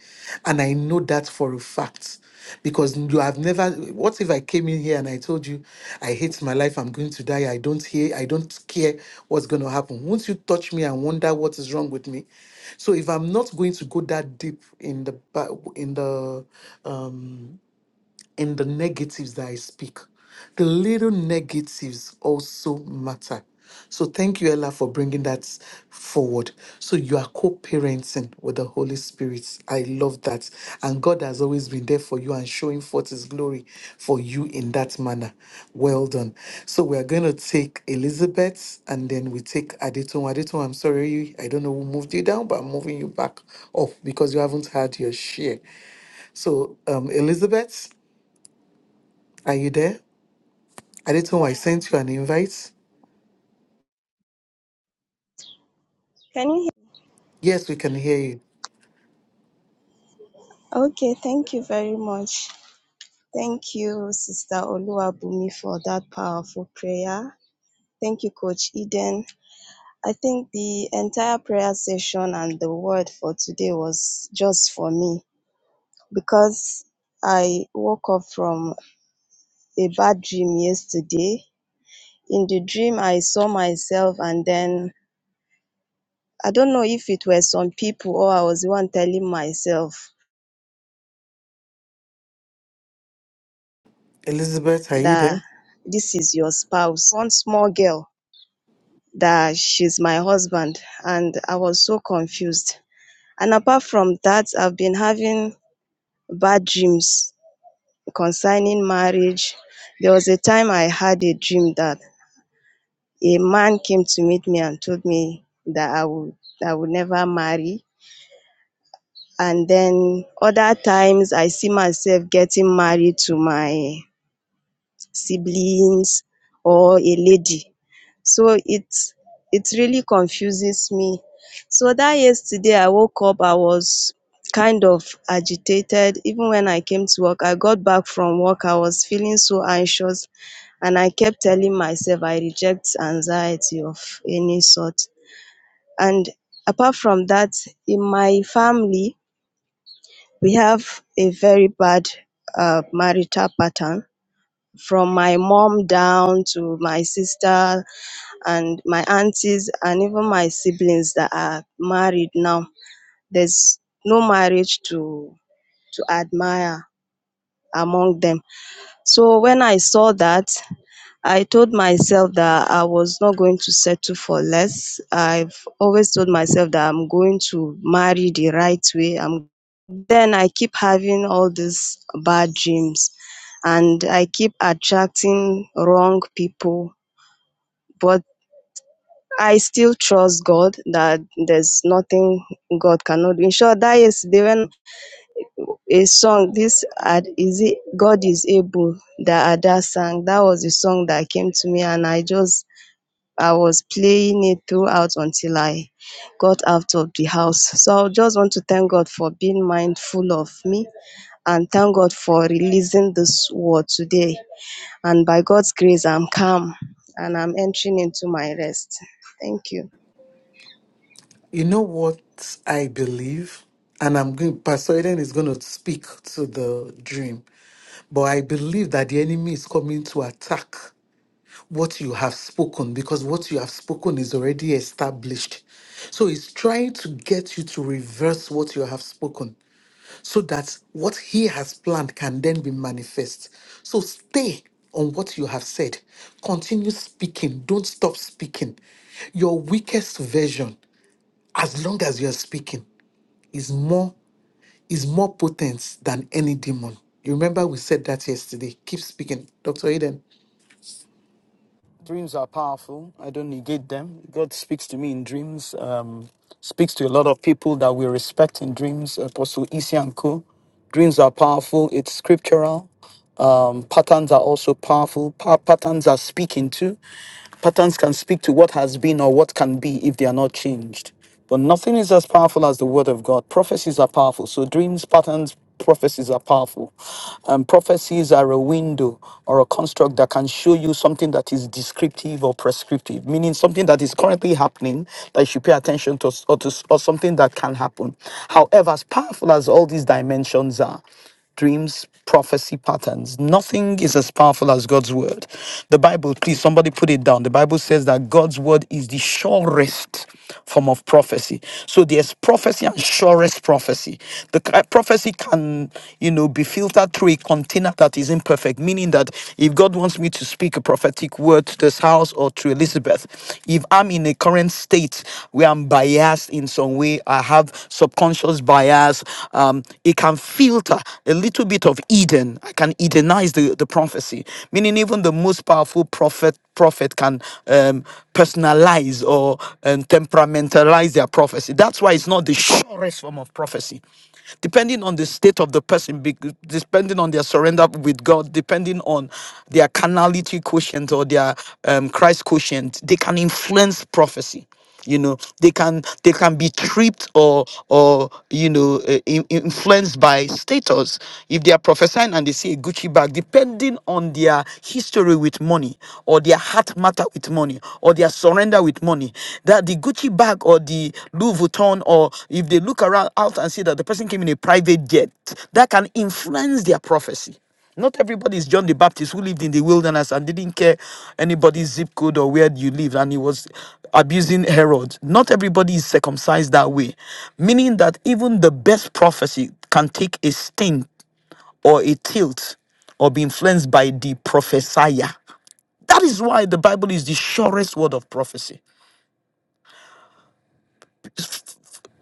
Speaker 3: and i know that for a fact because you have never what if i came in here and i told you i hate my life i'm going to die i don't hear i don't care what's going to happen won't you touch me and wonder what is wrong with me so if i'm not going to go that deep in the ba- in the um and the negatives that I speak. The little negatives also matter. So thank you, Ella, for bringing that forward. So you are co-parenting with the Holy Spirit. I love that. And God has always been there for you and showing forth his glory for you in that manner. Well done. So we are going to take Elizabeth and then we take Adetun. Adetun, I'm sorry. I don't know who moved you down, but I'm moving you back up because you haven't had your share. So um, Elizabeth. Are you there? Adetunwa, I sent you an invite.
Speaker 11: Can you
Speaker 3: Yes, we can hear you.
Speaker 11: hear? Okay, thank you very much. Thank you, Sister Oluwabumi, for that powerful prayer. Thank you, Coach Eden. I think the entire prayer session and the word for today was just for me because I woke up from a bad dream yesterday. In the dream, I saw myself, and then I don't know if it were some people or I was the one telling myself
Speaker 3: Elizabeth, are you
Speaker 11: that
Speaker 3: there?
Speaker 11: this is your spouse, one small girl that she's my husband and I was so confused. And apart from that, I've been having bad dreams concerning marriage. There was a time I had a dream that a man came to meet me and told me that I would I would never marry. And then other times I see myself getting married to my siblings or a lady. So it it really confuses me. So that yesterday I woke up, I was kind of agitated. Even when I came to work, I got back from work, I was feeling so anxious. And I kept telling myself I reject anxiety of any sort. And apart from that, in my family, we have a very bad uh, marital pattern from my mom down to my sister and my aunties and even my siblings that are married now. There's no marriage to to admire among them. So when I saw that, I told myself that I was not going to settle for less. I've always told myself that I'm going to marry the right way. I'm then I keep having all these bad dreams and I keep attracting wrong people. But I still trust God that there's nothing God cannot do. In short, that yesterday when a song, this ad is it God is able that Ada sang. That was the song that came to me and I just I was playing it throughout until I got out of the house. So I just want to thank God for being mindful of me and thank God for releasing this word today. And by God's grace, I'm calm and I'm entering into my rest. Thank you.
Speaker 3: You know what I believe? And I'm going, Pastor Eden is going to speak to the dream. But I believe that the enemy is coming to attack what you have spoken because what you have spoken is already established. So he's trying to get you to reverse what you have spoken. so that what he has planned can then be manifest. So stay on what you have said. Continue speaking. Don't stop speaking. Your weakest version, as long as you're speaking, is more is more potent than any demon. You remember we said that yesterday. Keep speaking. Dr. Eden.
Speaker 2: Dreams are powerful. I don't negate them. God speaks to me in dreams, um, speaks to a lot of people that we respect in dreams, Apostle Isianko. Dreams are powerful. It's scriptural. Um, patterns are also powerful. Pa- patterns are speaking to. Patterns can speak to what has been or what can be if they are not changed. But nothing is as powerful as the word of God. Prophecies are powerful. So dreams, patterns, prophecies are powerful. Um, prophecies are a window or a construct that can show you something that is descriptive or prescriptive, meaning something that is currently happening that you should pay attention to, or, to, or something that can happen. However, as powerful as all these dimensions are, dreams, prophecy patterns. Nothing is as powerful as God's word. The Bible, please, somebody put it down. The Bible says that God's word is the surest form of prophecy. So there's prophecy and surest prophecy. The ki- prophecy can, you know, be filtered through a container that is imperfect, meaning that if God wants me to speak a prophetic word to this house or to Elizabeth, if I'm in a current state where I'm biased in some way, I have subconscious bias, um, it can filter a little bit of Eden. I can Edenize the, the prophecy, meaning even the most powerful prophet prophet can um, personalize or um, temperamentalize their prophecy. That's why it's not the surest form of prophecy. Depending on the state of the person, be- depending on their surrender with God, depending on their carnality quotient or their um, Christ quotient, they can influence prophecy you know they can they can be tripped or or you know uh, in- influenced by status if they are prophesying and they see a gucci bag depending on their history with money or their heart matter with money or their surrender with money that the gucci bag or the louis vuitton or if they look around out and see that the person came in a private jet that can influence their prophecy not everybody is John the Baptist who lived in the wilderness and didn't care anybody's zip code or where you lived and he was abusing Herod. Not everybody is circumcised that way, meaning that even the best prophecy can take a sting or a tilt or be influenced by the prophesier. That is why the Bible is the surest word of prophecy.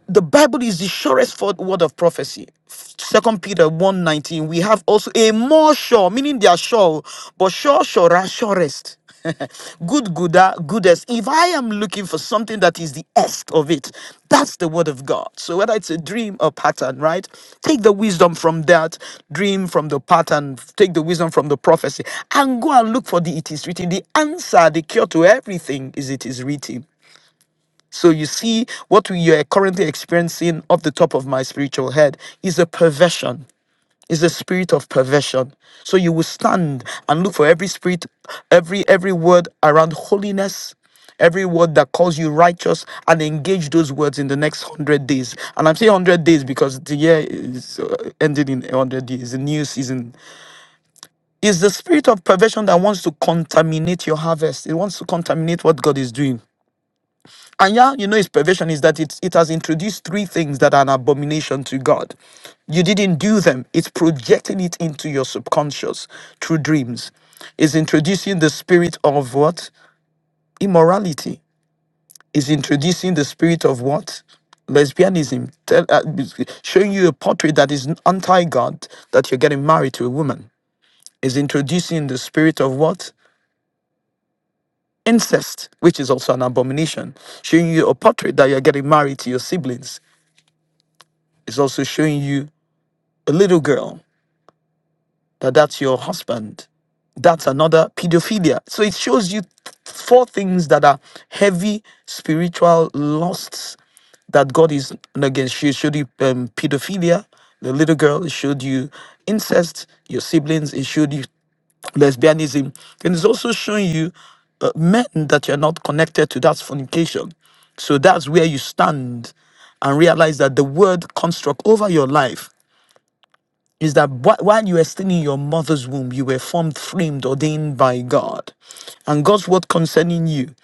Speaker 2: the Bible is the surest for- word of prophecy. Second Peter one nineteen. We have also a more sure, meaning they are sure, but sure, sure, surest. good, gooder, goodest. If I am looking for something that is the est of it, that's the word of God. So whether it's a dream or pattern, right? Take the wisdom from that dream, from the pattern, take the wisdom from the prophecy, and go and look for the it is written. The answer, the cure to everything is it is written. So you see, what we are currently experiencing off the top of my spiritual head is a perversion, is a spirit of perversion. So you will stand and look for every spirit, every every word around holiness. Every word that calls you righteous and engage those words in the next hundred days. And I'm saying hundred days because the year is uh, ending in hundred days. The new season is the spirit of perversion that wants to contaminate your harvest. It wants to contaminate what God is doing. And yeah, you know, its perversion is that it, it has introduced three things that are an abomination to God. You didn't do them, it's projecting it into your subconscious through dreams. It's introducing the spirit of what? Immorality. It's introducing the spirit of what? Lesbianism. Tell, uh, showing you a portrait that is anti God, that you're getting married to a woman. Is introducing the spirit of what? Incest, which is also an abomination, showing you a portrait that you're getting married to your siblings It's also showing you a little girl that that's your husband. That's another pedophilia. So it shows you th- four things that are heavy spiritual lusts that God is and again she showed you um, pedophilia, the little girl it showed you incest, your siblings, it showed you lesbianism, and it's also showing you uh, men that you're not connected to. That's fornication. So that's where you stand and realize that the word construct over your life is that wh- while you were still in your mother's womb, you were formed, framed, ordained by God. And God's word concerning you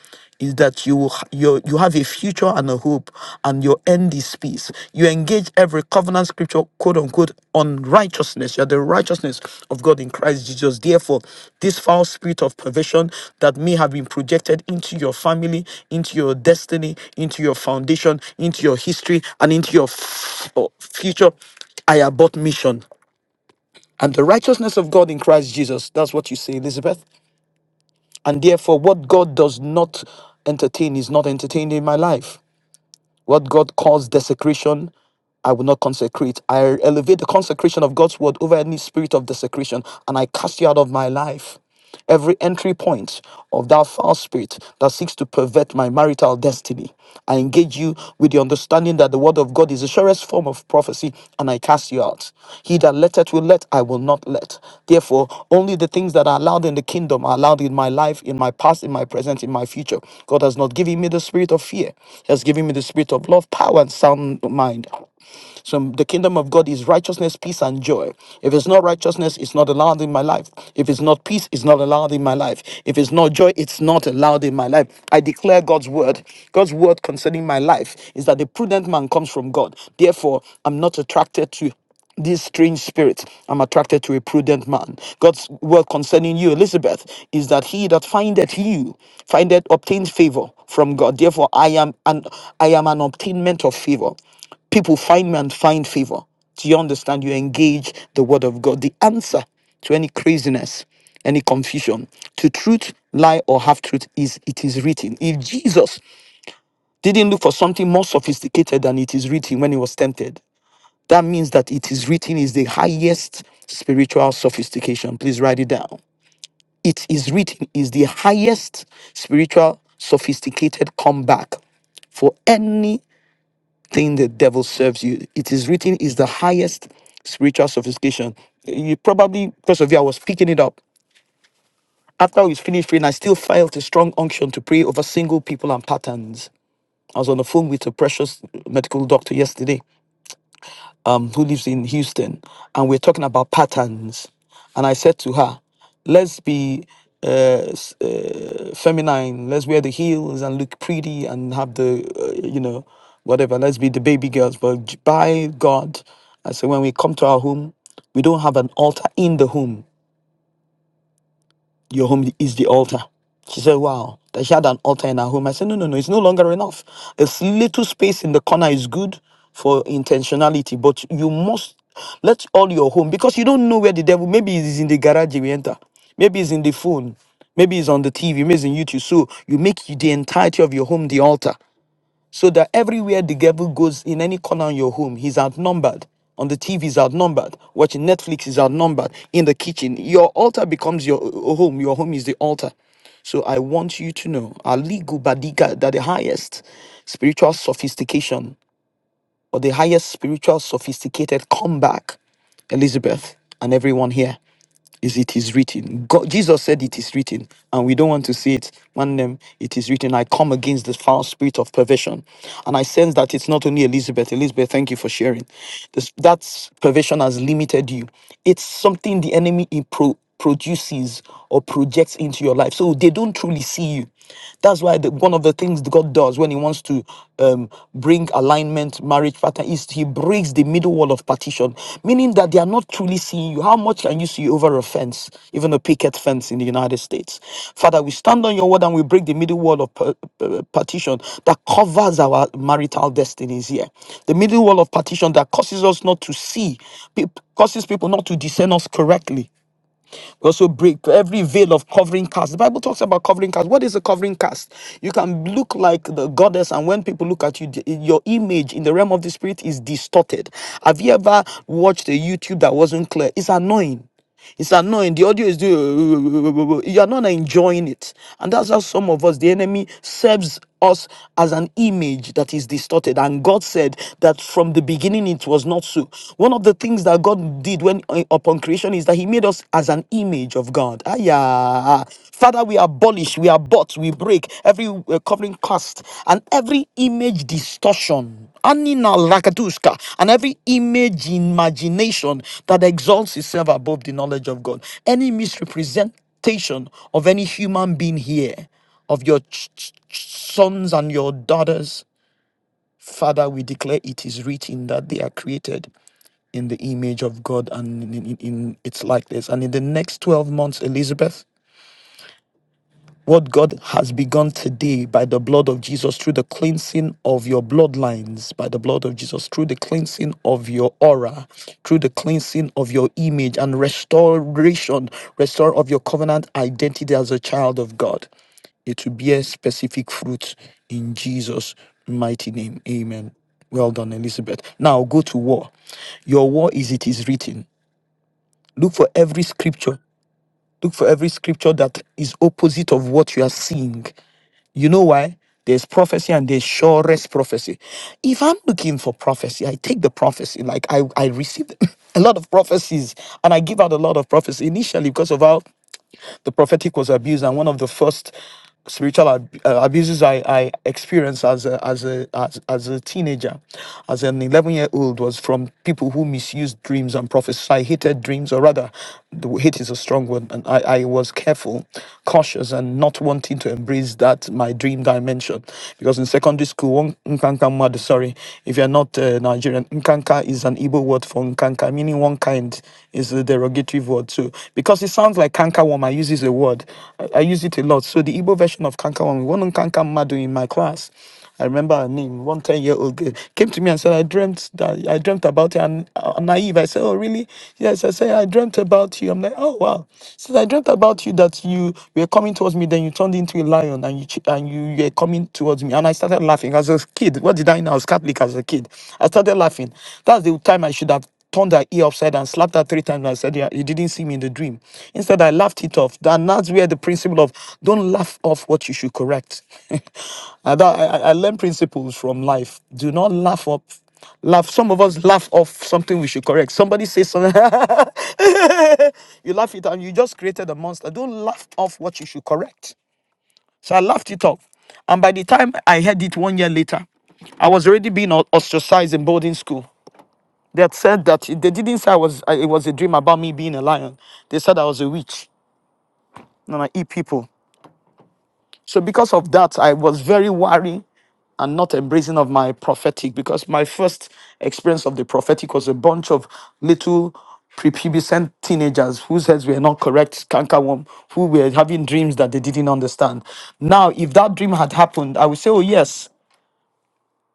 Speaker 2: is that you will h- you you have a future and a hope, and your end is peace. You engage every covenant scripture, quote unquote, on righteousness. You are the righteousness of God in Christ Jesus. Therefore, this foul spirit of perversion that may have been projected into your family, into your destiny, into your foundation, into your history, and into your f- future I abort mission. And the righteousness of God in Christ Jesus, that's what you say, Elizabeth. And therefore, what God does not entertain is not entertained in my life. What God calls desecration, I will not consecrate. I elevate the consecration of God's word over any spirit of desecration, and I cast you out of my life. Every entry point of that foul spirit that seeks to pervert my marital destiny, I engage you with the understanding that the word of God is the surest form of prophecy, and I cast you out. He that letteth will let, I will not let. Therefore, only the things that are allowed in the kingdom are allowed allowed in my life, in my past, in my present, in my future. God has not given me the spirit of fear. He has given me the spirit of love, power, and sound mind. So the kingdom of God is righteousness, peace, and joy. If it's not righteousness, it's not allowed in my life. If it's not peace, it's not allowed in my life. If it's not joy, it's not allowed in my life. I declare God's word. God's word concerning my life is that the prudent man comes from God. Therefore, I'm not attracted to these strange spirits. I'm attracted to a prudent man. God's word concerning you, Elizabeth, is that he that findeth you findeth obtains favor from God. Therefore, I am an I am an obtainment of favor. People find me and find favor. Do you understand? You engage the word of God. The answer to any craziness, any confusion, to truth, lie, or half truth is it is written. If Jesus didn't look for something more sophisticated than it is written when he was tempted, that means that it is written is the highest spiritual sophistication. Please write it down. It is written is the highest spiritual sophisticated comeback for anything the devil serves you. It is written is the highest spiritual sophistication. You probably, because of you, I was picking it up. After we finished praying, I still felt a strong unction to pray over single people and patterns. I was on the phone with a precious medical doctor yesterday um, who lives in Houston, and we're talking about patterns. And I said to her, let's be uh, s- uh, feminine, let's wear the heels and look pretty and have the, uh, you know, whatever, let's be the baby girls. But j- by God, I said, when we come to our home, we don't have an altar in the home. Your home is the altar. She said, Wow, that she had an altar in her home. I said, No, no, no, it's no longer enough. A s- little space in the corner is good for intentionality, but you must let all your home because you don't know where the devil maybe it's in the garage we enter, maybe it's in the phone, maybe it's on the TV, maybe it's in YouTube. So you make the entirety of your home the altar. So that everywhere the devil goes in any corner in your home, he's outnumbered. On the TV, he's outnumbered. Watching Netflix he's outnumbered. In the kitchen, your altar becomes your uh, home. Your home is the altar. So I want you to know, Aligu Badiga, that the highest spiritual sophistication or the highest spiritual sophisticated comeback, Elizabeth and everyone here, is it is written. God, Jesus said it is written, and we don't want to see it. One name, it is written. I come against the foul spirit of perversion, and I sense that it's not only Elizabeth. Elizabeth, thank you for sharing. This, that perversion has limited you. It's something the enemy impro- produces or projects into your life. So they don't truly see you. That's why the, one of the things God does when He wants to um, bring alignment, marriage pattern, is He breaks the middle wall of partition, meaning that they are not truly seeing you. How much can you see over a fence, even a picket fence in the United States? Father, we stand on your word and we break the middle wall of par- uh, uh, partition that covers our marital destinies here. The middle wall of partition that causes us not to see, pe- causes people not to discern us correctly we also break every veil of covering cast. The Bible talks about covering cast. What is a covering cast? You can look like the goddess, and when people look at you, the- your image in the realm of the spirit is distorted. Have you ever watched a YouTube that wasn't clear? It's annoying. It's annoying. The audio is doing. You are not enjoying it, and that's how some of us, the enemy, serves us as an image that is distorted. And God said that from the beginning it was not so. One of the things that God did when uh, upon creation is that He made us as an image of God. Ah yeah, Father, we abolish, we abort, we break every uh, covering cast and every image distortion Anina Lakaduska and every image imagination that exalts itself above the knowledge of God. Any misrepresentation of any human being here, of your ch- ch- ch- sons and your daughters, Father, we declare it is written that they are created in the image of God and in, in in its likeness. And in the next 12 months, Elizabeth, what God has begun today by the blood of Jesus, through the cleansing of your bloodlines, by the blood of Jesus, through the cleansing of your aura, through the cleansing of your image and restoration, restore of your covenant identity as a child of God. It will bear specific fruit in Jesus' mighty name. Amen. Well done, Elizabeth. Now go to war. Your war is it is written. Look for every scripture. Look for every scripture that is opposite of what you are seeing. You know why? There's prophecy and there's surest prophecy. If I'm looking for prophecy, I take the prophecy. Like I, I received a lot of prophecies and I give out a lot of prophecy initially because of how the prophetic was abused, and one of the first spiritual ab- uh, abuses I, I experienced as a, as a as, as a teenager, as an 11 year old, was from people who misused dreams and prophecies. I hated dreams, or rather, the w- hate is a strong word, and I, I was careful, cautious, and not wanting to embrace that my dream dimension. Because in secondary school, one Nkanka Madu, sorry, if you're not uh, Nigerian, Nkanka is an Igbo word for Nkanka by meaning one kind is a derogatory word. So because it sounds like cankerworm, I use this a word. I, I use it a lot. So the Igbo version of cankerworm, one on canker madu in my class. I remember her name, 110 year old girl came to me and said, I dreamt that I dreamt about you. And uh, naive, I said, Oh, really? Yes, I said, I dreamt about you. I'm like, Oh, wow. She said, I dreamt about you that you were coming towards me, then you turned into a lion and you ch- and you, you were coming towards me. And I started laughing as a kid. What did I know? I was Catholic as a kid. I started laughing. That's the time I should have turned her ear upside and slapped her three times and said, Yeah, you didn't see me in the dream. Instead, I laughed it off. And that's where the principle of don't laugh off what you should correct. And that- I, I I learned principles from life. Do not laugh up. Laugh. Some of us laugh off something we should correct. Somebody says something. you laugh it out and you just created a monster. Don't laugh off what you should correct. So I laughed it off. And by the time I heard it one year later, I was already being o- ostracized in boarding school. They had said that they didn't say I was I, it was a dream about me being a lion. They said I was a witch and I eat people. So because of that, I was very wary and not embracing of my prophetic because my first experience of the prophetic was a bunch of little prepubescent teenagers whose heads were not correct, cankerworm, who were having dreams that they didn't understand. Now, if that dream had happened, I would say, oh yes,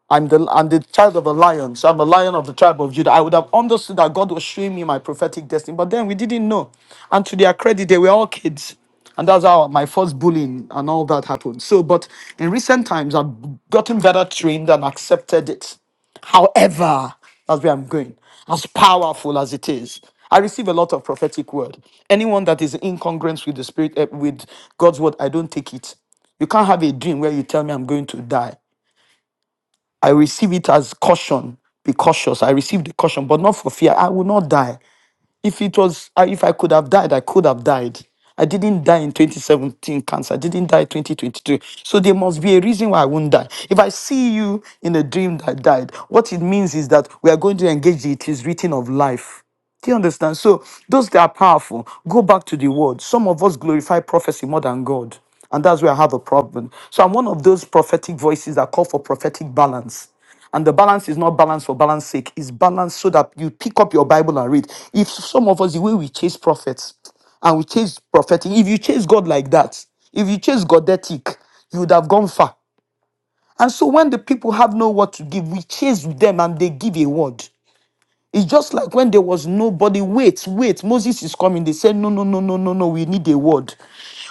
Speaker 2: I'm the I'm the child of a lion, so I'm a lion of the tribe of Judah. I would have understood that God was showing me my prophetic destiny, but then we didn't know. And to their credit, they were all kids, and that's how my first bullying and all that happened. So, but in recent times, I've gotten better trained and accepted it. However, that's where I'm going. As powerful as it is, I receive a lot of prophetic word. Anyone that is incongruent with the spirit, eh, with God's word, I don't take it. You can't have a dream where you tell me I'm going to die. I receive it as caution. Be cautious. I receive the caution, but not for fear. I will not die. If it was, I- if I could have died, I could have died. I didn't die in 2017 cancer. I didn't die 2022. So there must be a reason why I won't die. If I see you in a dream that died, what it means is that we are going to engage the it is written of life. Do you understand? So those that are powerful, go back to the word. Some of us glorify prophecy more than God. And that's where I have a problem. So I'm one of those prophetic voices that call for prophetic balance. And the balance is not balance for balance sake. It's balance so that you pick up your Bible and read. If some of us, the way we chase prophets and we chase prophetic, if you chase God like that, if you chase godetic, you would have gone far. And so when the people have no word to give, we chase them and they give a word. It's just like when there was nobody. Wait, wait, Moses is coming. They said, No, no, no, no, no, no, we need a word.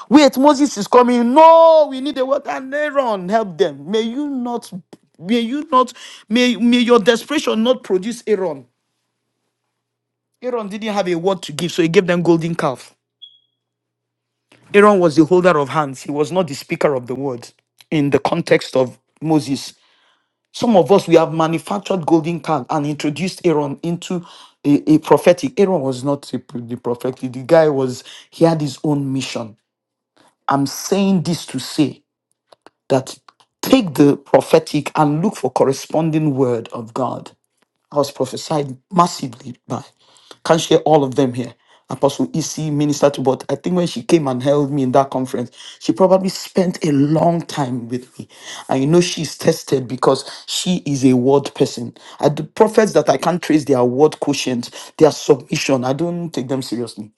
Speaker 2: Wait, Moses is coming. No, we need a word. And Aaron, help them. May you not, may you not, may, may your desperation not produce Aaron. Aaron didn't have a word to give, so he gave them golden calf. Aaron was the holder of hands, he was not the speaker of the word in the context of Moses. Some of us, we have manufactured golden calf and introduced Aaron into a, a prophetic. Aaron was not a, the prophetic. The guy was, he had his own mission. I'm saying this to say that take the prophetic and look for corresponding word of God. I was prophesied massively by. Can't share all of them here. Apostle EC, Minister to, but I think when she came and held me in that conference, she probably spent a long time with me. And you know, she's tested because she is a word person. I, the prophets that I can't trace their word quotient, their submission, I don't take them seriously.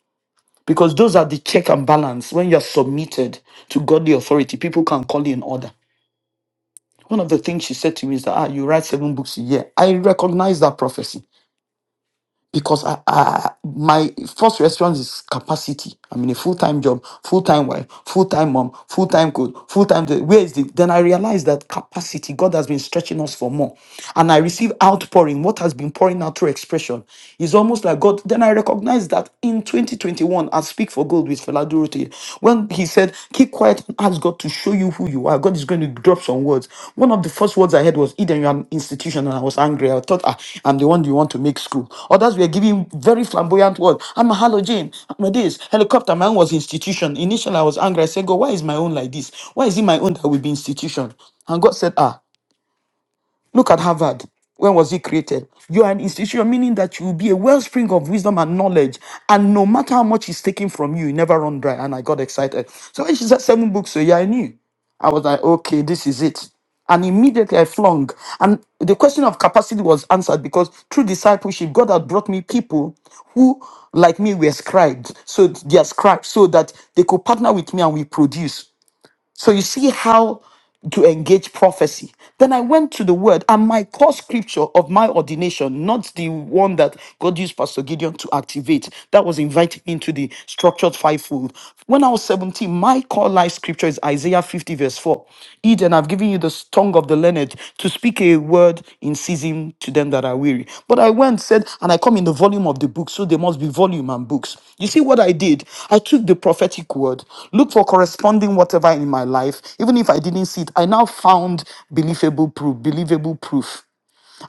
Speaker 2: Because those are the check and balance. When you're submitted to godly authority, people can call you in order. One of the things she said to me is that ah, you write seven books a year. I recognize that prophecy because I, I my first response is capacity. I'm in a full time job, full time wife, full time mom, full time coach, full time. Where is the? Then I realized that capacity. God has been stretching us for more, and I receive outpouring. What has been pouring out through expression is almost like God. Then I recognize that in 2021, I speak for gold with Fela Durute. When he said, Keep quiet and ask God to show you who you are, God is going to drop some words. One of the first words I heard was, Eden, you're an institution. And I was angry. I thought, ah, I'm the one you want to make school. Others were giving very flamboyant words. I'm a halogen. I'm a this. Helicopter man was institution. Initially, I was angry. I said, God, why is my own like this? Why is it my own that will be institution? And God said, Ah, Look at Harvard. When was it created? You are an institution, meaning that you will be a wellspring of wisdom and knowledge. And no matter how much is taken from you, you never run dry. And I got excited. So when she said seven books, so yeah, I knew. I was like, okay, this is it. And immediately I flung. And the question of capacity was answered because through discipleship, God had brought me people who, like me, were scribed. So they are scribed so that they could partner with me and we produce. So you see how to engage prophecy. Then I went to the word, and my core scripture of my ordination, not the one that God used Pastor Gideon to activate, that was invited into the structured fivefold. When I was 17, my core life scripture is Isaiah 50, verse 4. Eden, I've given you the tongue of the learned to speak a word in season to them that are weary. But I went, said, and I come in the volume of the book, so there must be volume and books. You see what I did? I took the prophetic word, looked for corresponding whatever in my life, even if I didn't see it, I now found believable proof, believable proof.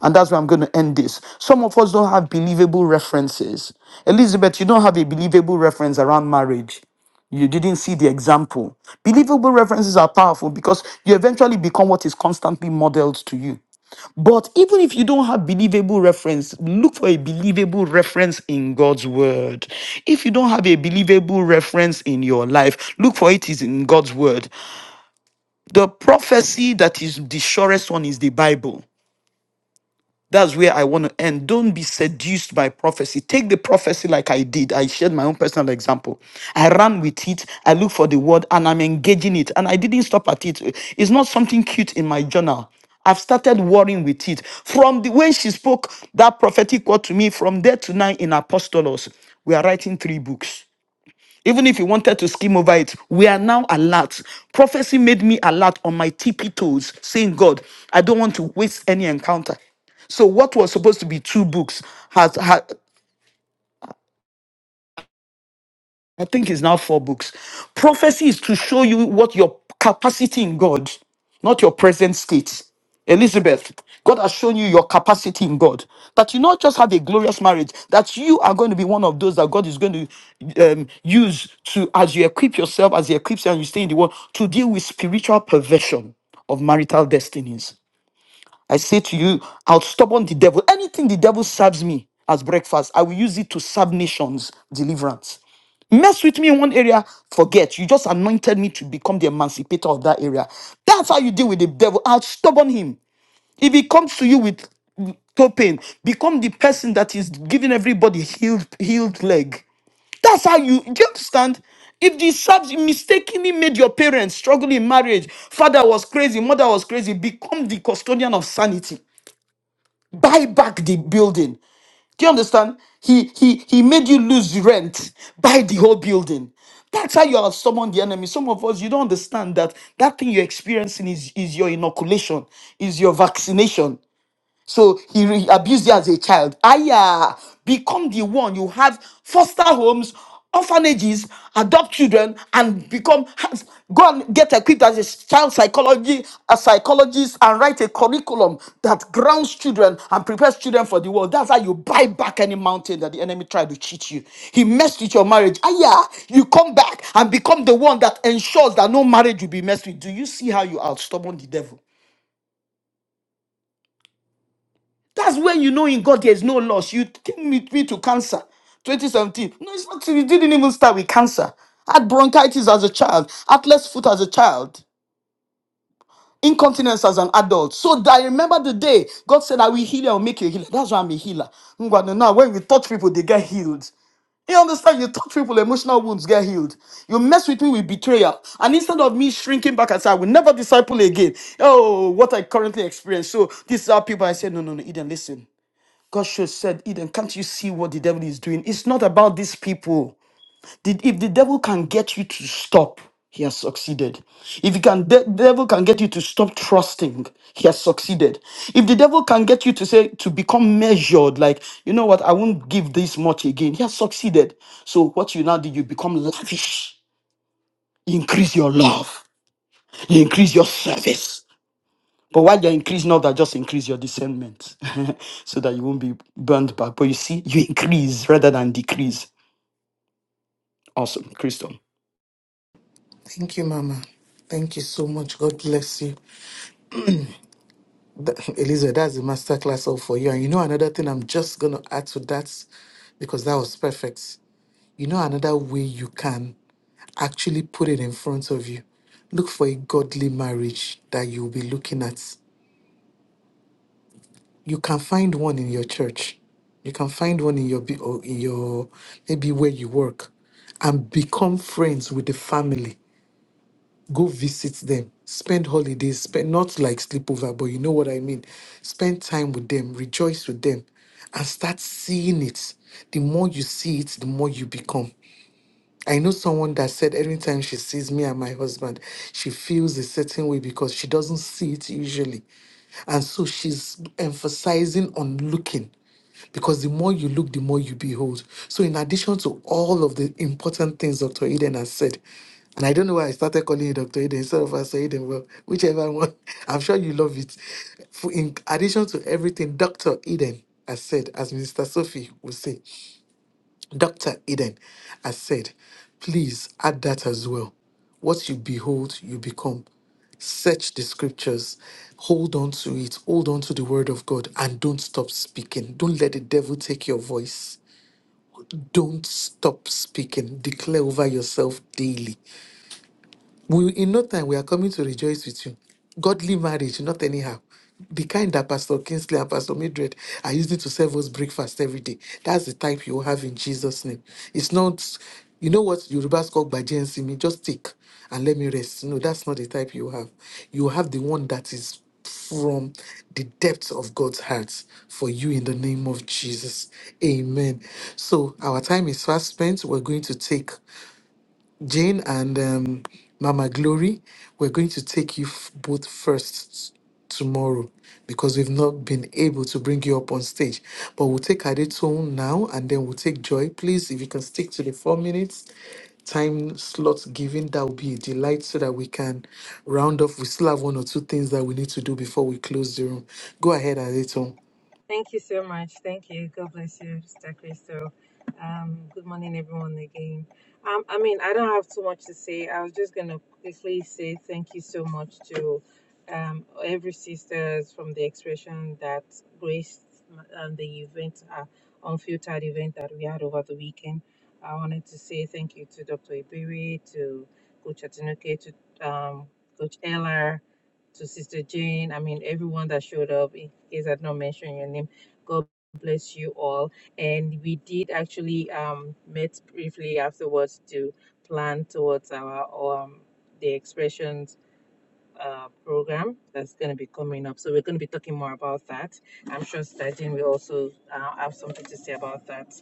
Speaker 2: And that's where I'm going to end this. Some of us don't have believable references. Elizabeth, you don't have a believable reference around marriage. You didn't see the example. Believable references are powerful because you eventually become what is constantly modeled to you. But even if you don't have believable reference, look for a believable reference in God's word. If you don't have a believable reference in your life, look for it is in God's word. The prophecy that is the surest one is the Bible. That's where I want to end. Don't be seduced by prophecy. Take the prophecy like I did. I shared my own personal example. I ran with it. I looked for the word and I'm engaging it. And I didn't stop at it. It's not something cute in my journal. I've started worrying with it. From the when she spoke that prophetic word to me, from there to now in Apostolos, we are writing three books. Even if you wanted to skim over it, we are now alert. Prophecy made me alert on my tippy toes, saying, God, I don't want to waste any encounter. So what was supposed to be two books has had. I think it's now four books. Prophecy is to show you what your capacity in God, not your present state. Elizabeth, God has shown you your capacity in God. That you not just have a glorious marriage, that you are going to be one of those that God is going to um, use to, as you equip yourself, as you equip you and you stay in the world, to deal with spiritual perversion of marital destinies. I say to you, I'll stubborn the devil. Anything the devil serves me as breakfast, I will use it to serve nations deliverance. Mess with me in one area, forget. You just anointed me to become the emancipator of that area. That's how you deal with the devil. I'll stubborn him. If he comes to you with toe pain, become the person that is giving everybody healed healed leg. That's how you do you understand? If the subs mistakenly made your parents struggle in marriage, father was crazy, mother was crazy, become the custodian of sanity. Buy back the building. Do you understand? He he he made you lose rent. Buy the whole building. That's how you have summoned the enemy. Some of us, you don't understand that that thing you're experiencing is, is your inoculation, is your vaccination. So he re- abused you as a child. Aya, become the one you have foster homes, orphanages, adopt children, and become has- go and get equipped as a child psychology, a psychologist, and write a curriculum that grounds children and prepares children for the world. That's how you buy back any mountain that the enemy tried to cheat you. He messed with your marriage. Aya, you come back and become the one that ensures that no marriage will be messed with. Do you see how you out stubborn the devil? That's when you know in God there's no loss. You came with me to cancer 2017. No, it's not. You didn't even start with cancer. I Had bronchitis as a child, atlas foot as a child, incontinence as an adult. So that I remember the day God said, I will heal you, I will make you a healer. That's why I'm a healer. Ngwanu, Now, when you touch people, they get healed. You understand? You touch people, emotional wounds get healed. You mess with me with betrayal. And instead of me shrinking back and say, I will never disciple again. Oh, what I currently experience. So this is how people I say, no, no, no, Eden, listen. Joshua said, Eden, can't you see what the devil is doing? It's not about these people. The- If the devil can get you to stop, he has succeeded. If he can, the devil can get you to stop trusting, he has succeeded. If the devil can get you to say to become measured, like you know what, I won't give this much again, he has succeeded. So what you now do, you become lavish. You increase your love. You increase your service. But while you're increasing all that, just increase your discernment so that you won't be burned back. But you see, you increase rather than decrease. Awesome, Crystal.
Speaker 3: Thank you, Mama. Thank you so much. God bless you. Th- Elizabeth, that's the masterclass all for you. And you know another thing I'm just gonna add to that because that was perfect You know, another way you can actually put it in front of you. Look for a godly marriage that you'll be looking at. You can find one in your church. You can find one in your bu- or in your maybe where you work, and become friends with the family. Go visit them. Spend holidays. Spend not like sleepover, but you know what I mean. Spend time with them. Rejoice with them, and start seeing it. The more you see it, the more you become. I know someone that said anytime she sees me and my husband, she feels a certain way because she doesn't see it usually. And so she's emphasizing on looking because the more you look, the more you behold. So, in addition to all of the important things Dr. Eden has said, and I don't know why I started calling you Dr. Eden instead of Pastor Eden, well, whichever one, I'm sure you love it. For in addition to everything Dr. Eden has said, as Minister Sophie will say, Dr. Eden has said, please add that as well. What you behold, you become. Search the scriptures, hold on to it, hold on to the word of God, and don't stop speaking. Don't let the devil take your voice. Don't stop speaking. Declare over yourself daily. We in no time we are coming to rejoice with you. Godly marriage, not anyhow. The kind that Pastor Kingsley and Pastor Mildred are using to serve us breakfast every day. That's the type you will have in Jesus' name. It's not, you know what Yorubas call bajensi me, just take and let me rest. No, that's not the type you have. You have the one that is from the depths of God's heart for you in the name of Jesus. Amen. So our time is fast spent. We're going to take Jane and um, Mama Glory, we're going to take you f- both first tomorrow because we've not been able to bring you up on stage. But we'll take Adetone now and then we'll take Joy. Please, if you can stick to the four minutes time slot given, that would be a delight so that we can round off. We still have one or two things that we need to do before we close the room. Go ahead, Adetone.
Speaker 12: Thank you so much. Thank you. God bless you, Sister Crystal. Um, good morning, everyone, again. Um, I mean, I don't have too much to say. I was just going to quickly say thank you so much to um, every sisters from the expression that graced um, the event, uh, unfiltered event that we had over the weekend. I wanted to say thank you to Dr. Ibiri, to Coach Atinuke, to um, Coach Eller, to Sister Jane. I mean, everyone that showed up, in case I'd not mentioned your name. God bless you all. And we did actually um, met briefly afterwards to plan towards our um, the expressions uh, program that's going to be coming up. So we're going to be talking more about that. I'm sure Sister Jane will also uh, have something to say about that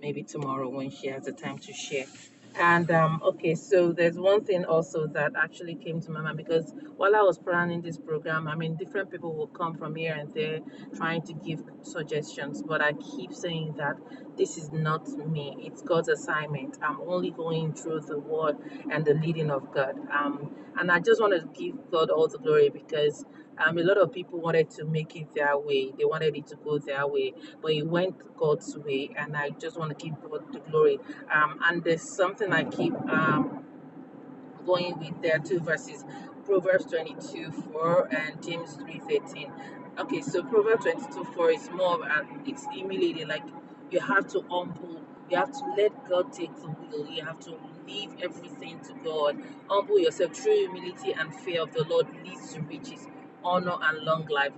Speaker 12: maybe tomorrow when she has the time to share. And um, okay, so there's one thing also that actually came to my mind because while I was planning this program, I mean, different people will come from here and there trying to give suggestions, but I keep saying that this is not me, it's God's assignment. I'm only going through the word and the leading of God. Um, and I just want to give God all the glory because um, a lot of people wanted to make it their way, they wanted it to go their way but it went God's way, and I just want to give God the glory. Um, and there's something I keep um going with their two verses proverbs 22 4 and james three thirteen. okay so proverbs 22 4 is more of an it's humiliating like you have to humble you have to let god take the wheel you have to leave everything to god humble yourself True humility and fear of the lord leads to riches honor and long life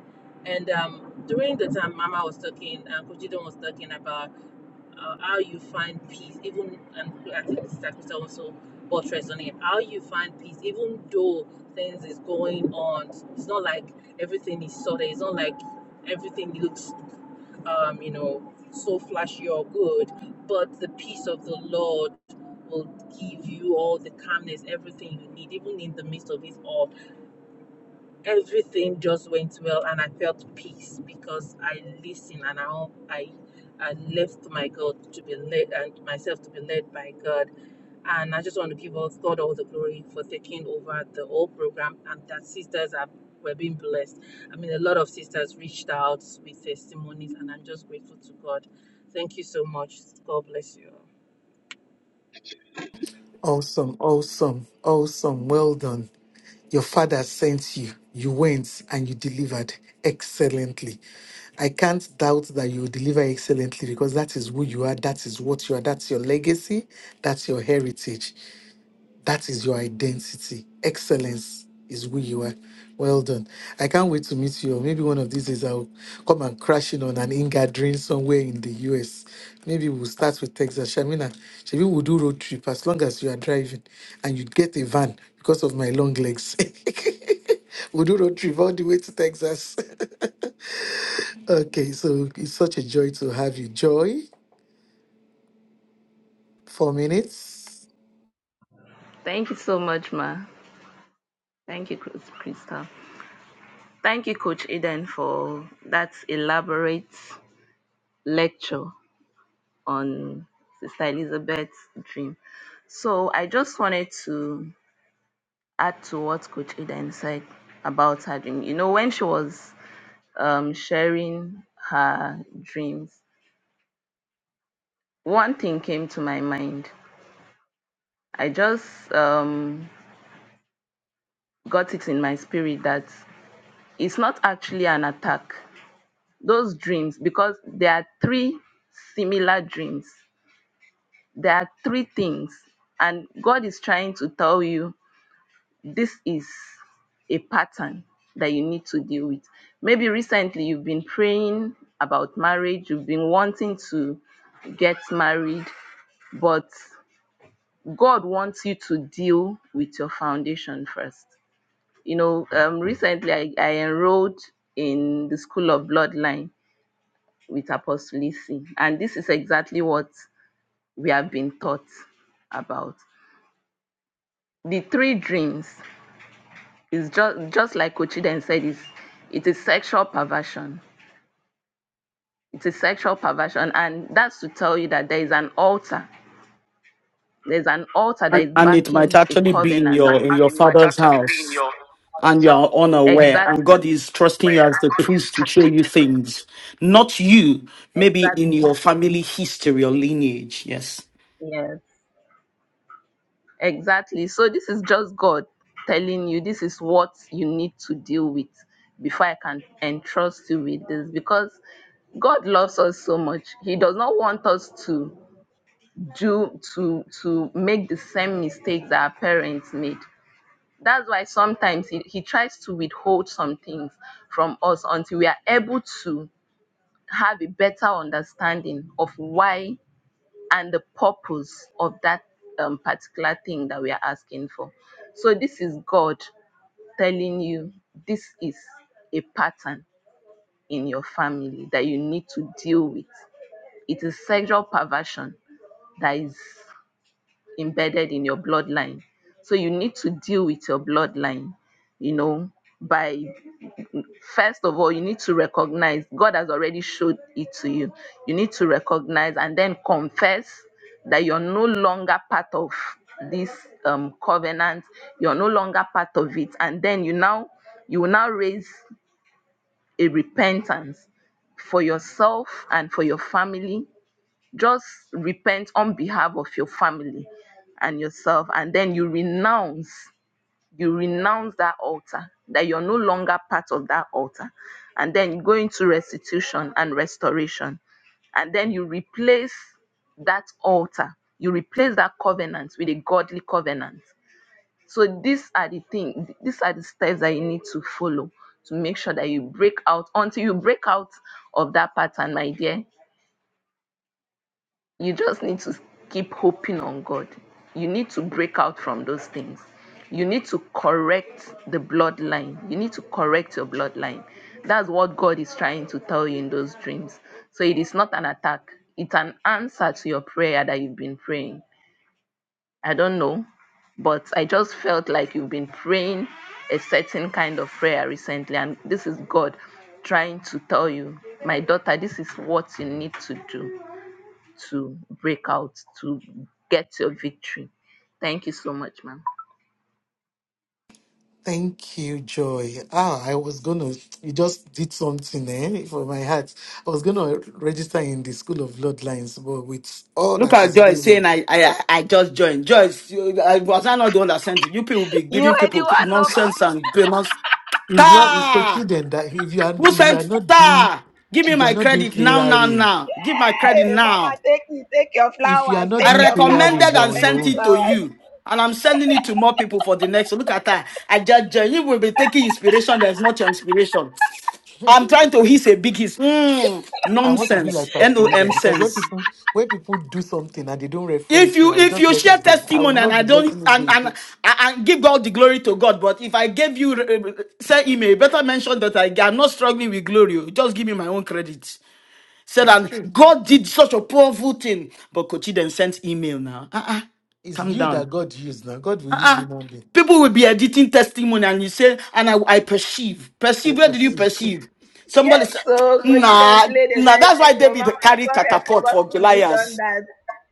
Speaker 12: and um during the time mama was talking and uh, Kojido was talking about uh, how you find peace, even and I think this is also buttressed on it. How you find peace, even though things is going on. It's not like everything is sorted. It's not like everything looks, um, you know, so flashy or good. But the peace of the Lord will give you all the calmness, everything you need, even in the midst of it all everything just went well and I felt peace because I listened and I hope I I left my God to be led and myself to be led by God. And I just want to give us God all the glory for taking over the whole program and that sisters are were being blessed. I mean a lot of sisters reached out with testimonies and I'm just grateful to God. Thank you so much. God bless you. all.
Speaker 3: Awesome, awesome, awesome. Well done. Your father sent you, you went and you delivered excellently. I can't doubt that you will deliver excellently because that is who you are, that is what you are, that's your legacy, that's your heritage. That is your identity. Excellence is who you are. Well done. I can't wait to meet you. Or Maybe one of these days I'll come and crash in on an in-gathering somewhere in the US. Maybe we'll start with Texas. Shamina, maybe we'll do road trip as long as you are driving and you get a van because of my long legs. we'll do road trip all the way to Texas. okay, so it's such a joy to have you. Joy, four minutes.
Speaker 13: Thank you so much, Ma. Thank you, Chris- Krista. Thank you, Coach Eden, for that elaborate lecture on Sister Elizabeth's dream. So I just wanted to add to what Coach Eden said about her dream. You know, when she was um, sharing her dreams, one thing came to my mind. I just um, got it in my spirit that it's not actually an attack those dreams because there are three similar dreams. There are three things, and God is trying to tell you this is a pattern that you need to deal with. Maybe recently you've been praying about marriage, you've been wanting to get married, but God wants you to deal with your foundation first. You know, um, recently I, I enrolled in the School of Bloodline with Apostle Lisi. And this is exactly what we have been taught about. The three dreams is just just like Ochiden said, is it is sexual perversion. It is sexual perversion, and that's to tell you that there is an altar. There's an altar that
Speaker 2: And
Speaker 13: is
Speaker 2: and it might
Speaker 13: backing a
Speaker 2: actually be in
Speaker 13: covenant.
Speaker 2: your in your father's house and you are unaware and
Speaker 13: Exactly.
Speaker 2: God is trusting you as the priest to show you things. Not you, maybe in
Speaker 13: Exactly.
Speaker 2: your family history or lineage. Yes.
Speaker 13: Yes. Exactly. So this is just God telling you this is what you need to deal with before I can entrust you with this because God loves us so much. He does not want us to do to to make the same mistakes that our parents made. That's why sometimes he, he tries to withhold some things from us until we are able to have a better understanding of why and the purpose of that um, particular thing that we are asking for. So, this is God telling you this is a pattern in your family that you need to deal with. It is sexual perversion that is embedded in your bloodline. So, you need to deal with your bloodline, you know, by first of all you need to recognize god has already showed it to you you need to recognize and then confess that you're no longer part of this um, covenant you're no longer part of it and then you now you will now raise a repentance for yourself and for your family just repent on behalf of your family and yourself and then you renounce you renounce that altar, that you're no longer part of that altar, and then you go into restitution and restoration. And then you replace that altar, you replace that covenant with a godly covenant. So these are the things, these are the steps that you need to follow to make sure that you break out until you break out of that pattern, my dear you just need to keep hoping on God. You need to break out from those things. You need to correct the bloodline. You need to correct your bloodline. That's what God is trying to tell you in those dreams. So it is not an attack, it's an answer to your prayer that you've been praying. I don't know, but I just felt like you've been praying a certain kind of prayer recently, and this is God trying to tell you, my daughter, this is what you need to do to break out to get your victory. Thank you so much, ma'am.
Speaker 3: Thank you, Joy. Ah, I was gonna, you just did something eh, for my heart. I was gonna register in the School of Bloodlines, but with all
Speaker 2: Look
Speaker 3: that
Speaker 2: at
Speaker 3: is
Speaker 2: Joyce
Speaker 3: going
Speaker 2: saying,
Speaker 3: on,
Speaker 2: I, I, I just joined. Joyce, you- I was I not the one that sent it. You people be
Speaker 13: You
Speaker 2: giving
Speaker 13: are the
Speaker 2: people
Speaker 13: one, no, ma-
Speaker 2: nonsense and
Speaker 3: it's not, it's for
Speaker 2: nonsense.
Speaker 3: children that if you are, if
Speaker 2: Who
Speaker 3: you
Speaker 2: sent
Speaker 3: are not doing,
Speaker 2: star? Give me
Speaker 3: if you are
Speaker 2: my
Speaker 3: not doing
Speaker 2: credit now,
Speaker 3: prayer
Speaker 2: now,
Speaker 3: ring,
Speaker 2: now. Give my credit
Speaker 13: hey,
Speaker 2: now.
Speaker 13: Mama, take it, take your
Speaker 3: if you are
Speaker 13: flowers,
Speaker 3: not
Speaker 13: take
Speaker 2: I
Speaker 3: doing
Speaker 13: your
Speaker 3: prayer
Speaker 13: flowers,
Speaker 3: ring,
Speaker 2: recommended
Speaker 13: your
Speaker 3: you're
Speaker 2: and
Speaker 3: on your
Speaker 13: plenty
Speaker 2: sent
Speaker 3: own.
Speaker 2: it to
Speaker 13: flowers.
Speaker 2: you. And I'm sending it to more people for the next. so Look at that. I judge uh, you will be taking inspiration that's not your inspiration. I'm trying to hiss a big hiss. Mm,
Speaker 3: I want to be
Speaker 2: nonsense.
Speaker 3: like Pastor
Speaker 2: N-O-M
Speaker 3: Eden because when
Speaker 2: sense.
Speaker 3: people, when people do something and they don't
Speaker 2: If
Speaker 3: reference me,
Speaker 2: you
Speaker 3: I will
Speaker 2: if
Speaker 3: just
Speaker 2: you
Speaker 3: let
Speaker 2: share
Speaker 3: it go. I will
Speaker 2: testimony and
Speaker 3: not
Speaker 2: I
Speaker 3: be
Speaker 2: don't
Speaker 3: letting it go
Speaker 2: and and
Speaker 3: again.
Speaker 2: and give God the glory to God, but if I gave you uh, uh, say email, better mention that I, I'm not struggling with glory. oh. Just give me my own credit. Said,
Speaker 3: It's
Speaker 2: and
Speaker 3: true.
Speaker 2: God did such a powerful thing. But Kochi then sent email now. Uh-uh.
Speaker 3: It's
Speaker 2: Calm
Speaker 3: you that
Speaker 2: down.
Speaker 3: God used now. God will use
Speaker 2: Uh-uh.
Speaker 3: human being.
Speaker 2: People will be editing testimony and you say, and I, I perceive.
Speaker 3: I
Speaker 2: Perceive, where did you
Speaker 3: perceive.
Speaker 2: perceive? Somebody
Speaker 13: Yes,
Speaker 2: said,
Speaker 13: so Coach and
Speaker 2: nah,
Speaker 13: played a
Speaker 2: nah,
Speaker 13: very
Speaker 2: that's why
Speaker 13: big role. Mama,
Speaker 2: David
Speaker 13: I'm
Speaker 2: carried
Speaker 13: sorry, I
Speaker 2: catapult
Speaker 13: forgot
Speaker 2: for
Speaker 13: to mention
Speaker 2: Goliath.
Speaker 13: that.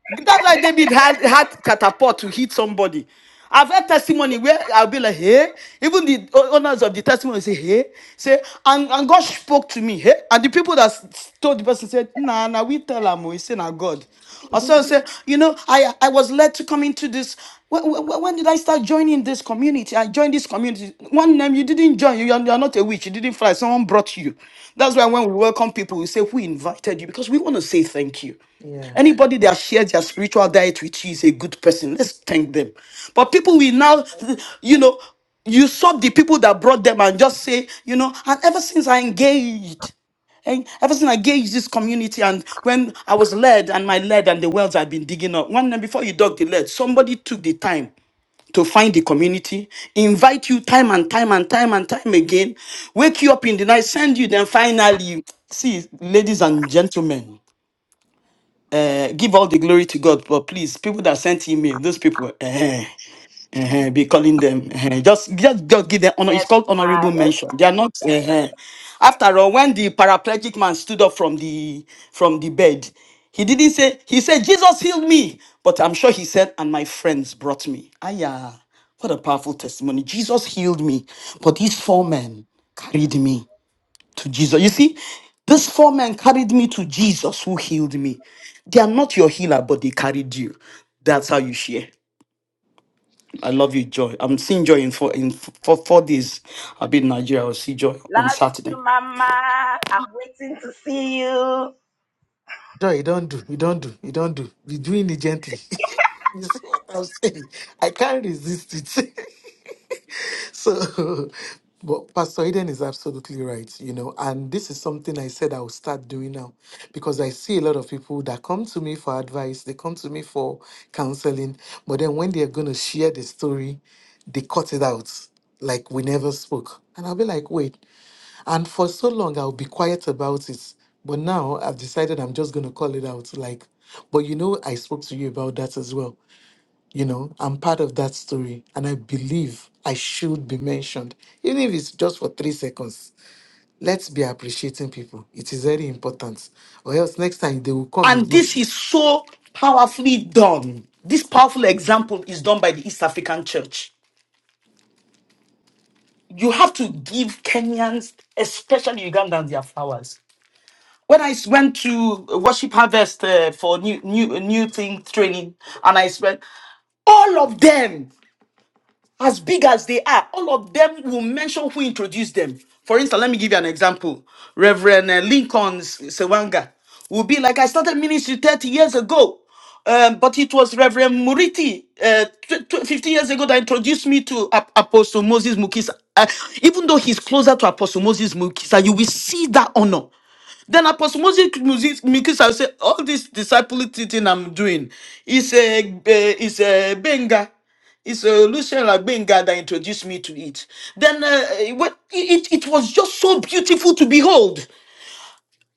Speaker 2: That's why David had, had catapult to hit somebody. I've had testimony where I'll be like, hey, even the o- owners of the testimony say, hey, say, and, and God spoke to me, hey, and the people that s- told the person said, nah, nah, we tell him, we say, nah, God. Or someone said, you know, I, I was led to come into this. When, when, when did I start joining this community? I joined this community. One name you didn't join, you are, you are not a witch, you didn't fly, someone brought you. That's why when we welcome people, we say, we invited you because we want to say thank you.
Speaker 3: Yeah.
Speaker 2: Anybody that shares their spiritual diet with you is a good person. Let's thank them. But people will now, you know, usurp the people that brought them and just say, you know, and ever since I engaged, and ever since I engaged this community, and when I was led and my lead and the wells I've been digging up, one night before you dug the lead, somebody took the time to find the community, invite you time and time and time and time again, wake you up in the night, send you, then finally, see, ladies and gentlemen uh, give all the glory to God, but please, people that sent email, those people, eh, eh, eh, be calling them. eh, just, just, just give them honor. It's
Speaker 13: Yes,
Speaker 2: called
Speaker 13: ma,
Speaker 2: honorable
Speaker 13: yes,
Speaker 2: mention.
Speaker 13: ma.
Speaker 2: They are not. eh, eh. After all, when the paraplegic man stood up from the from the bed, he didn't say. He said, "Jesus healed me," but I'm sure he said, "And my friends brought me." Aya, what a powerful testimony! Jesus healed me, but these four men carried me to Jesus. You see, this four men carried me to Jesus who healed me. They are not your healer, but they carried you. That's how you share. I love you, Joy. I'm seeing Joy in four in f- for four days. I'll be in Nigeria. I'll see Joy on
Speaker 13: Love
Speaker 2: Saturday.
Speaker 13: you, Mama. I'm waiting to see you.
Speaker 3: Joy, you don't do, you don't do, you don't do. Be doing it gently. you see what I'm saying? I can't resist it. so, but Pastor Eden is absolutely right, you know, and this is something I said I will start doing now because I see a lot of people that come to me for advice, they come to me for counseling, but then when they're going to share the story, they cut it out like we never spoke. And I'll be like, wait. And for so long, I'll be quiet about it. But now I've decided I'm just going to call it out. Like, but you know, I spoke to you about that as well. You know, I'm part of that story and I believe I should be mentioned, even if it's just for three seconds. Let's be appreciating people. It is very important. Or else next time they will come
Speaker 2: And
Speaker 3: again.
Speaker 2: this is so powerfully done. This powerful example is done by the East African Church. You have to give Kenyans, especially Ugandans, their flowers. when I s- went to Worship Harvest uh, for new new new thing training, and I spent all of them as big as they are, all of them will mention who introduced them. For instance, let me give you an example. Reverend uh, Lincoln S- Sewanga will be like, I started ministry 30 years ago, um, but it was Reverend Muriti uh, tw- tw- 50 years ago that introduced me to Ap- Apostle Moses Mukisa. Uh, even though he's closer to Apostle Moses Mukisa, you will see that honor. Then Apostle Moses Mikisa will say, all this disciple teaching I'm doing is a eh, is a benga. It's a Lucien Benga that introduced me to it. Then uh, eh, what, it, it it was just so beautiful to behold.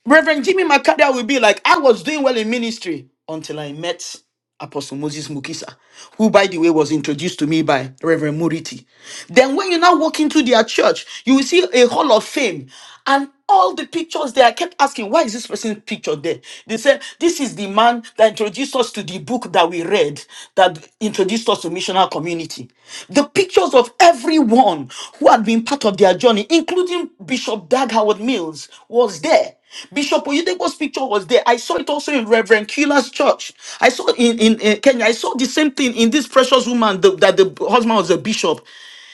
Speaker 2: Reverend Jimmy Makada will be like, I was doing well in ministry until I met Apostle Moses Mukisa, who, by the way, was introduced to me by Reverend Muriti. Then, when you now walk into their church, you will see a hall of fame and all the pictures there. I kept asking, why is this person's picture there? They said, This is the man that introduced us to the book book that we read that introduced us to missional community, the pictures of everyone who had been part of their journey, including Bishop Dag Howard Mills, was there. Bishop Oyedepo's picture was there. I saw it also in Reverend Keeler's church. I saw it in, in, in Kenya. I saw the same thing in this precious woman the- that the husband was a bishop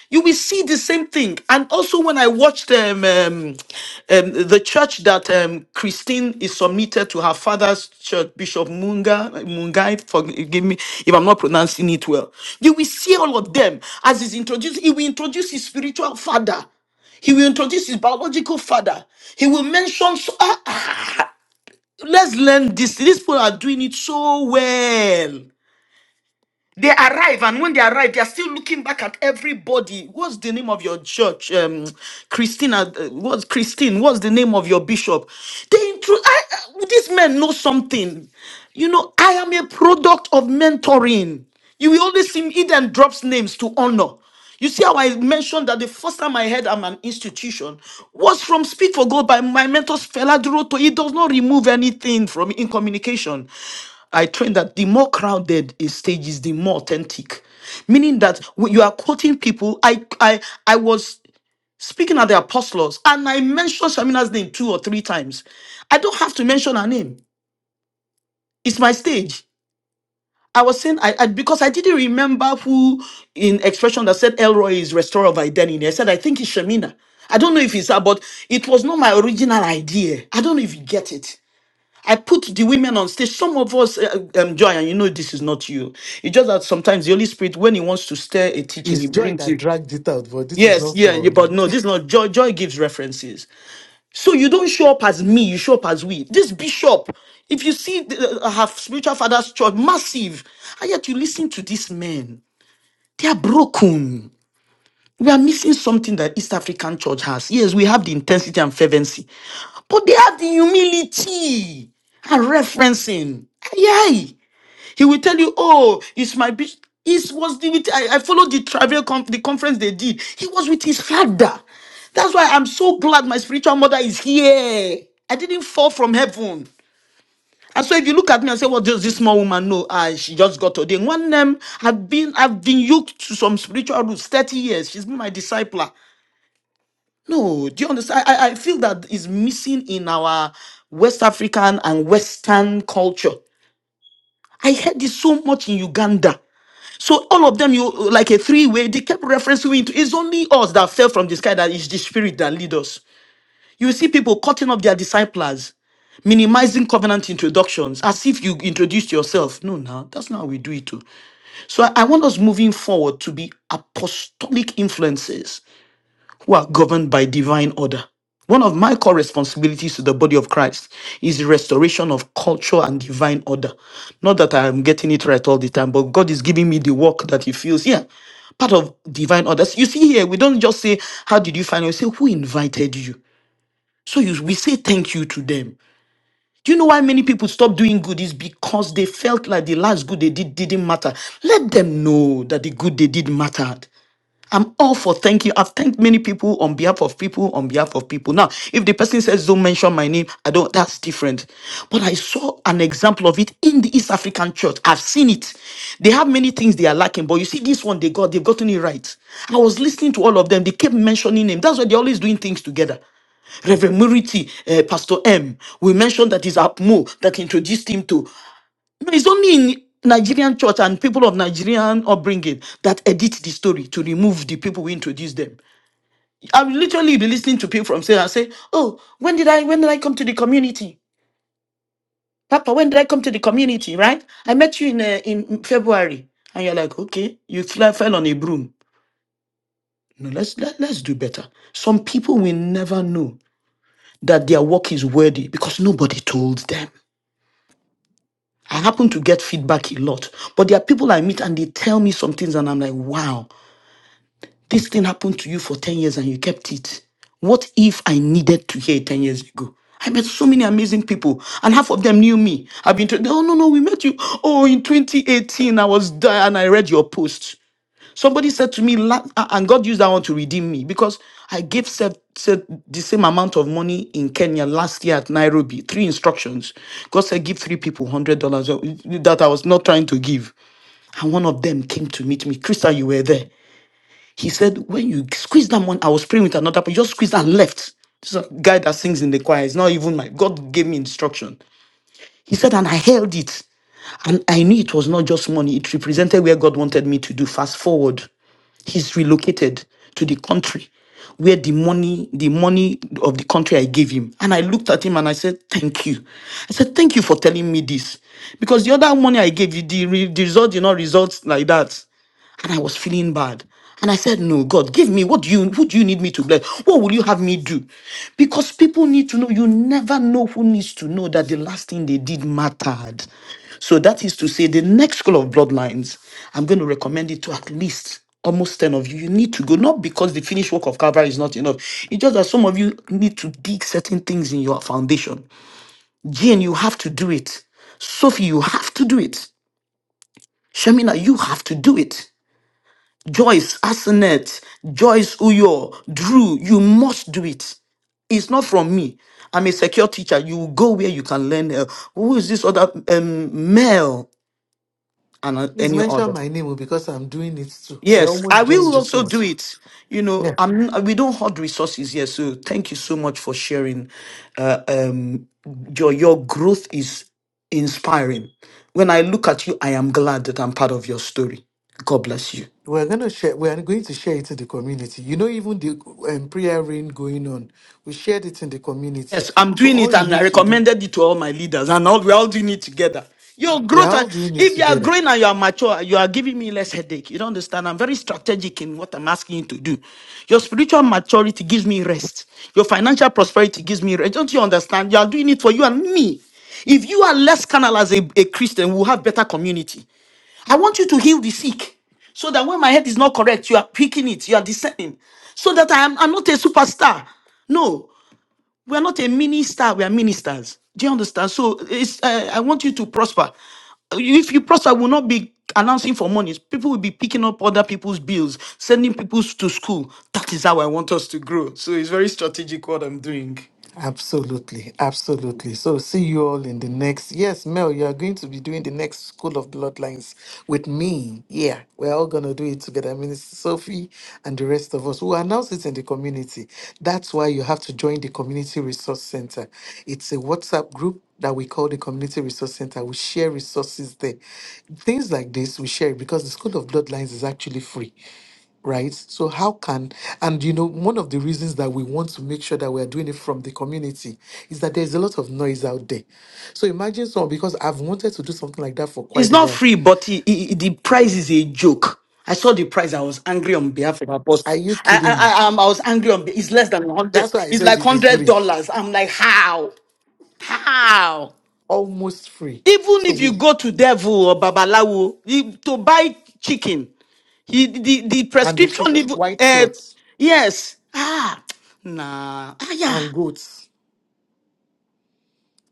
Speaker 2: you will see the same thing. And also, when I watched um, um, um, the church that um, Christine is submitted to her father's church, Bishop Munga, Mungai, forgive me if I'm not pronouncing it well, you will see all of them as he's introduced, he will introduce his spiritual father. He will introduce his biological father. He will mention, so, ah, ah, let's learn this. These people are doing it so well. They arrive, and when they arrive, they are still looking back at everybody. What's the name of your church, um, Christina? uh, What's Christine? What's the name of your bishop? They intro. I, I- these men know something. You know, I am a product of mentoring. You will always see Eden drops names to honor. You see how I mentioned that the first time I heard I'm an institution was from Speak for God by my mentor Fela Duro. He does not remove anything from in communication. I trained that the more crowded a stage is, the more authentic. Meaning that when you are quoting people, I I I was speaking at the apostles and I mentioned Shamina's name two or three times. I don't have to mention her name. It's my stage. I was saying I, I because I didn't remember who in expression that said Elroy is restorer of identity. I said I think it's Shamina. I don't know if it's her, but it was not my original idea. I don't know if you get it. I put the women on stage. Some of us, uh, uh, um, Joy, and you know this is not you. It's just that sometimes the Holy Spirit, when He wants to stir a teaching,
Speaker 3: It's
Speaker 2: He
Speaker 3: joy
Speaker 2: brings
Speaker 3: that
Speaker 2: you.
Speaker 3: dragged it out, but this is
Speaker 2: Yes,
Speaker 3: not
Speaker 2: yeah,
Speaker 3: for
Speaker 2: yeah, but
Speaker 3: you.
Speaker 2: no, this is not Joy. Joy gives references. So you don't show up as me, you show up as we. This bishop, if you see the, uh, uh, her spiritual father's church, massive, and yet you listen to these men, they are broken. We are missing something that East African church has. Yes, we have the intensity and fervency, but they have the humility and referencing. Aye, aye. He will tell you, oh, it's my bishop. It was the, with, I, I followed the travel conf- the conference they did. He was with his father. That's why I'm so glad my spiritual mother is here. I didn't fall from heaven. And so if you look at me and say, What does this small woman know? Ah, she just got ordained. One name I've been I've been yoked to some spiritual roots 30 years. She's been my discipler. No, do you understand? I, I I feel that is missing in our West African and Western culture. I heard this so much in Uganda. So all of them, you like a three-way, they kept referencing it. It's only us that fell from the sky that is the spirit that lead us. You see people cutting up their disciples, minimizing covenant introductions, as if you introduced yourself. No, no, that's not how we do it too. So I, I want us moving forward to be apostolic influences who are governed by divine order. One of my core responsibilities to the body of Christ is the restoration of culture and divine order. Not that I am getting it right all the time, but God is giving me the work that He feels. Yeah, part of divine order. You see here, we don't just say, "How did you find?" We say, "Who invited you?" So you, we say thank you to them. Do you know why many people stop doing good? Is because they felt like the last good they did didn't matter. Let them know that the good they did mattered. I'm all for thank you. I've thanked many people on behalf of people, on behalf of people. Now, if the person says, don't mention my name, I don't, that's different. But I saw an example of it in the East African church. I've seen it. They have many things they are lacking, but you see, this one they got, they've gotten it right. I was listening to all of them. They kept mentioning him. That's why they're always doing things together. Reverend Muriti, uh, Pastor M, we mentioned that is Apmo that introduced him to. No, it's only in Nigerian church and people of Nigerian upbringing that edit the story to remove the people who introduce them. I will literally be listening to people from say and say, "Oh, when did I when did I come to the community, Papa? When did I come to the community? Right? I met you in uh, in February, and you're like, okay, you fly, fell on a broom. No, let's let, let's do better. Some people will never know that their work is worthy because nobody told them. I happen to get feedback a lot, but there are people I meet and they tell me some things, and I'm like, wow. This thing happened to you for 10 years and you kept it. What if I needed to hear it 10 years ago? I met so many amazing people, and half of them knew me. I've been told, oh, no, no, we met you. Oh, in 2018, I was there and I read your post. Somebody said to me, la- ah, and God used that one to redeem me because I gave said, said the same amount of money in Kenya last year at Nairobi. Three instructions. God said, give three people $100 that I was not trying to give. And one of them came to meet me. Krista, you were there. He said, when you squeeze that money, I was praying with another person, just squeezed and left. This is a guy that sings in the choir. It's not even my God gave me instruction. He said, and I held it. And I knew it was not just money, it represented where God wanted me to do. Fast forward, he's relocated to the country where the money, the money of the country I gave him. And I looked at him and I said, Thank you. I said, Thank you for telling me this. Because the other money I gave you, the, re- the result did not result like that and I was feeling bad. And I said, No, God, give me what do you who do you need me to bless? What will you have me do? Because people need to know. You never know who needs to know that the last thing they did mattered. So that is to say, the next school of bloodlines, I'm going to recommend it to at least almost 10 of you. You need to go, not because the finished work of Calvary is not enough. It's just that some of you need to dig certain things in your foundation. Jane, you have to do it. Sophie, you have to do it. Shamina, you have to do it. Joyce, Asenet, Joyce Uyo, Drew, you must do it. It's not from me. I'm a secure teacher. You will go where you can learn. uh, who is this other um, male and uh,
Speaker 3: Please
Speaker 2: any
Speaker 3: mention
Speaker 2: other?
Speaker 3: my name oh, because I'm doing it too. I
Speaker 2: Yes, I
Speaker 3: almost joined
Speaker 2: will
Speaker 3: this
Speaker 2: also
Speaker 3: one.
Speaker 2: do it. You
Speaker 3: Yeah.
Speaker 2: know, I'm. We don't hoard resources here, so thank you so much for sharing. Uh, um, your your growth is inspiring. When I look at you, I am glad that I'm part of your story. God bless you.
Speaker 3: We're gonna share. We are going to share it to the community. You know, even the um, prayer rain going on, we shared it in the community.
Speaker 2: Yes, I'm
Speaker 3: So
Speaker 2: doing
Speaker 3: all
Speaker 2: it
Speaker 3: you
Speaker 2: and I
Speaker 3: need to do,
Speaker 2: recommended it to all my leaders and all we're all doing it together. Your
Speaker 3: we're
Speaker 2: growth, and-
Speaker 3: all doing it
Speaker 2: if you are
Speaker 3: together.
Speaker 2: growing and you are mature, you are giving me less headache. You don't understand. I'm very strategic in what I'm asking you to do. Your spiritual maturity gives me rest. Your financial prosperity gives me rest. Don't you understand? You are doing it for you and me. If you are less carnal as a, a Christian, we'll have better community. I want you to heal the sick so that when my head is not correct, you are picking it, you are discerning, so that I am I'm not a superstar. No, we are not a minister. We are ministers. Do you understand? So it's, uh, I want you to prosper. If you prosper, we will not be announcing for money. People will be picking up other people's bills, sending people to school. That is how I want us to grow. So it's very strategic what I'm doing.
Speaker 3: Absolutely, absolutely. So see you all in the next. Yes, Mel, you are going to be doing the next School of Bloodlines with me. Yeah, we're all gonna do it together. I mean, it's Sophie and the rest of us who announce it in the community. That's why you have to join the Community Resource Center. It's a WhatsApp group that we call the Community Resource Center. We share resources there. Things like this we share it because the School of Bloodlines is actually free right? So how can and you know one of the reasons that we want to make sure that we are doing it from the community is that there's a lot of noise out there. So imagine someone because I've wanted to do something like that for
Speaker 2: It's
Speaker 3: quite a
Speaker 2: not
Speaker 3: while.
Speaker 2: free, but i- i- i- the price is a joke. I saw the price. I was angry on behalf of Apostle.
Speaker 3: Are you
Speaker 2: I, I,
Speaker 3: kidding me?
Speaker 2: I, um, I was angry on. be- It's less than one hundred.
Speaker 3: That's why I
Speaker 2: It's
Speaker 3: said
Speaker 2: like
Speaker 3: it
Speaker 2: one
Speaker 3: is
Speaker 2: hundred
Speaker 3: free,
Speaker 2: dollars. I'm like, how? How?
Speaker 3: almost free.
Speaker 2: Even
Speaker 3: So
Speaker 2: if you
Speaker 3: we
Speaker 2: go to devil or babalawo you- to buy chicken, he, the the
Speaker 3: and the cl-
Speaker 2: prescription even
Speaker 3: white
Speaker 2: uh,
Speaker 3: cloths
Speaker 2: yes ah nah ah yeah.
Speaker 3: and goats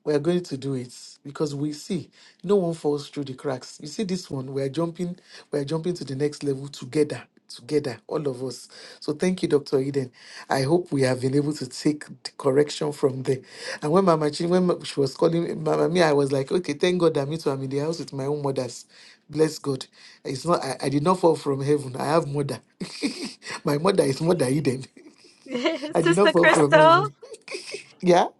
Speaker 3: we're going to do it because we see no one falls through the cracks. You see this one, we're jumping, we're jumping to the next level together, together, all of us. So thank you, Dr. Eden. I hope we have been able to take the correction from there. And when Mama Chin, when she was calling Mama me, I was like, okay, thank God that me too, I'm in the house with my own mothers. Bless God. It's not I, I did not fall from heaven. I have mother. my mother is mother Eden. I did not
Speaker 8: Sister
Speaker 3: fall from
Speaker 8: Crystal,
Speaker 3: heaven. yeah.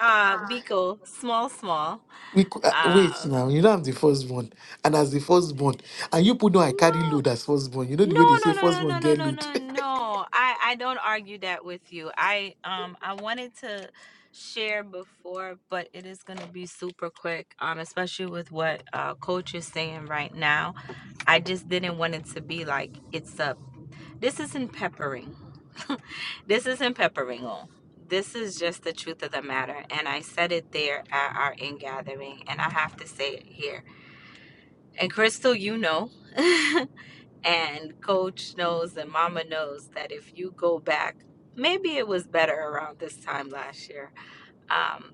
Speaker 8: uh, Biko, small, small.
Speaker 3: we cou- uh, wait
Speaker 8: Uh,
Speaker 3: now you know i'm the firstborn and as the firstborn and you put down i carry
Speaker 8: no.
Speaker 3: load as firstborn you know
Speaker 8: No,
Speaker 3: the way they
Speaker 8: no,
Speaker 3: say
Speaker 8: no, no,
Speaker 3: firstborn
Speaker 8: no,
Speaker 3: get
Speaker 8: no, no,
Speaker 3: load
Speaker 8: no, no. I I don't argue that with you. I um I wanted to share before, but it is gonna be super quick. Um, especially with what uh coach is saying right now. I just didn't want it to be like it's up. This isn't peppering. this isn't peppering all. This is just the truth of the matter. And I said it there at our in gathering, and I have to say it here. And Crystal, you know. And coach knows and mama knows that if you go back, maybe it was better around this time last year, um,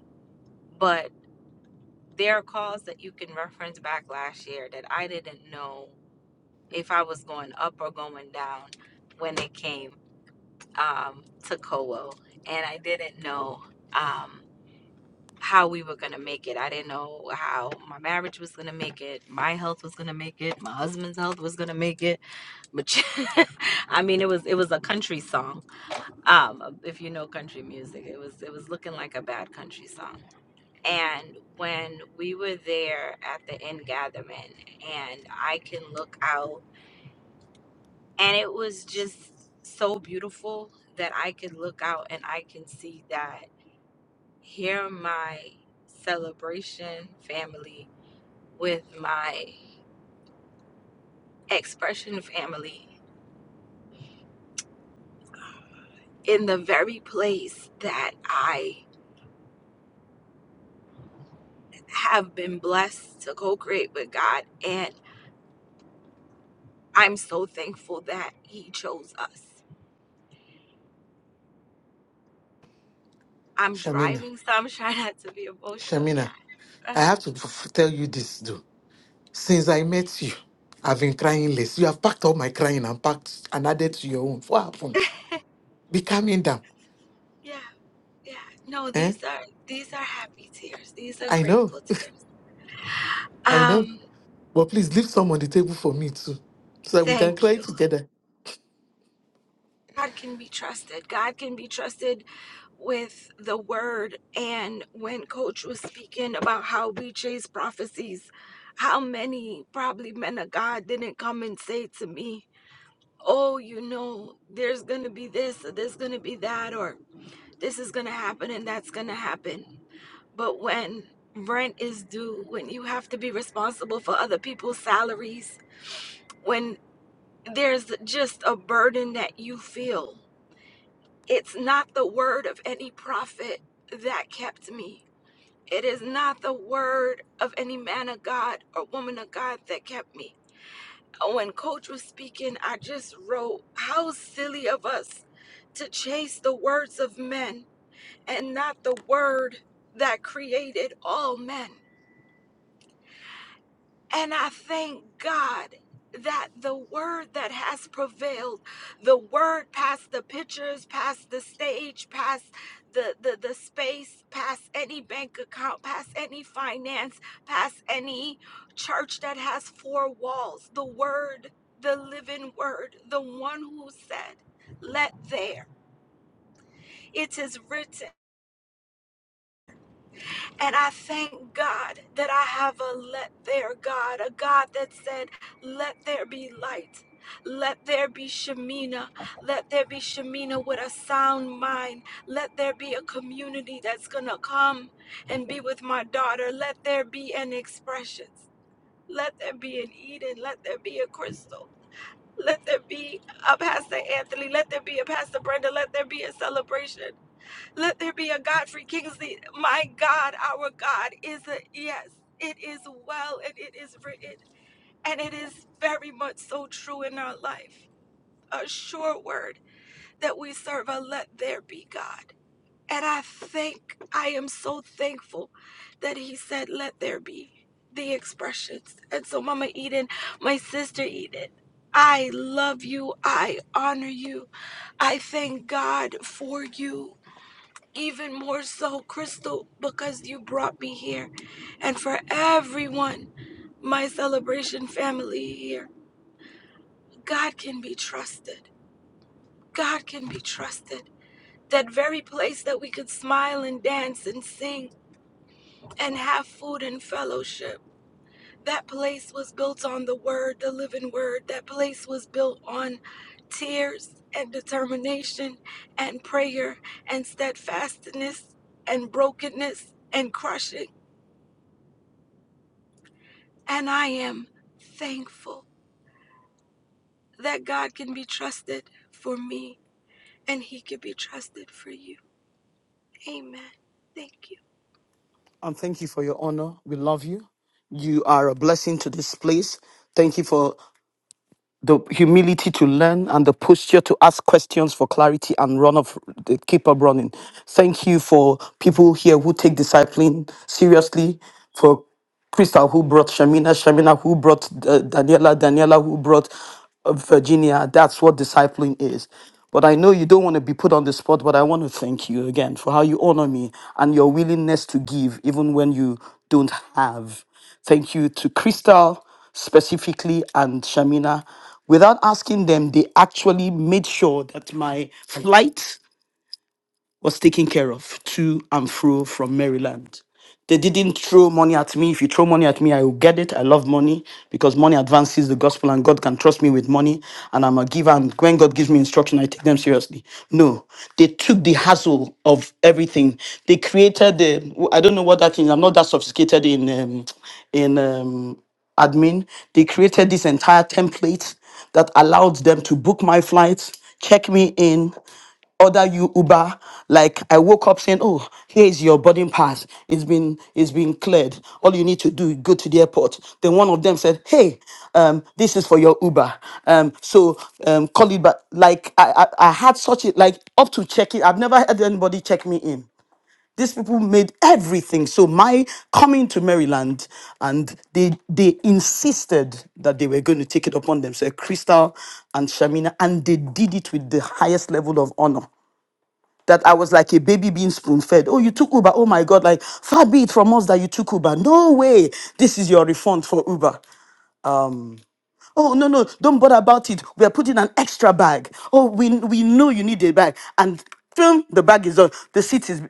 Speaker 8: but there are calls that you can reference back last year that I didn't know if I was going up or going down when it came um, to COO. And I didn't know. Um, how we were going to make it. I didn't know how my marriage was going to make it, my health was going to make it, my husband's health was going to make it. But I mean, it was it was a country song. Um, if you know country music, it was it was looking like a bad country song. And when we were there at the end gathering, and I can look out, and it was just so beautiful that I could look out and I can see that Hear my celebration family with my expression family in the very place that I have been blessed to co create with God. And I'm so thankful that He chose us. I'm
Speaker 3: shamina
Speaker 8: driving, so I'm trying not to be emotional. Yeah.
Speaker 3: shamina i
Speaker 8: Uh-huh.
Speaker 3: have to f- f- tell you this though since i met you i've been crying less you have packed up my crying and packed and added to your own what happened be calming down
Speaker 8: Yeah. Yeah. No,
Speaker 3: eh
Speaker 8: these are these are happy tears. These are
Speaker 3: i know
Speaker 8: grateful tears.
Speaker 3: i know
Speaker 8: Um,
Speaker 3: but please leave some on the table for me too so that we can
Speaker 8: thank
Speaker 3: cry
Speaker 8: you.
Speaker 3: together
Speaker 8: God can be trusted. God can be trusted with the word. And when Coach was speaking about how we chase prophecies, how many probably men of God didn't come and say to me, Oh, you know, there's going to be this, or there's going to be that, or this is going to happen and that's going to happen. But when rent is due, when you have to be responsible for other people's salaries, when there's just a burden that you feel it's not the word of any prophet that kept me. It is not the word of any man of God or woman of God that kept me. When Coach was speaking, I just wrote, How silly of us to chase the words of men and not the word that created all men. And I thank God that the word that has prevailed, the word past the pictures, past the stage, past the, the, the space, past any bank account, past any finance, past any church that has four walls, the word, the living word, the one who said, let there. It is written. And I thank God that I have a let there God, a God that said, Let there be light. Let there be Shemina. Let there be Shemina with a sound mind. Let there be a community that's going to come and be with my daughter. Let there be an Expressions. Let there be an Eden. Let there be a Crystal. Let there be a Pastor Anthony. Let there be a Pastor Brenda. Let there be a celebration. Let there be a Godfrey Kingsley. My God, our God is a yes. It is well and it is written. And it is very much so true in our life. A sure word that we serve a let there be God. And I think, I am so thankful that he said, let there be the expressions. And so, Mama Eden, my sister Eden, I love you. I honor you. I thank God for you even more so, Crystal, because you brought me here, and for everyone, my celebration family here. God can be trusted. God can be trusted. That very place that we could smile and dance and sing and have food and fellowship. That place was built on the Word, the living Word. That place was built on tears and determination and prayer and steadfastness and brokenness and crushing. And I am thankful that God can be trusted for me and He can be trusted for you. Amen. Thank you.
Speaker 2: And thank you for your honor. We love you. You are a blessing to this place. Thank you for. the humility to learn and the posture to ask questions for clarity and run off keep up running. Thank you for people here who take discipline seriously, for Crystal who brought Shamina, Shamina who brought uh, Daniela, Daniela who brought uh, Virginia. That's what discipline is. But I know you don't want to be put on the spot, but I want to thank you again for how you honor me and your willingness to give even when you don't have. Thank you to Crystal specifically and Shamina, without asking them, they actually made sure that my flight was taken care of to and fro from Maryland. They didn't throw money at me. If you throw money at me, I will get it. I love money because money advances the gospel and God can trust me with money and I'm a giver. And when God gives me instruction, I take them seriously. No, they took the hassle of everything. They created the, I don't know what that is. I'm not that sophisticated in, um, in, um, admin, they created this entire template that allowed them to book my flights, check me in, order you Uber. Like I woke up saying, "Oh, here is your boarding pass. It's been it's been cleared. All you need to do is go to the airport." Then one of them said, "Hey, um, this is for your Uber. Um, so um, call it back." Like I, I I had such a like up to check in. I've never had anybody check me in. These people made everything. So my coming to Maryland, and they they insisted that they were going to take it upon themselves, Crystal and Shamina, and they did it with the highest level of honor. That I was like a baby being spoon fed. Oh, you took Uber. Oh my God! Like far be it from us that you took Uber. No way. This is your refund for Uber. Um, oh no no! Don't bother about it. We are putting an extra bag. Oh, we we know you need a bag, and boom, the bag is on. The seat is.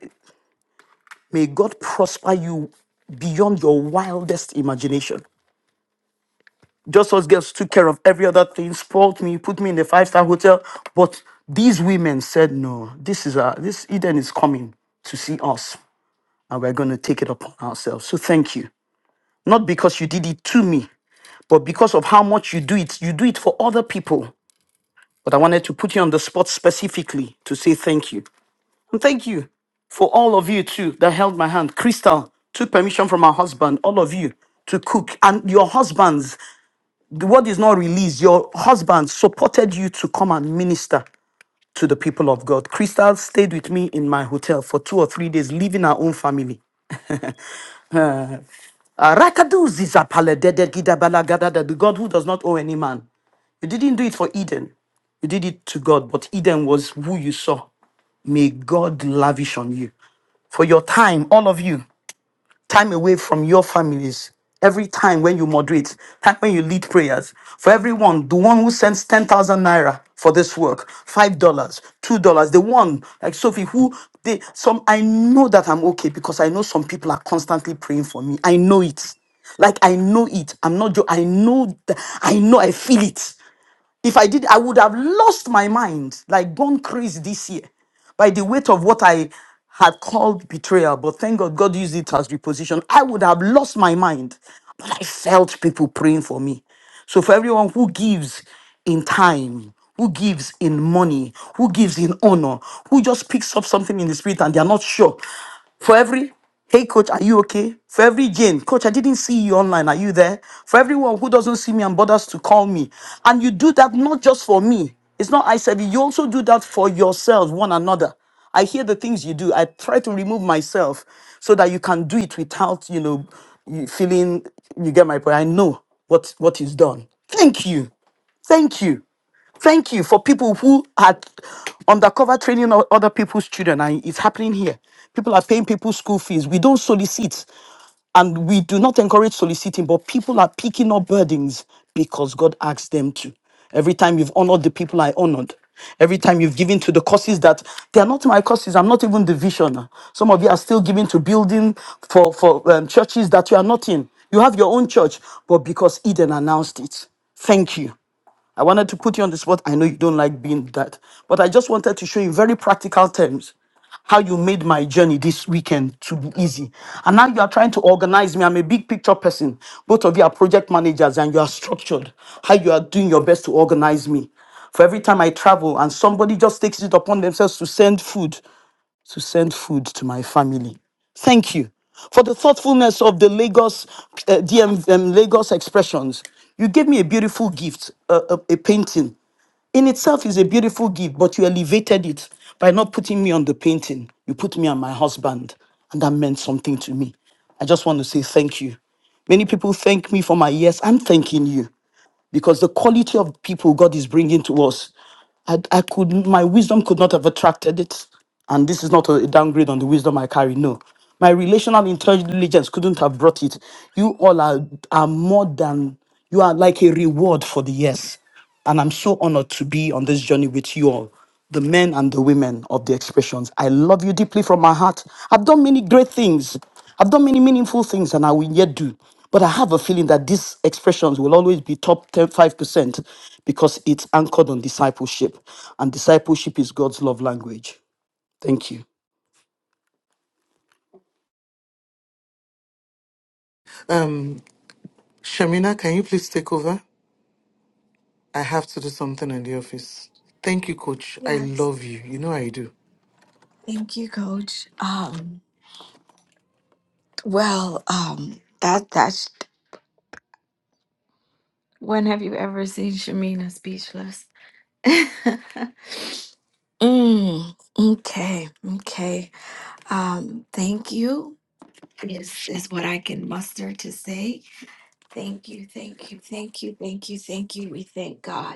Speaker 2: May God prosper you beyond your wildest imagination. Just us girls took care of every other thing, spoiled me, put me in the five star hotel. But these women said, no, this is a, this Eden is coming to see us, and we're going to take it upon ourselves. So thank you. Not because you did it to me, but because of how much you do it, you do it for other people. But I wanted to put you on the spot specifically to say thank you. And thank you for all of you too that held my hand. Crystal took permission from her husband, all of you, to cook. And your husbands, The word is not released, your husbands supported you to come and minister to the people of God. Crystal stayed with me in my hotel for two or three days, leaving her own family. Ah, Rakadu zizapale dede gidabala gadada, The God who does not owe any man. You didn't do it for Eden. You did it to God, but Eden was who you saw. May God lavish on you for your time, all of you. time away from your families. Every time when you moderate, time when you lead prayers, for everyone, the one who sends 10,000 naira for this work, $5, dollars, $2, the one like Sophie who they some I know that I'm okay because I know some people are constantly praying for me. I know it. Like I know it. I'm not jo- I know that I know I feel it. If I did, I would have lost my mind, like gone crazy this year by the weight of what I had called betrayal. But thank God, God used it as reposition. I would have lost my mind, but I felt people praying for me. So for everyone who gives in time, who gives in money, who gives in honor, who just picks up something in the spirit and they are not sure, for every Hey, coach, are you okay? For every Jane, coach, I didn't see you online. Are you there? For everyone who doesn't see me and bothers to call me. And you do that not just for me. It's not I said it. you also do that for yourselves, one another. I hear the things you do. I try to remove myself so that you can do it without, you know, you feeling you get my point. I know what what is done. Thank you. Thank you. Thank you for people who had undercover training o- other people's children, and it's happening here. People are paying people's school fees. We don't solicit, and we do not encourage soliciting, but people are picking up burdens because God asked them to. Every time you've honored the people I honored, every time you've given to the causes that they are not my causes, I'm not even the vision. Some of you are still giving to building for, for um, churches that you are not in. You have your own church, but because Eden announced it. Thank you. I wanted to put you on the spot. I know you don't like being that, but I just wanted to show you in very practical terms how you made my journey this weekend to be easy. And now you are trying to organize me. I'm a big picture person. Both of you are project managers and you are structured. How you are doing your best to organize me. For every time I travel and somebody just takes it upon themselves to send food to send food to my family. Thank you for the thoughtfulness of the Lagos uh, DM, um, Lagos expressions. You gave me a beautiful gift, uh, a a painting. In itself is a beautiful gift, but you elevated it by not putting me on the painting. You put me on my husband, and that meant something to me. I just want to say thank you. Many people thank me for my years. I'm thanking you because the quality of people God is bringing to us. I, I could my wisdom could not have attracted it and this is not a downgrade on the wisdom i carry no my relational intelligence couldn't have brought it you all are, are more than you are like a reward for the yes and i'm so honored to be on this journey with you all the men and the women of the expressions. I love you deeply from my heart. I've done many great things. I've done many meaningful things and I will yet do. But I have a feeling that these expressions will always be top ten, five percent because it's anchored on discipleship. And discipleship is God's love language. Thank you.
Speaker 3: um shamina can you please take over I have to do something in the office. Thank you, coach. I
Speaker 8: Yes.
Speaker 3: love you. You know I do.
Speaker 8: Thank you, Coach. Um, well, um, that that's when have you ever seen Shamina speechless? mm, okay, okay. Um, thank you is is what I can muster to say. Thank you, thank you, thank you, thank you, thank you. We thank God.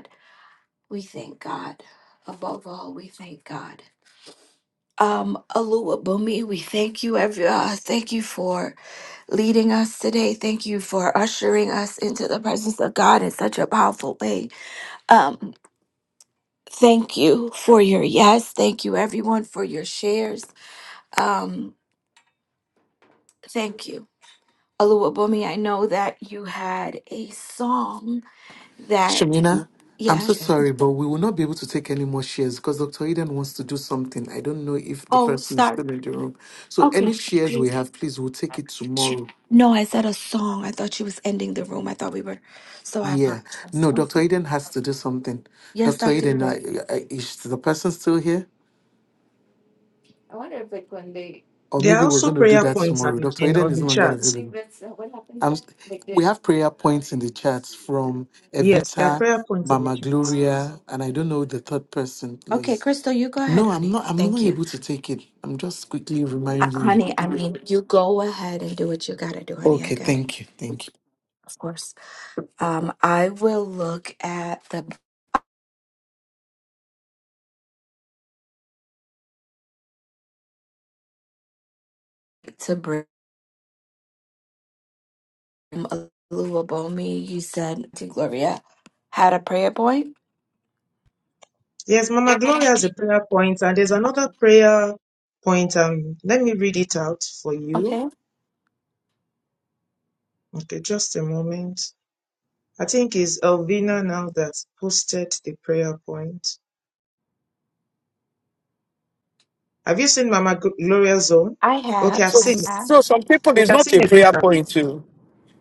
Speaker 8: We thank God. Above all, we thank God. Um, Bumi, we thank you, every, uh, thank you for leading us today. Thank you for ushering us into the presence of God in such a powerful way. Um, thank you for your yes. Thank you, everyone, for your shares. Um, thank you. Alua Bumi, I know that you had a song that,
Speaker 3: Shamina, I'm so
Speaker 8: yes.
Speaker 3: sorry, but we will not be able to take any more shares because Dr. Eden wants to do something. I don't know if the
Speaker 8: Oh,
Speaker 3: person is
Speaker 8: sorry.
Speaker 3: still in the room. So
Speaker 8: Okay.
Speaker 3: any shares we have, please, we'll take it
Speaker 8: She-
Speaker 3: tomorrow.
Speaker 8: No, I said a song. I thought she was ending the room. I thought we were. So I
Speaker 3: Yeah.
Speaker 8: apologize.
Speaker 3: No, Dr.
Speaker 8: Okay.
Speaker 3: Eden has to do something.
Speaker 8: Yes,
Speaker 3: Dr.
Speaker 8: Dr.
Speaker 3: Eden, I,
Speaker 8: Eden.
Speaker 3: I, is the person still here? I wonder if like when they Or
Speaker 1: There are
Speaker 3: maybe we're
Speaker 1: also
Speaker 3: going to do
Speaker 1: prayer
Speaker 3: that
Speaker 1: points at
Speaker 3: tomorrow.
Speaker 1: the-
Speaker 3: Dr.
Speaker 1: in,
Speaker 3: Eden
Speaker 1: on
Speaker 3: is
Speaker 1: the
Speaker 3: no longer
Speaker 1: chat.
Speaker 3: available. that's uh, what happens Um, like we they have prayer points in the chat from
Speaker 1: Yes, there are
Speaker 3: Evita,
Speaker 1: prayer points in the
Speaker 3: Mama
Speaker 1: chat.
Speaker 3: Gloria, and I don't know the third person,
Speaker 8: Okay,
Speaker 3: please.
Speaker 8: Crystal, you go ahead,
Speaker 3: No, I'm
Speaker 8: honey.
Speaker 3: not. I'm not
Speaker 8: Thank you.
Speaker 3: able to take it. I'm just quickly
Speaker 8: Uh,
Speaker 3: reminding you.
Speaker 8: honey, I mean, you go ahead and do what you got to do, honey. I
Speaker 3: Okay,
Speaker 8: got it.
Speaker 3: thank you, thank you.
Speaker 8: Of course. Um, I will look at the to bring a You said, to Gloria, had a prayer point.
Speaker 1: Yes, Mama Gloria has a prayer point, and there's another prayer point. Um, let me read it out for you.
Speaker 8: Okay.
Speaker 1: Okay, just a moment. I think it's Elvina now that posted the prayer point. Have you seen Mama Gl- Gloria's own?
Speaker 8: I
Speaker 1: Okay,
Speaker 8: have.
Speaker 1: I've
Speaker 2: So,
Speaker 8: I
Speaker 1: seen it.
Speaker 8: have.
Speaker 2: so some people it's
Speaker 1: Okay, I've
Speaker 2: not
Speaker 1: seen
Speaker 2: a prayer
Speaker 1: Evita.
Speaker 2: point too.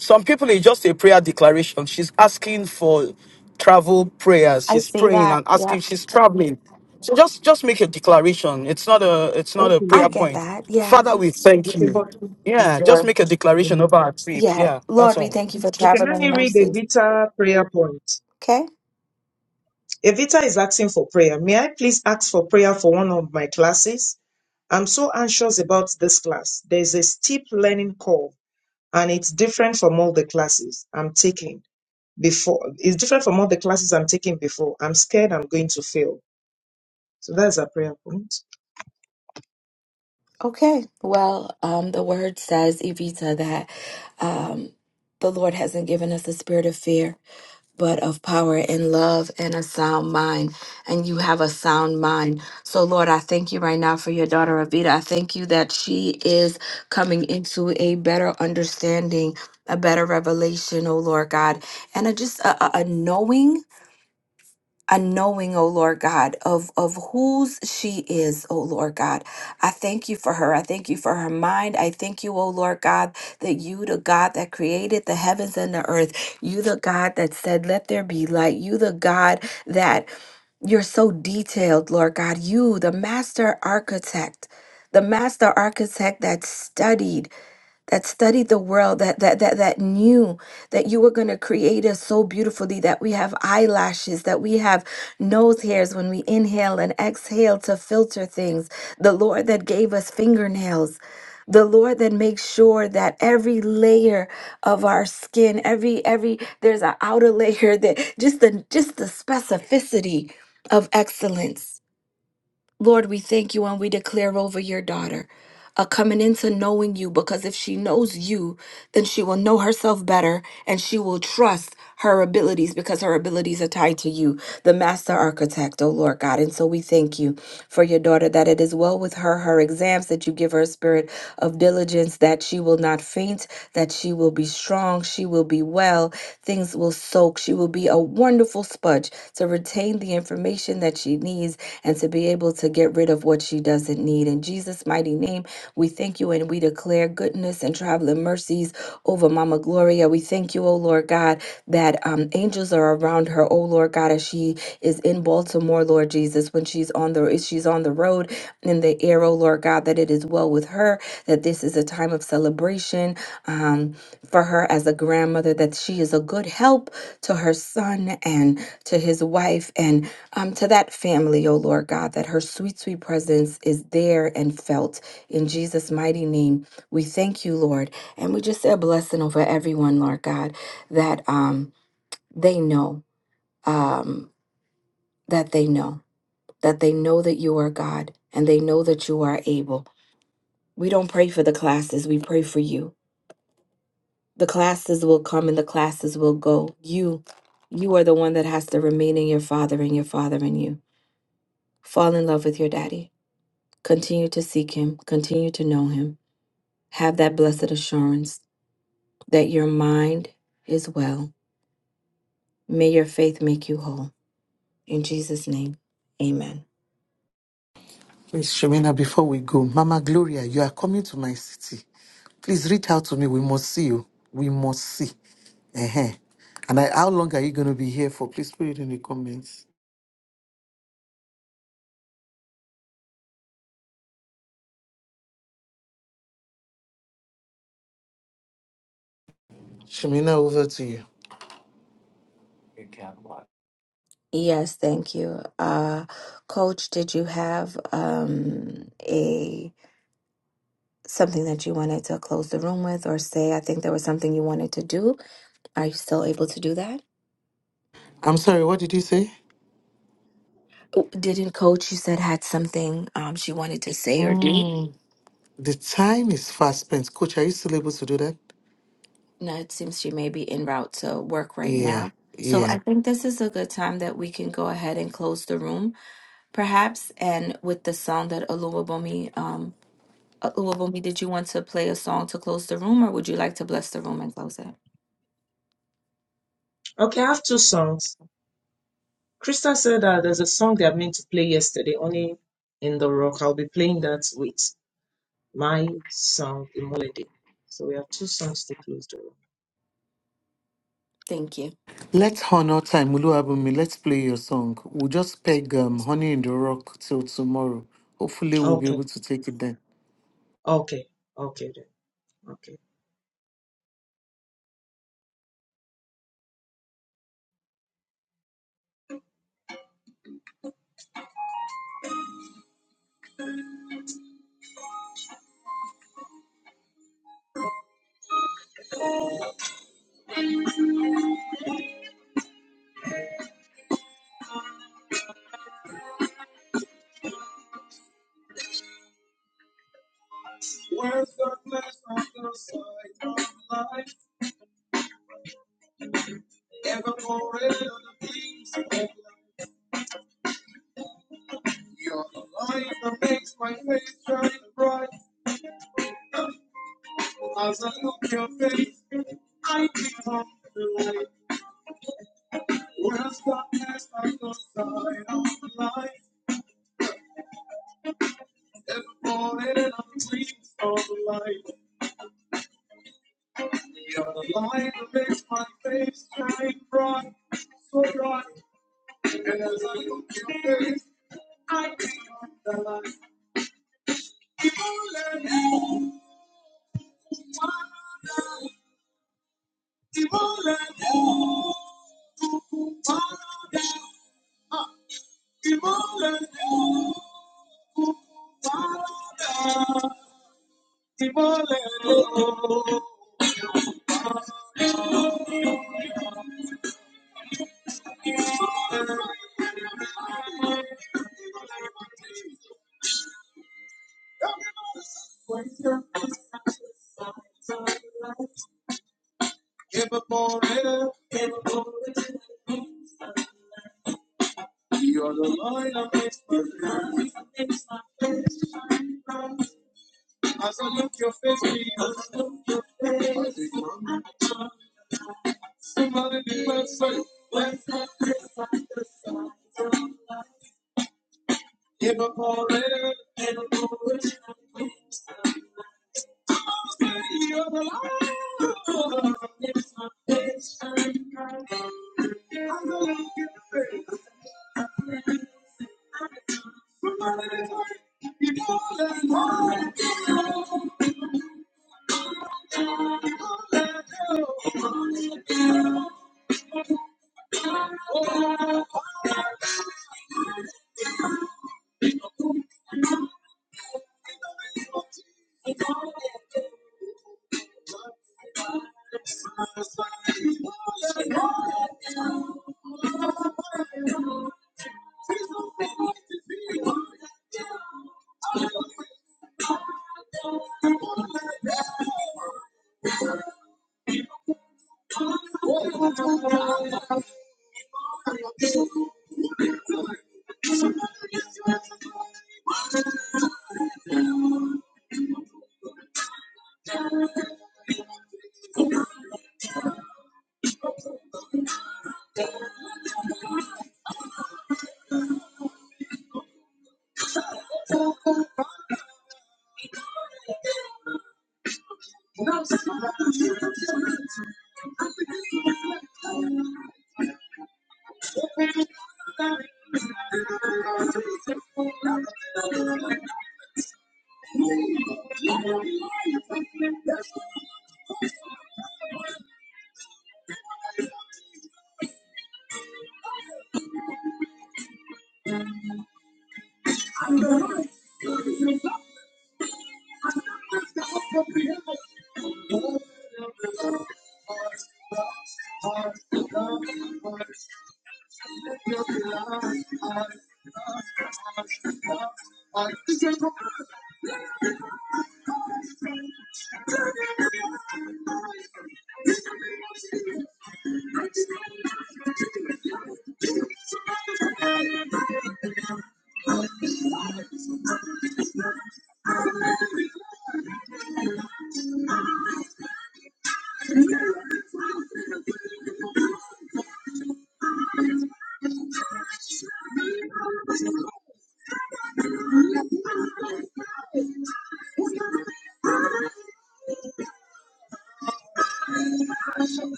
Speaker 2: Some people it's just a prayer declaration. She's asking for travel prayers.
Speaker 8: I
Speaker 2: She's
Speaker 8: see
Speaker 2: praying
Speaker 8: that.
Speaker 2: and
Speaker 8: Yep.
Speaker 2: asking. She's traveling. So just just make a declaration. It's not a it's not a
Speaker 8: I
Speaker 2: prayer
Speaker 1: Okay,
Speaker 8: get
Speaker 2: point.
Speaker 8: that. Yeah.
Speaker 2: Father, we thank
Speaker 1: okay,
Speaker 2: you.
Speaker 1: but
Speaker 2: Yeah, just make a declaration over
Speaker 1: amen.
Speaker 2: our trip.
Speaker 8: Yeah,
Speaker 2: Yeah,
Speaker 8: Lord,
Speaker 2: that's
Speaker 8: we
Speaker 2: all.
Speaker 8: thank you for
Speaker 1: Okay, let
Speaker 8: traveling
Speaker 1: me
Speaker 8: Mm.
Speaker 1: read the
Speaker 8: mercies.
Speaker 1: Evita prayer point.
Speaker 8: Okay,
Speaker 1: Evita is asking for prayer. May I please ask for prayer for one of my classes? I'm so anxious about this class. There's a steep learning curve and it's different from all the classes I'm taking before. It's different from all the classes I'm taking before. I'm scared I'm going to fail. So that's a prayer point.
Speaker 8: okay. Well, um, the word says, Evita, that um, the Lord hasn't given us a spirit of fear, but of power and love and a sound mind. And you have a sound mind. So, Lord, I thank you right now for your daughter, Evita. I thank you that she is coming into a better understanding, a better revelation, oh Lord God, and a, just a, a a knowing a knowing, oh Lord God, of, of whose she is, oh Lord God. I thank you for her. I thank you for her mind. I thank you, oh Lord God, that you, the God that created the heavens and the earth, you, the God that said, let there be light, you, the God that you're so detailed, Lord God, you, the master architect. The master architect that studied that studied the world, that that that that knew that you were going to create us so beautifully that we have eyelashes, that we have nose hairs when we inhale and exhale to filter things. The Lord that gave us fingernails. The Lord that makes sure that every layer of our skin, every every there's an outer layer that just the just the specificity of excellence Lord, we thank you and we declare over your daughter a coming into knowing you because if she knows you, then she will know herself better and she will trust her abilities because her abilities are tied to you, the master architect, oh Lord God. And so we thank you for your daughter that it is well with her, her exams, that you give her a spirit of diligence, that she will not faint, that she will be strong, she will be well, things will soak, she will be a wonderful sponge to retain the information that she needs and to be able to get rid of what she doesn't need. In Jesus' mighty name, we thank you and we declare goodness and traveling mercies over Mama Gloria. We thank you, oh Lord God, that um, angels are around her, oh Lord God, as she is in Baltimore, Lord Jesus, when she's on the if she's on the road in the air, oh Lord God, that it is well with her, that this is a time of celebration um, for her as a grandmother, that she is a good help to her son and to his wife. And um, to that family, O Lord God, that her sweet, sweet presence is there and felt. In Jesus' mighty name, we thank you, Lord. And we just say a blessing over everyone, Lord God, that um, they know, um, that they know, that they know that you are God and they know that you are able. We don't pray for the classes, we pray for you. The classes will come and the classes will go. You, you are the one that has to remain in your father and your father in you. Fall in love with your daddy Continue to seek Him, continue to know Him. Have that blessed assurance that your mind is well. May your faith make you whole. In Jesus' name, amen.
Speaker 3: Please, Shemina, before we go, Mama Gloria, you are coming to my city. Please reach out to me. We must see you. We must see. Uh-huh. And I, how long are you going to be here for? Please put it in the comments. Shemina, over to you.
Speaker 8: Yes, thank you. Uh, Coach, did you have um, a something that you wanted to close the room with or say? I think there was something you wanted to do. Are you still able to do that?
Speaker 3: I'm sorry, what did you say?
Speaker 8: Oh, Didn't Coach, you said, had something um, she wanted to say or do?
Speaker 3: Mm, the time is fast spent. Coach, are you still able to do that?
Speaker 8: No, it seems she may be en route to work right
Speaker 3: Yeah,
Speaker 8: now. So
Speaker 3: yeah.
Speaker 8: I think this is a good time that we can go ahead and close the room, perhaps. And with the song that Oluwabomi, um, Oluwabomi, did you want to play a song to close the room, or would you like to bless the room and close it?
Speaker 1: Okay, I have two songs. Krista said that there's a song they are meant to play yesterday, only in the rock. I'll be playing that with my song, Imolede. So we have two songs to close the room.
Speaker 8: Thank you.
Speaker 3: Let's honor time. Uluwabumi, let's play your song. We'll just peg um, Honey in the Rock till tomorrow. Hopefully, we'll be
Speaker 1: Okay.
Speaker 3: able to take it then.
Speaker 1: Okay. Okay. Then. Okay. Worth the glass on the side of life, evermore in the beams of life. You're the light that makes my face shine bright. As I look your face, I become the light. Worth the glass on the side of life, evermore in the beams of life. You're the light that makes my face shine bright, so bright. And as I look your face, I think that he won't let you, he won't let you fall down. He won't let you fall down. He won't let you give up on him. You're the light of his path. As I look your face, Jesus, I think somebody did well say. Give up on it. Stay here alive.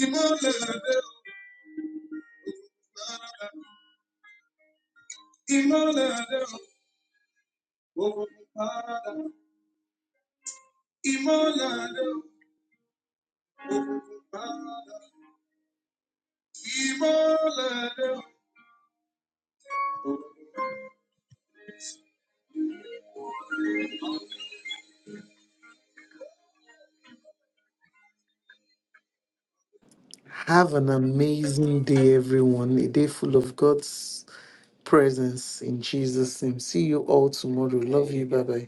Speaker 1: Immolate. Immolate. Immolate. Oh, Father. Immolate. Immolate.
Speaker 3: Have an amazing day, everyone. A day full of God's presence in Jesus' name. See you all tomorrow. Love you. Bye bye.